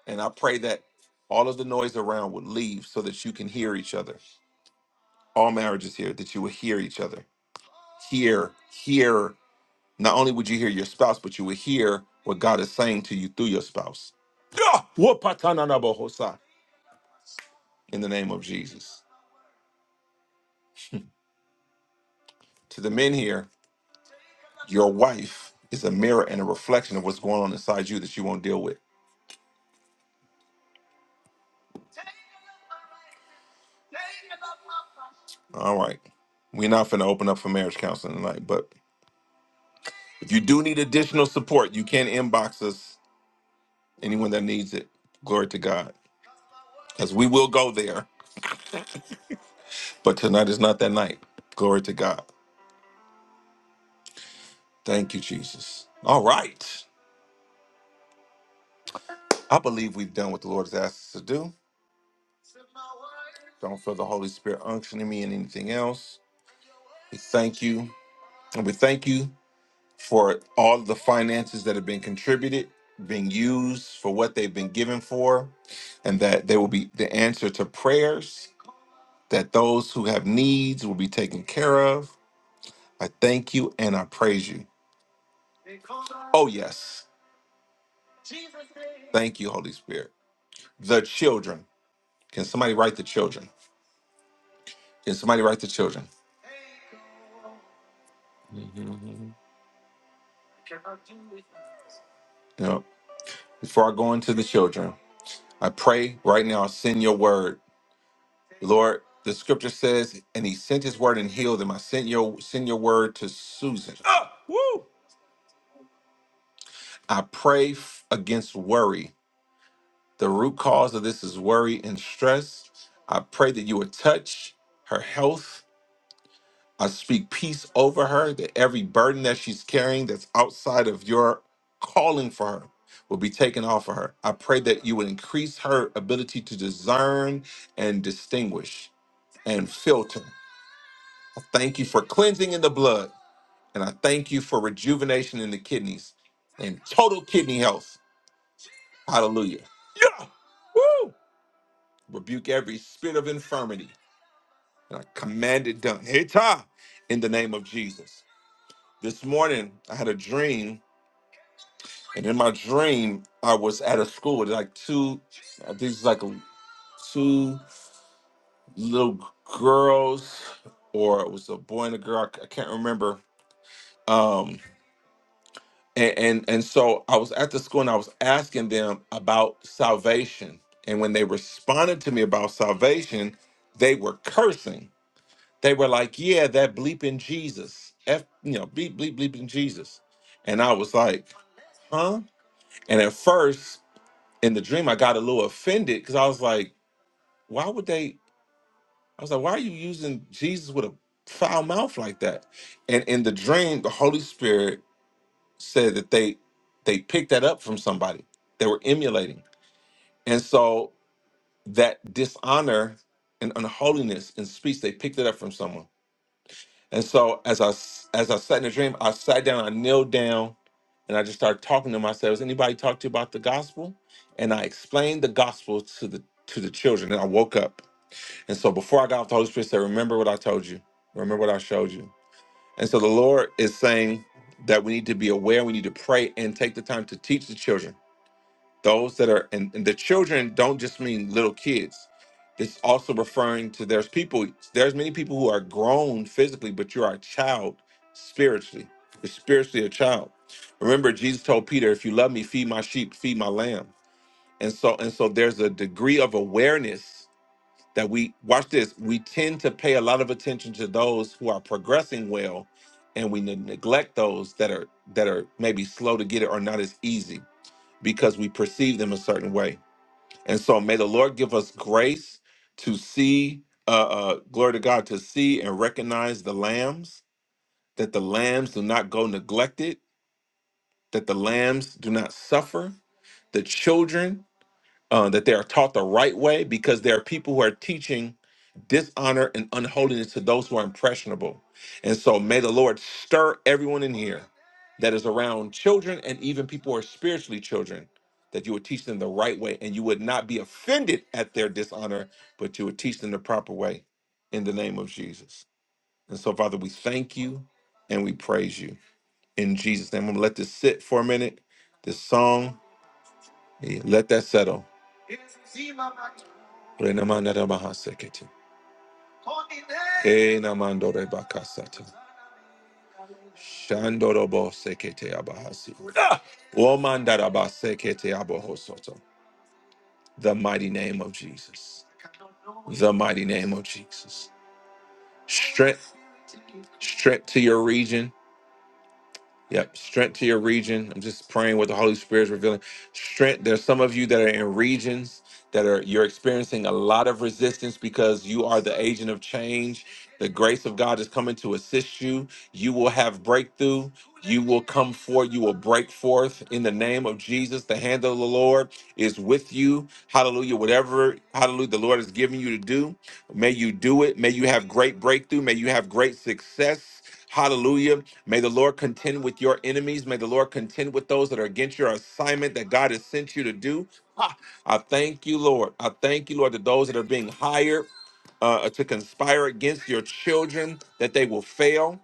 S1: And I pray that all of the noise around would leave so that you can hear each other. All marriages here, that you will hear each other. Hear, hear. Not only would you hear your spouse, but you would hear what God is saying to you through your spouse. Ugh, Wopatananabohosa. In the name of Jesus. To the men here, your wife is a mirror and a reflection of what's going on inside you that you won't deal with. All right. We're not finna open up for marriage counseling tonight, but if you do need additional support, you can inbox us. Anyone that needs it, glory to God, because we will go there. But tonight is not that night. Glory to God. Thank you, Jesus. All right. I believe we've done what the Lord has asked us to do. Don't feel the Holy Spirit unctioning me and anything else. We thank you. And we thank you for all the finances that have been contributed, being used for what they've been given for, and that they will be the answer to prayers, that those who have needs will be taken care of. I thank you and I praise you. Oh, yes. Thank you, Holy Spirit. The children. Can somebody write the children? Can somebody write the children? You know, before I go into the children, I pray right now, send your word Lord, the scripture says, and he sent his word and healed him. I sent your send your word to Susan. I pray f- against worry. The root cause of this is worry and stress. I pray that you would touch her health. I speak peace over her, that every burden that she's carrying that's outside of your calling for her will be taken off of her. I pray that you would increase her ability to discern and distinguish and filter. I thank you for cleansing in the blood. And I thank you for rejuvenation in the kidneys and total kidney health. Hallelujah. Yeah. Woo. Rebuke every spirit of infirmity. And I command it done. Hita. In the name of Jesus. This morning, I had a dream. And in my dream, I was at a school with like two, I think it's like two little girls, or it was a boy and a girl. I c- I can't remember. Um, and, and and so I was at the school and I was asking them about salvation. And when they responded to me about salvation, they were cursing. They were like, "Yeah, that bleeping Jesus, F, you know, bleep bleep bleeping Jesus," and I was like, "Huh?" And at first, in the dream, I got a little offended because I was like, "Why would they?" I was like, "Why are you using Jesus with a foul mouth like that?" And in the dream, the Holy Spirit said that they they picked that up from somebody. They were emulating. And so that dishonor and unholiness in speech, they picked it up from someone. And so as I s- as I sat in the dream, I sat down, I knelt down, and I just started talking to myself. Has anybody talked to you about the gospel? And I explained the gospel to the to the children. And I woke up. And so before I got off the Holy Spirit said, Remember what I told you. Remember what I showed you. And so the Lord is saying that we need to be aware, we need to pray and take the time to teach the children. Those that are, and, and the children don't just mean little kids. It's also referring to there's people, there's many people who are grown physically, but you are a child spiritually. You're spiritually a child. Remember, Jesus told Peter, if you love me, feed my sheep, feed my lamb. And so, and so there's a degree of awareness that we watch this we tend to pay a lot of attention to those who are progressing well and we ne- neglect those that are that are maybe slow to get it or not as easy because we perceive them a certain way and so may the lord give us grace to see uh, uh glory to god to see and recognize the lambs that the lambs do not go neglected that the lambs do not suffer the children uh, that they are taught the right way because there are people who are teaching dishonor and unholiness to those who are impressionable. And so may the Lord stir everyone in here that is around children and even people who are spiritually children that you would teach them the right way and you would not be offended at their dishonor, but you would teach them the proper way in the name of Jesus. And so, Father, we thank you and we praise you in Jesus' name. I'm gonna let this sit for a minute, this song, eh, let that settle. Renamandara Mahaseketi. Enamandore Bakasata. Shandorobo Sekete Abahasi. Ah! Womandara Basekete Abohosoto. The mighty name of Jesus. The mighty name of Jesus. Strength, strength to your region. Yep. Strength to your region. I'm just praying what the Holy Spirit is revealing. Strength. There's some of you that are in regions that are you're experiencing a lot of resistance because you are the agent of change. The grace of God is coming to assist you. You will have breakthrough. You will come forth. You will break forth in the name of Jesus. The hand of the Lord is with you. Hallelujah. Whatever, hallelujah, the Lord has given you to do, may you do it. May you have great breakthrough. May you have great success. Hallelujah. May the Lord contend with your enemies. May the Lord contend with those that are against your assignment that God has sent you to do. I thank you, Lord. I thank you, Lord, that those that are being hired uh, to conspire against your children, that they will fail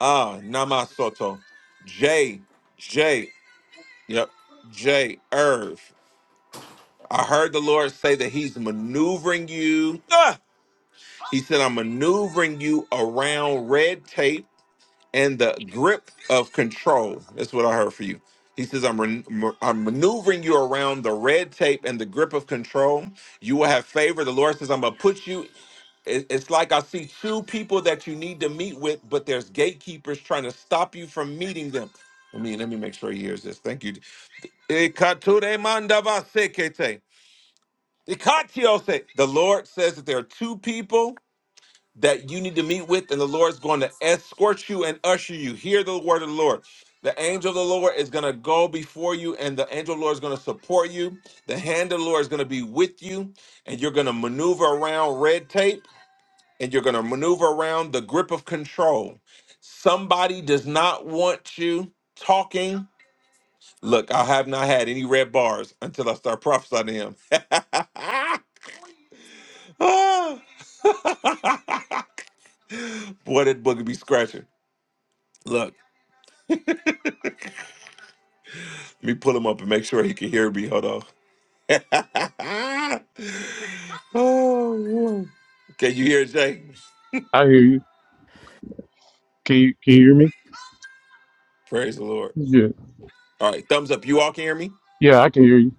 S1: Ah, Namasoto. J, J, yep, J, Irv. I heard the Lord say that He's maneuvering you. Ah! He said, I'm maneuvering you around red tape and the grip of control. That's what I heard for you. He says, I'm, ren- ma- I'm maneuvering you around the red tape and the grip of control. You will have favor. The Lord says, I'm going to put you. it- It's like I see two people that you need to meet with, but there's gatekeepers trying to stop you from meeting them. I mean, let me make sure he hears this. Thank you. Ikatude mandavasekete. Ikatiose. The Lord says that there are two people that you need to meet with, and the Lord's going to escort you and usher you. Hear the word of the Lord. The angel of the Lord is going to go before you, and the angel of the Lord is going to support you. The hand of the Lord is going to be with you, and you're going to maneuver around red tape, and you're going to maneuver around the grip of control. Somebody does not want you talking. Look, I have not had any red bars until I start prophesying to him. Ah. Boy, that booger be scratching. Look, let me pull him up and make sure he can hear me. Hold on. oh, Lord. Can you hear it, Jay?
S3: I hear you. Can you can you hear me?
S1: Praise the Lord.
S3: Yeah,
S1: All right, thumbs up. You all can hear me?
S3: yeah, I can hear you.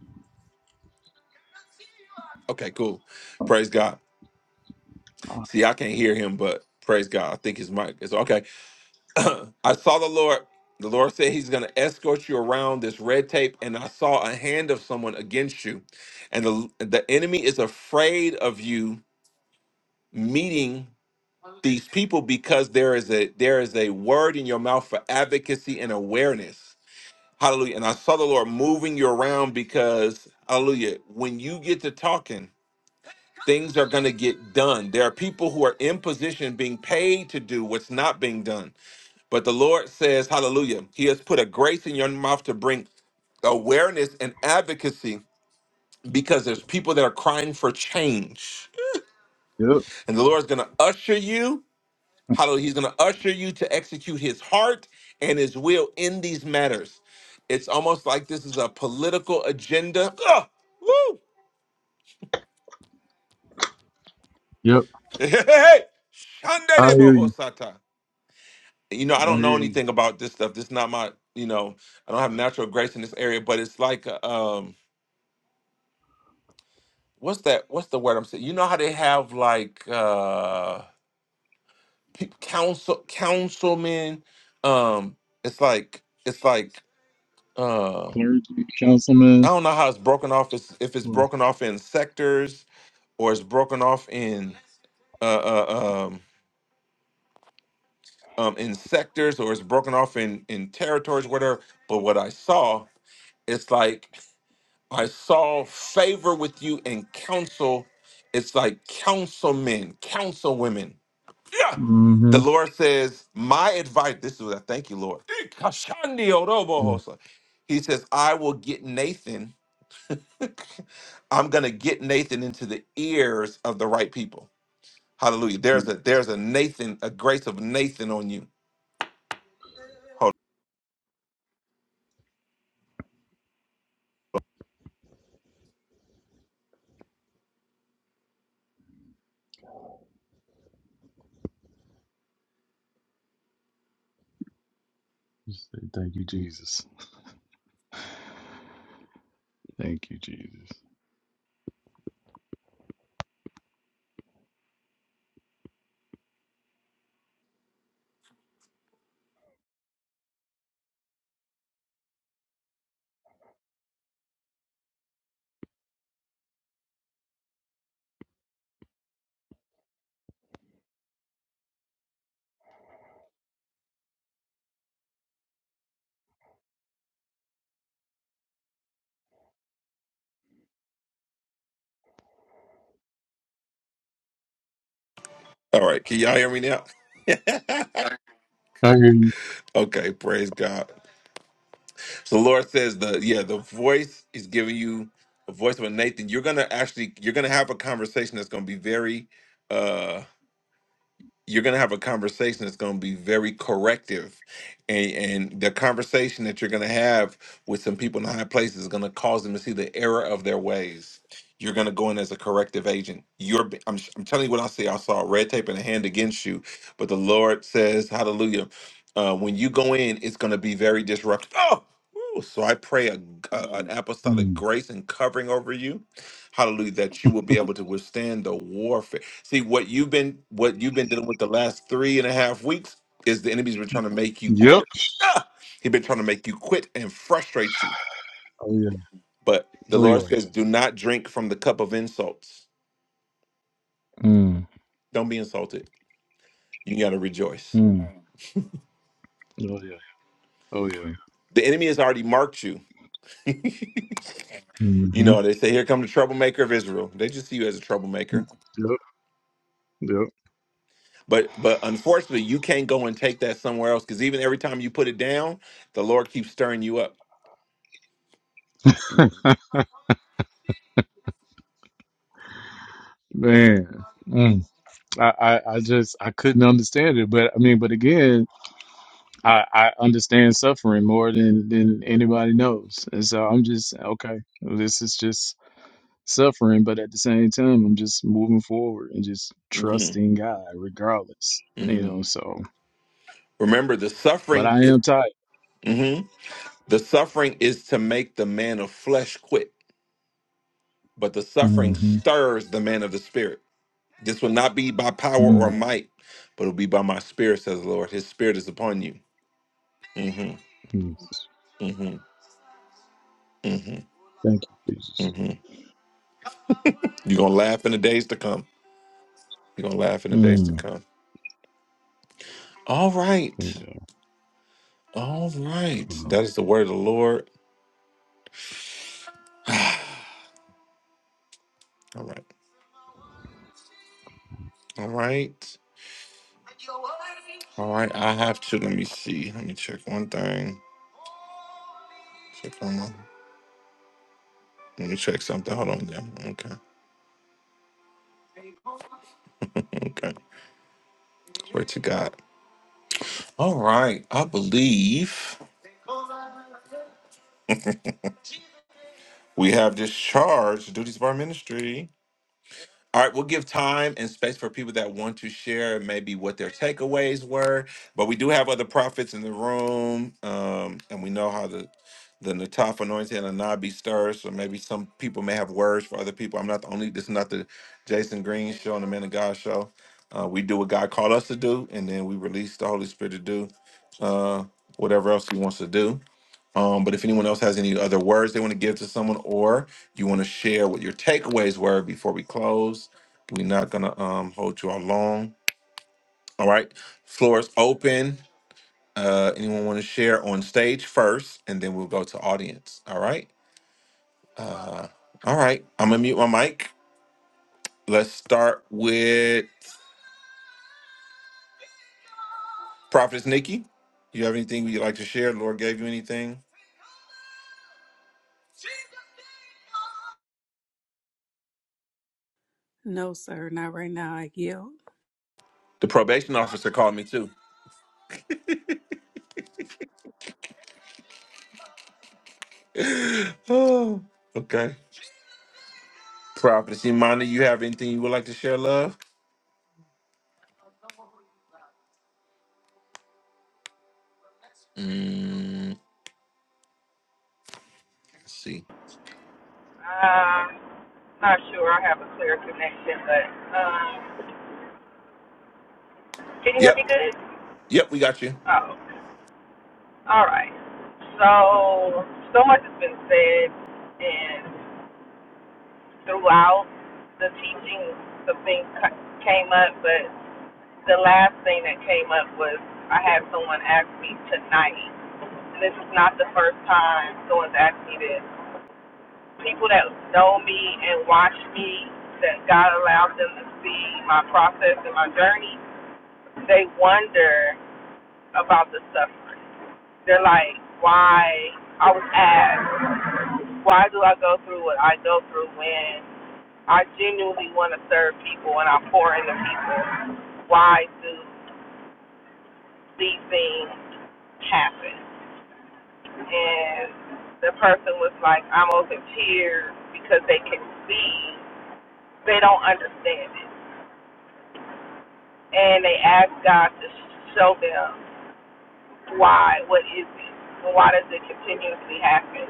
S1: Okay, cool. Praise God.
S3: Uh,
S1: See, I can't hear him, but praise God. I think his mic is okay. I saw the Lord. The Lord said he's going to escort you around this red tape, and I saw a hand of someone against you. And the, the enemy is afraid of you meeting these people because there is a there is a word in your mouth for advocacy and awareness. Hallelujah. And I saw the Lord moving you around because hallelujah, when you get to talking, things are going to get done. There are people who are in position being paid to do what's not being done. But the Lord says, hallelujah, he has put a grace in your mouth to bring awareness and advocacy because there's people that are crying for change.
S3: Yep,
S1: And the Lord's going to usher you Hallelujah. He's going to usher you to execute his heart and his will in these matters. It's almost like this is a political agenda. Ugh! Woo!
S3: yep.
S1: Hey, hey, hey! Shanda
S3: I hear you.
S1: You know, I
S3: I hear
S1: don't know
S3: you.
S1: anything about this stuff. This is not my, you know, I don't have natural grace in this area, but it's like, uh, um, what's that? What's the word I'm saying? You know how they have like uh peop council councilmen? Um, it's like it's like uh,
S3: Clergy,
S1: I
S3: councilman.
S1: don't know how it's broken off. It's, if it's broken off in sectors, or it's broken off in uh, uh, um, um, in sectors, or it's broken off in in territories, whatever. But what I saw, it's like I saw favor with you and counsel. It's like councilmen, councilwomen. Yeah.
S3: Mm-hmm.
S1: The Lord says, my advice. This is what I thank you, Lord. Ikashandi
S3: Yeah.
S1: orobohosa. He says, I will get Nathan I'm gonna get Nathan into the ears of the right people. Hallelujah.
S3: yeah.
S1: There's a there's a Nathan, a grace of Nathan on you. Hold
S3: Just say Thank you, Jesus. Thank you, Jesus.
S1: on. All right, can y'all hear me now?
S3: I hear you.
S1: okay, praise God. So the Lord says the yeah, the voice is giving you a voice of a Nathan. You're gonna actually you're gonna have a conversation that's gonna be very uh you're going to have a conversation that's going to be very corrective and, and the conversation that you're going to have with some people in high places is going to cause them to see the error of their ways you're going to go in as a corrective agent you're be- I'm, I'm telling you what i see i saw red tape in a hand against you but the lord says hallelujah uh, when you go in it's going to be very disruptive oh woo! so i pray a, a- an apostolic
S3: Mm.
S1: grace and covering over you hallelujah that you will be able to withstand the warfare See what you've been what you've been dealing with the last three and a half weeks is the enemy's been trying to make you
S3: Yep.
S1: quit. Ah! He's been trying to make you quit and frustrate you.
S3: Oh yeah.
S1: But the
S3: Oh
S1: Lord
S3: yeah.
S1: says, do not drink from the cup of insults.
S3: Mm.
S1: Don't be insulted. You gotta rejoice.
S3: Mm. Oh yeah. Oh yeah.
S1: The enemy has already marked you. You
S3: Mm-hmm.
S1: know, they say, here come the troublemaker of Israel. They just see you as a troublemaker.
S3: Yep.
S1: But but unfortunately, you can't go and take that somewhere else because even every time you put it down, the Lord keeps stirring you up.
S3: Yep. Man. Mm. I, I I just I couldn't understand it, but I mean, but again. I, I understand suffering more than than anybody knows, and so I'm just okay. This is just suffering, but at the same time, I'm just moving forward and just
S1: Mhm.
S3: trusting God, regardless. You know,
S1: Mhm.
S3: so
S1: Remember, the
S3: but
S1: suffering.
S3: I am tired.
S1: hmm The suffering is to make the man of flesh quit, but the suffering
S3: Mm-hmm.
S1: stirs the man of the spirit. This will not be by power or
S3: mm
S1: might, but it'll be by my spirit, says the Lord. His spirit is upon you. hmm
S3: Yes.
S1: hmm hmm
S3: Thank you, Jesus.
S1: hmm You're gonna laugh in the days to come. You're gonna laugh in the days to
S3: Mm.
S1: come. All right.
S3: Yeah.
S1: All right. That is the word of the Lord. All right. All right. All right. I have to let me see. Let me check one thing. Check one more. Let me check something. Hold on. Yeah. Okay. Okay. Where to God. All right. I believe we have discharged the duties of our ministry. All right, we'll give time and space for people that want to share maybe what their takeaways were. But we do have other prophets in the room, um, and we know how the the Nataf anointing and Anabi stirs. So maybe some people may have words for other people. I'm not the only. This is not the Jason Green show and the Man of God show. Uh, we do what God called us to do, and then we release the Holy Spirit to do uh, whatever else He wants to do. Um, but if anyone else has any other words they want to give to someone, or you want to share what your takeaways were before we close, we're not gonna um, hold you all long. All right, floor is open. Uh, anyone want to share on stage first, and then we'll go to audience. All right. Uh, all right. I'm gonna mute my mic. Let's start with Prophetess Nikki. You have anything you'd like to share? The Lord gave you anything?
S4: No, sir, not right now. I yield.
S1: The probation officer called me too. oh, okay. Prophetess Imani, you have anything you would like to share, love? Mm, let's see.
S5: Um, not sure I have a clear connection, but um, can you hear
S1: Yep.
S5: me good?
S1: Yep, we got you.
S5: Oh, all right. So, so much has been said, and throughout the teaching, some things ca- came up, but the last thing that came up was I had someone ask me tonight, and this is not the first time someone's asked me this. People that know me and watch me, that God allowed them to see my process and my journey, they wonder about the suffering. They're like, why? I was asked, why do I go through what I go through when I genuinely want to serve people and I pour into people? Why do these things happen? And the person was like, almost in tears because they can see, they don't understand it. And they ask God to show them why, what is it? and Why does it continuously happen?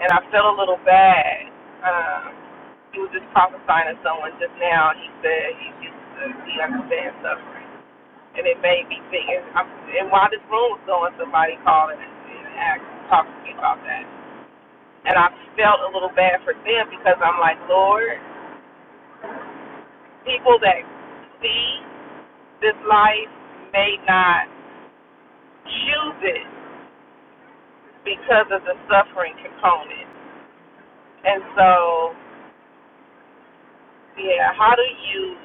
S5: and I felt a little bad. Um, he was just prophesying to someone just now. He said he used to, he understands suffering, and it made me think. And, i and while this room was going, somebody called and, and asked, talked to me about that, and I felt a little bad for them because I'm like, Lord, people that see this life may not choose it because of the suffering component, and so yeah, how do you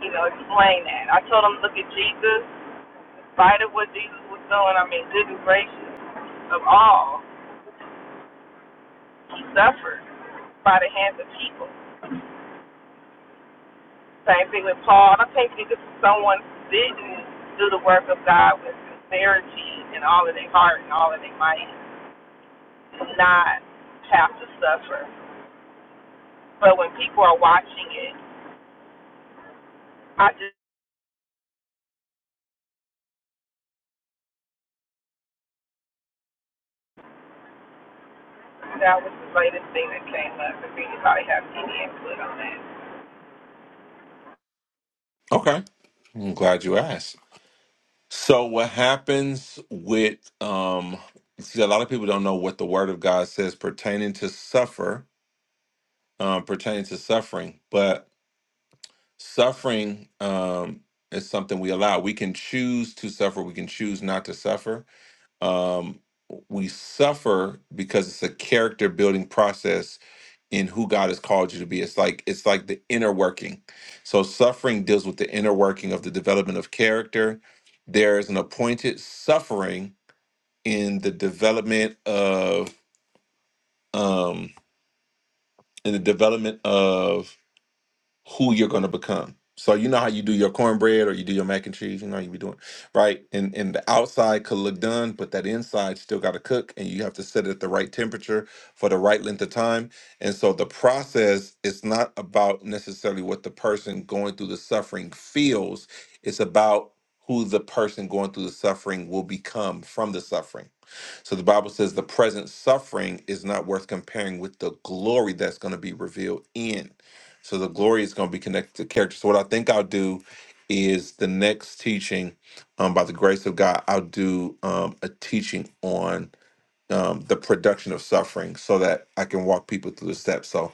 S5: you know, explain that. I told him, look at Jesus, in spite of what Jesus was doing. I mean, goodness gracious, of all, he suffered by the hands of people. Same thing with Paul. I think that this is someone who didn't do the work of God with sincerity and all of their heart and all of their might, not have to suffer. But when people are watching it, I just that was the latest thing that came up. If anybody has any input on that,
S1: Okay. I'm glad you asked. So what happens with um see a lot of people don't know what the word of God says pertaining to suffer, um, pertaining to suffering, but suffering um is something we allow. We can choose to suffer, we can choose not to suffer. Um we suffer because it's a character building process in who God has called you to be. It's like it's like the inner working. So suffering deals with the inner working of the development of character. There is an appointed suffering in the development of um in the development of. who you're going to become. So you know how you do your cornbread or you do your mac and cheese. You know how you be doing right, and and the outside could look done, but that inside still got to cook, and you have to set it at the right temperature for the right length of time. And so the process is not about necessarily what the person going through the suffering feels. It's about who the person going through the suffering will become from the suffering. So the Bible says the present suffering is not worth comparing with the glory that's going to be revealed in. So the glory is going to be connected to character. So what I think I'll do is the next teaching, um, by the grace of God, I'll do um, a teaching on um, the production of suffering so that I can walk people through the steps. So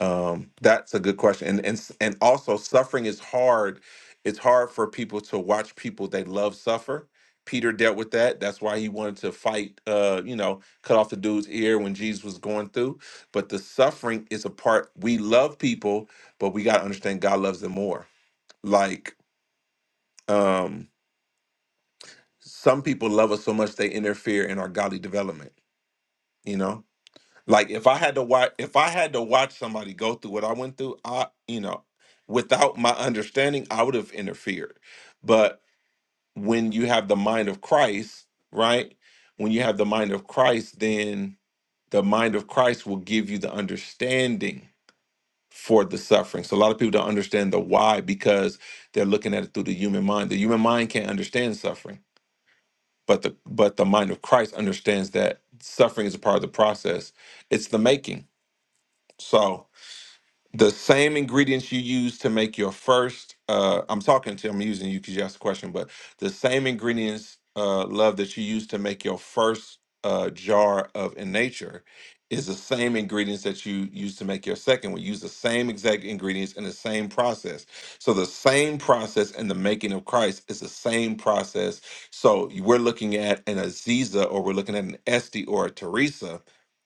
S1: um, that's a good question. And, and s- and also suffering is hard. It's hard for people to watch people they love suffer. Peter dealt with that. That's why he wanted to fight, uh, you know, cut off the dude's ear when Jesus was going through. But the suffering is a part we love people, but we gotta understand God loves them more. Like um some people love us so much they interfere in our godly development, you know? Like if I had to watch, if I had to watch somebody go through what I went through, I, you know, without my understanding, I would have interfered. But when you have the mind of Christ, right? When you have the mind of Christ, then the mind of Christ will give you the understanding for the suffering. So a lot of people don't understand the why because they're looking at it through the human mind. The human mind can't understand suffering, but the but the mind of Christ understands that suffering is a part of the process. It's the making. So the same ingredients you use to make your first uh i'm talking to i'm using you because you asked the question but the same ingredients uh love that you use to make your first uh jar of in nature is the same ingredients that you use to make your second one use the same exact ingredients and the same process so the same process in the making of christ is the same process so we're looking at an aziza or we're looking at an esti or a teresa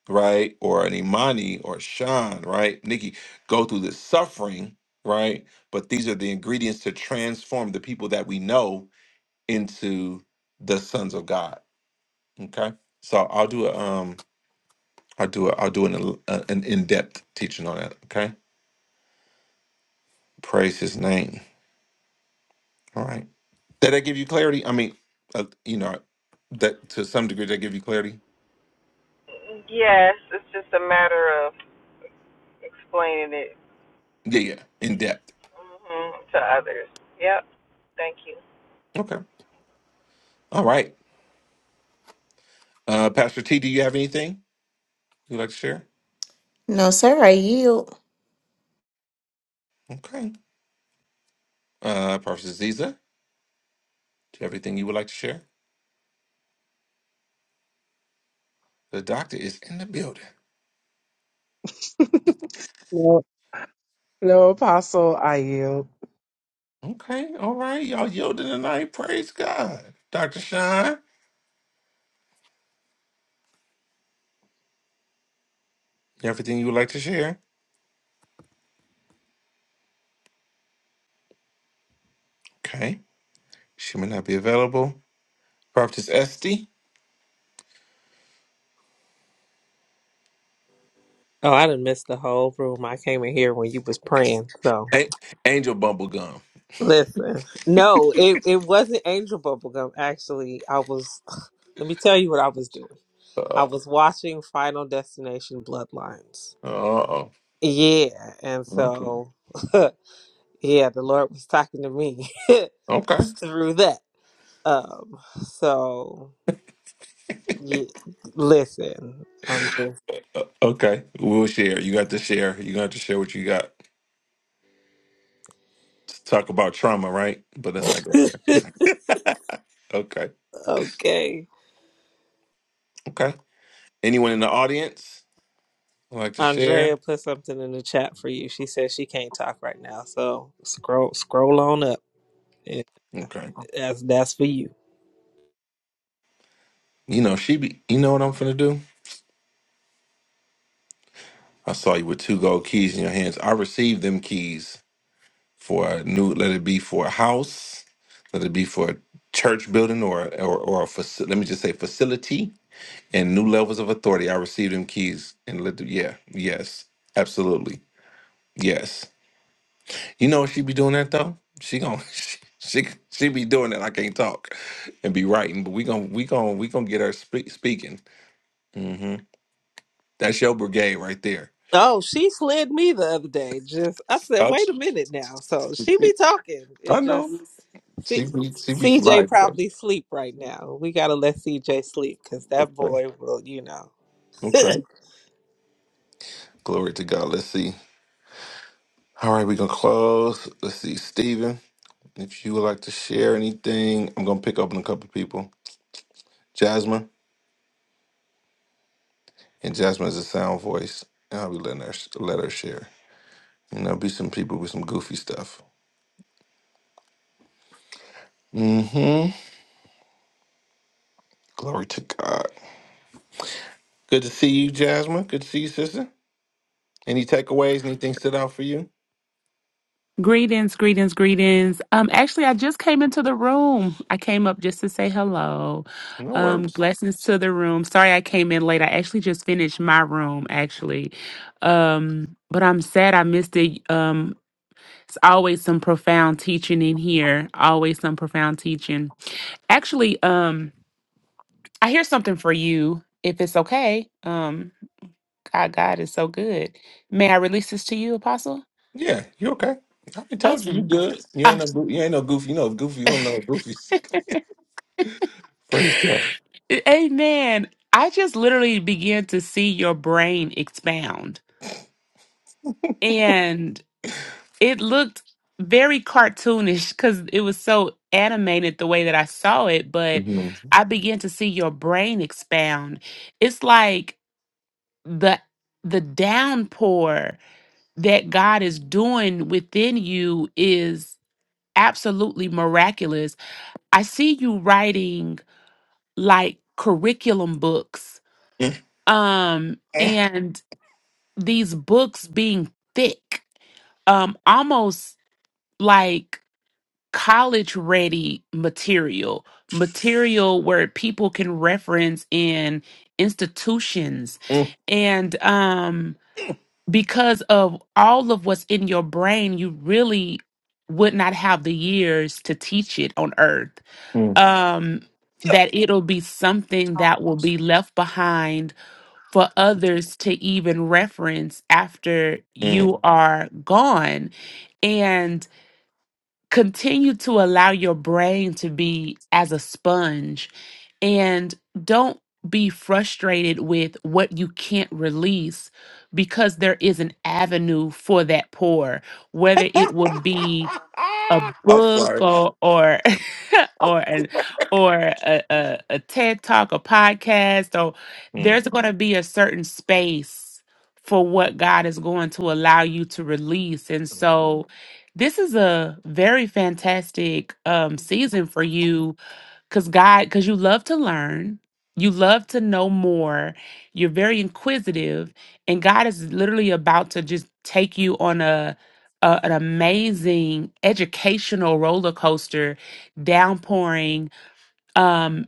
S1: right? Or an Imani or Sean, right? Nikki, go through this suffering, right? But these are the ingredients to transform the people that we know into the sons of God. Okay, so I'll do a um, I'll do a, I'll do an uh, an in depth teaching on that. Okay, praise His name. All right, did that give you clarity? I mean, uh, you know, that to some degree, did that give you clarity?
S5: yes, it's just a matter of explaining it
S1: Yeah, yeah, in depth.
S5: hmm to others. Yep. Thank you.
S1: Okay, all right. Uh, Pastor T, do you have anything you'd like to share?
S6: No, sir, I yield.
S1: Okay. Uh, Pastor Ziza, do you have anything you would like to share? The doctor is in the building.
S7: No, no, Apostle, I yield.
S1: Okay, all right. Y'all yielding tonight. Praise God. Dr. Shine, everything you would like to share? Okay. She may not be available. Prophetess Esty.
S8: Oh, I done missed the whole room. I came in here when you was praying. So
S1: A- Angel Bumblegum.
S8: listen, no, it it wasn't angel bubblegum. Actually, I was. Let me tell you what I was doing.
S1: Uh
S8: I was watching Final Destination Bloodlines.
S1: oh.
S8: Yeah, and
S1: Okay.
S8: so yeah, the Lord was talking to me
S1: Okay.
S8: through that. Um, so yeah, listen, I'm
S1: Uh, okay. We'll share. You got to share. You got to share what you got. To talk about trauma, right? But let's not go there.
S8: just
S1: Okay.
S8: okay.
S1: Okay. Anyone in the audience would like to share?
S8: Andrea put something in the chat for you. She says she can't talk right now, so scroll scroll on up. It-
S1: Okay.
S8: That's that's for you.
S1: You know, she be you know what I'm finna do? I saw you with two gold keys in your hands. I received them keys for a new, let it be for a house, let it be for a church building or or, or a faci- let me just say facility and new levels of authority. I received them keys and let the, yeah, yes, absolutely, yes. You know what she be doing that though. She gon' she, she she be doing that. I can't talk and be writing, but we gon' we gon' we gon' get her spe- speaking. hmm That's your brigade right there.
S8: Oh, she slid me the other day. Just I said,
S1: Ouch.
S8: wait a minute now. So she be talking.
S1: I
S8: It just
S1: know.
S8: C-
S1: She be she be
S8: CJ
S1: sliding. though.
S8: probably sleep right now. We gotta let CJ sleep because that
S1: Okay.
S8: boy will, you know.
S1: Okay. Glory to God. Let's see. All right, we're gonna close. Let's see. Steven, if you would like to share anything, I'm gonna pick up on a couple people. Jasmine. And Jasmine is a sound voice. And I'll be letting her let her share. And there'll be some people with some goofy stuff. Mm-hmm. Glory to God. Good to see you, Jasmine. Good to see you, sister. Any takeaways? Anything stood out for you?
S9: Greetings, greetings, greetings. Um, actually, I just came into the room. I came up just to say hello.
S1: No
S9: Um,
S1: worries.
S9: blessings to the room. Sorry I came in late. I actually just finished my room, actually. Um, but I'm sad I missed it. Um, it's always some profound teaching in here. Always some profound teaching. Actually, um, I hear something for you, if it's okay. Um, God, God is so good. May I release this to you, Apostle?
S1: Yeah, you okay? I told you you
S9: Awesome.
S1: good. You ain't no
S9: Awesome.
S1: goo- you ain't no goofy. You know goofy. You don't know goofy. Praise God.
S9: Amen. I just literally began to see your brain expound. And it looked very cartoonish because it was so animated the way that I saw it, but
S1: Mhm.
S9: I began to see your brain expound. It's like the the downpour that God is doing within you is absolutely miraculous. I see you writing like curriculum books.
S1: Mm,
S9: Um
S1: mm,
S9: and these books being thick, um, almost like college ready material, material where people can reference in institutions.
S1: mm,
S9: And um, because of all of what's in your brain, you really would not have the years to teach it on earth.
S1: mm.
S9: Um,
S1: Yeah.
S9: that it'll be something that will be left behind for others to even reference after
S1: Mm.
S9: you are gone and continue to allow your brain to be as a sponge and don't be frustrated with what you can't release because there is an avenue for that pour whether it would be a
S1: I'm
S9: book
S1: sorry.
S9: or or or an or a, a, a TED talk, a podcast, or
S1: Mm,
S9: there's gonna be a certain space for what God is going to allow you to release. And so this is a very fantastic um season for you because God, because you love to learn, you love to know more, you're very inquisitive, and God is literally about to just take you on a, a an amazing educational roller coaster, downpouring. um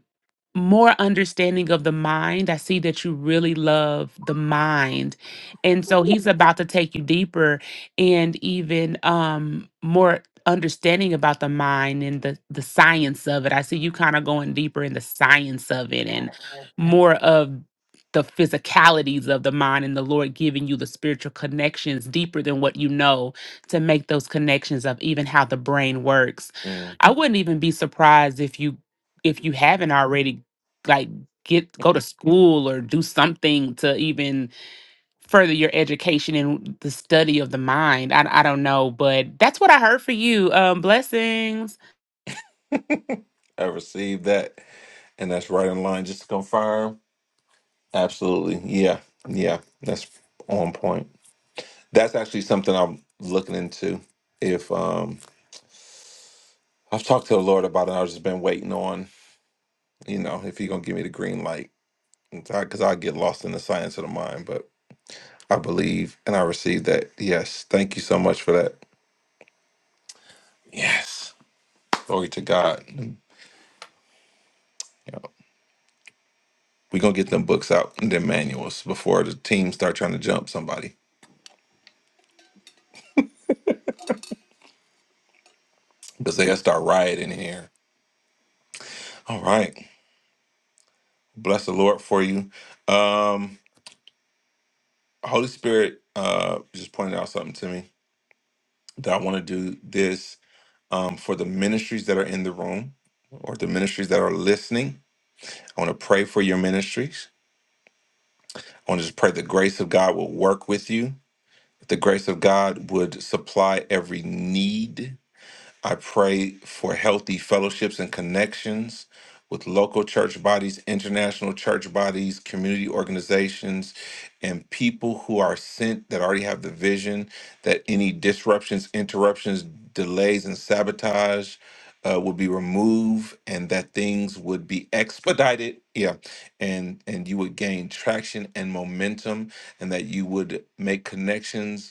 S9: more understanding of the mind. I see that you really love the mind. And so he's about to take you deeper and even um more understanding about the mind and the the science of it. I see you kind of going deeper in the science of it and more of the physicalities of the mind and the Lord giving you the spiritual connections deeper than what you know to make those connections of even how the brain works.
S1: mm.
S9: I wouldn't even be surprised if you if you haven't already like get go to school or do something to even further your education in the study of the mind. I I don't know, but that's what I heard for you. Um blessings.
S1: I received that, and that's right in line. Just to confirm, absolutely. Yeah, yeah, that's on point. That's actually something I'm looking into. If um, I've talked to the Lord about it, I've just been waiting on, you know, if He gonna give me the green light because I get lost in the science of the mind, but I believe and I receive that. Yes, thank you so much for that. Yes, glory to God. You know, We're gonna get them books out and them manuals before the team start trying to jump somebody because they'll start rioting in here. All right, bless the Lord for you. Um, Holy Spirit uh, just pointed out something to me that I want to do this um, for the ministries that are in the room or the ministries that are listening. I want to pray for your ministries. I want to just pray the grace of God will work with you. The grace of God would supply every need I pray for healthy fellowships and connections with local church bodies, international church bodies, community organizations, and people who are sent that already have the vision that any disruptions, interruptions, delays, and sabotage uh, would be removed, and that things would be expedited. Yeah, and and you would gain traction and momentum, and that you would make connections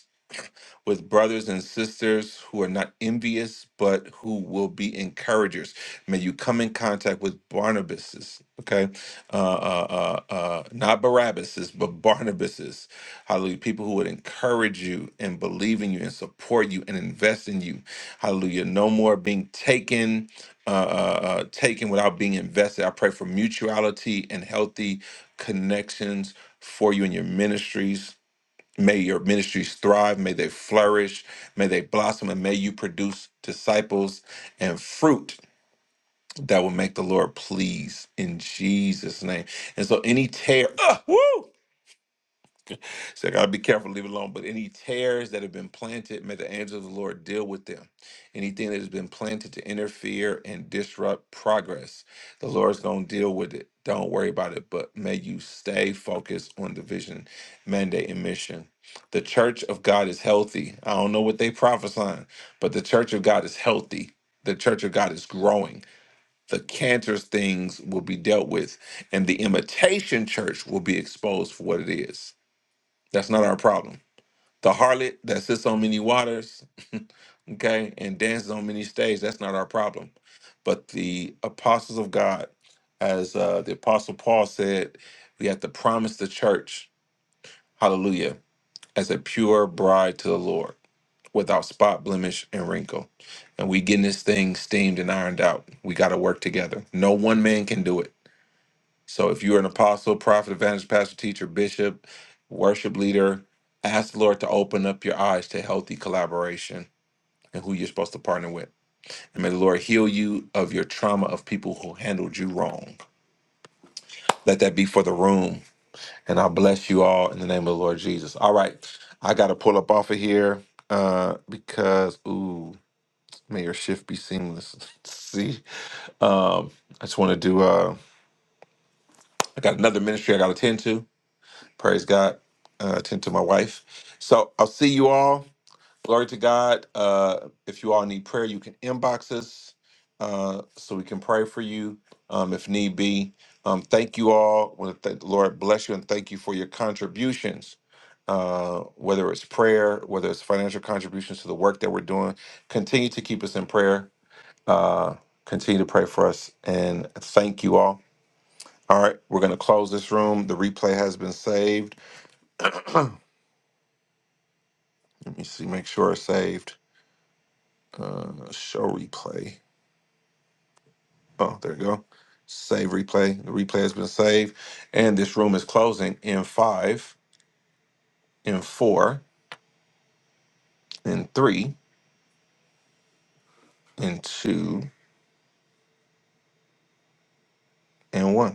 S1: with brothers and sisters who are not envious, but who will be encouragers. May you come in contact with Barnabases, okay? Uh, uh, uh, uh, not Barabbases, but Barnabases. Hallelujah. People who would encourage you and believe in you and support you and invest in you. Hallelujah. No more being taken. Uh, uh, uh, taken without being invested. I pray for mutuality and healthy connections for you in your ministries May your ministries thrive. May they flourish. May they blossom. And may you produce disciples and fruit that will make the Lord pleased in Jesus' name. And so, any tear, ah, woo! So I gotta be careful, leave it alone. But any tears that have been planted, may the angels of the Lord deal with them. Anything that has been planted to interfere and disrupt progress, the Lord's gonna deal with it. Don't worry about it, but may you stay focused on the vision, mandate, and mission. The church of God is healthy. I don't know what they prophesying, but the church of God is healthy. The church of God is growing. The cancerous things will be dealt with, and the imitation church will be exposed for what it is. That's not our problem. The harlot that sits on many waters, okay, and dances on many stages, that's not our problem. But the apostles of God, as uh, the apostle Paul said, we have to promise the church, hallelujah, as a pure bride to the Lord without spot, blemish, and wrinkle. And we getting this thing steamed and ironed out. We got to work together. No one man can do it. So if you're an apostle, prophet, evangelist, pastor, teacher, bishop, worship leader, ask the Lord to open up your eyes to healthy collaboration and who you're supposed to partner with. And may the Lord heal you of your trauma of people who handled you wrong. Let that be for the room. And I bless you all in the name of the Lord Jesus. All right. I gotta pull up off of here uh because ooh, may your shift be seamless. See. Um I just want to do uh I got another ministry I gotta attend to. Praise God. Uh, attend to my wife. So I'll see you all. Glory to God. Uh, if you all need prayer, you can inbox us uh, so we can pray for you um, if need be. Um, thank you all. Want to thank the Lord bless you and thank you for your contributions. Uh, whether it's prayer, whether it's financial contributions to the work that we're doing, continue to keep us in prayer. Uh, continue to pray for us and thank you all. All right, we're going to close this room. The replay has been saved. Let me see, make sure it's saved. Uh, show replay. Oh, there you go. Save replay. The replay has been saved. And this room is closing in five, in four, in three, in two, and one.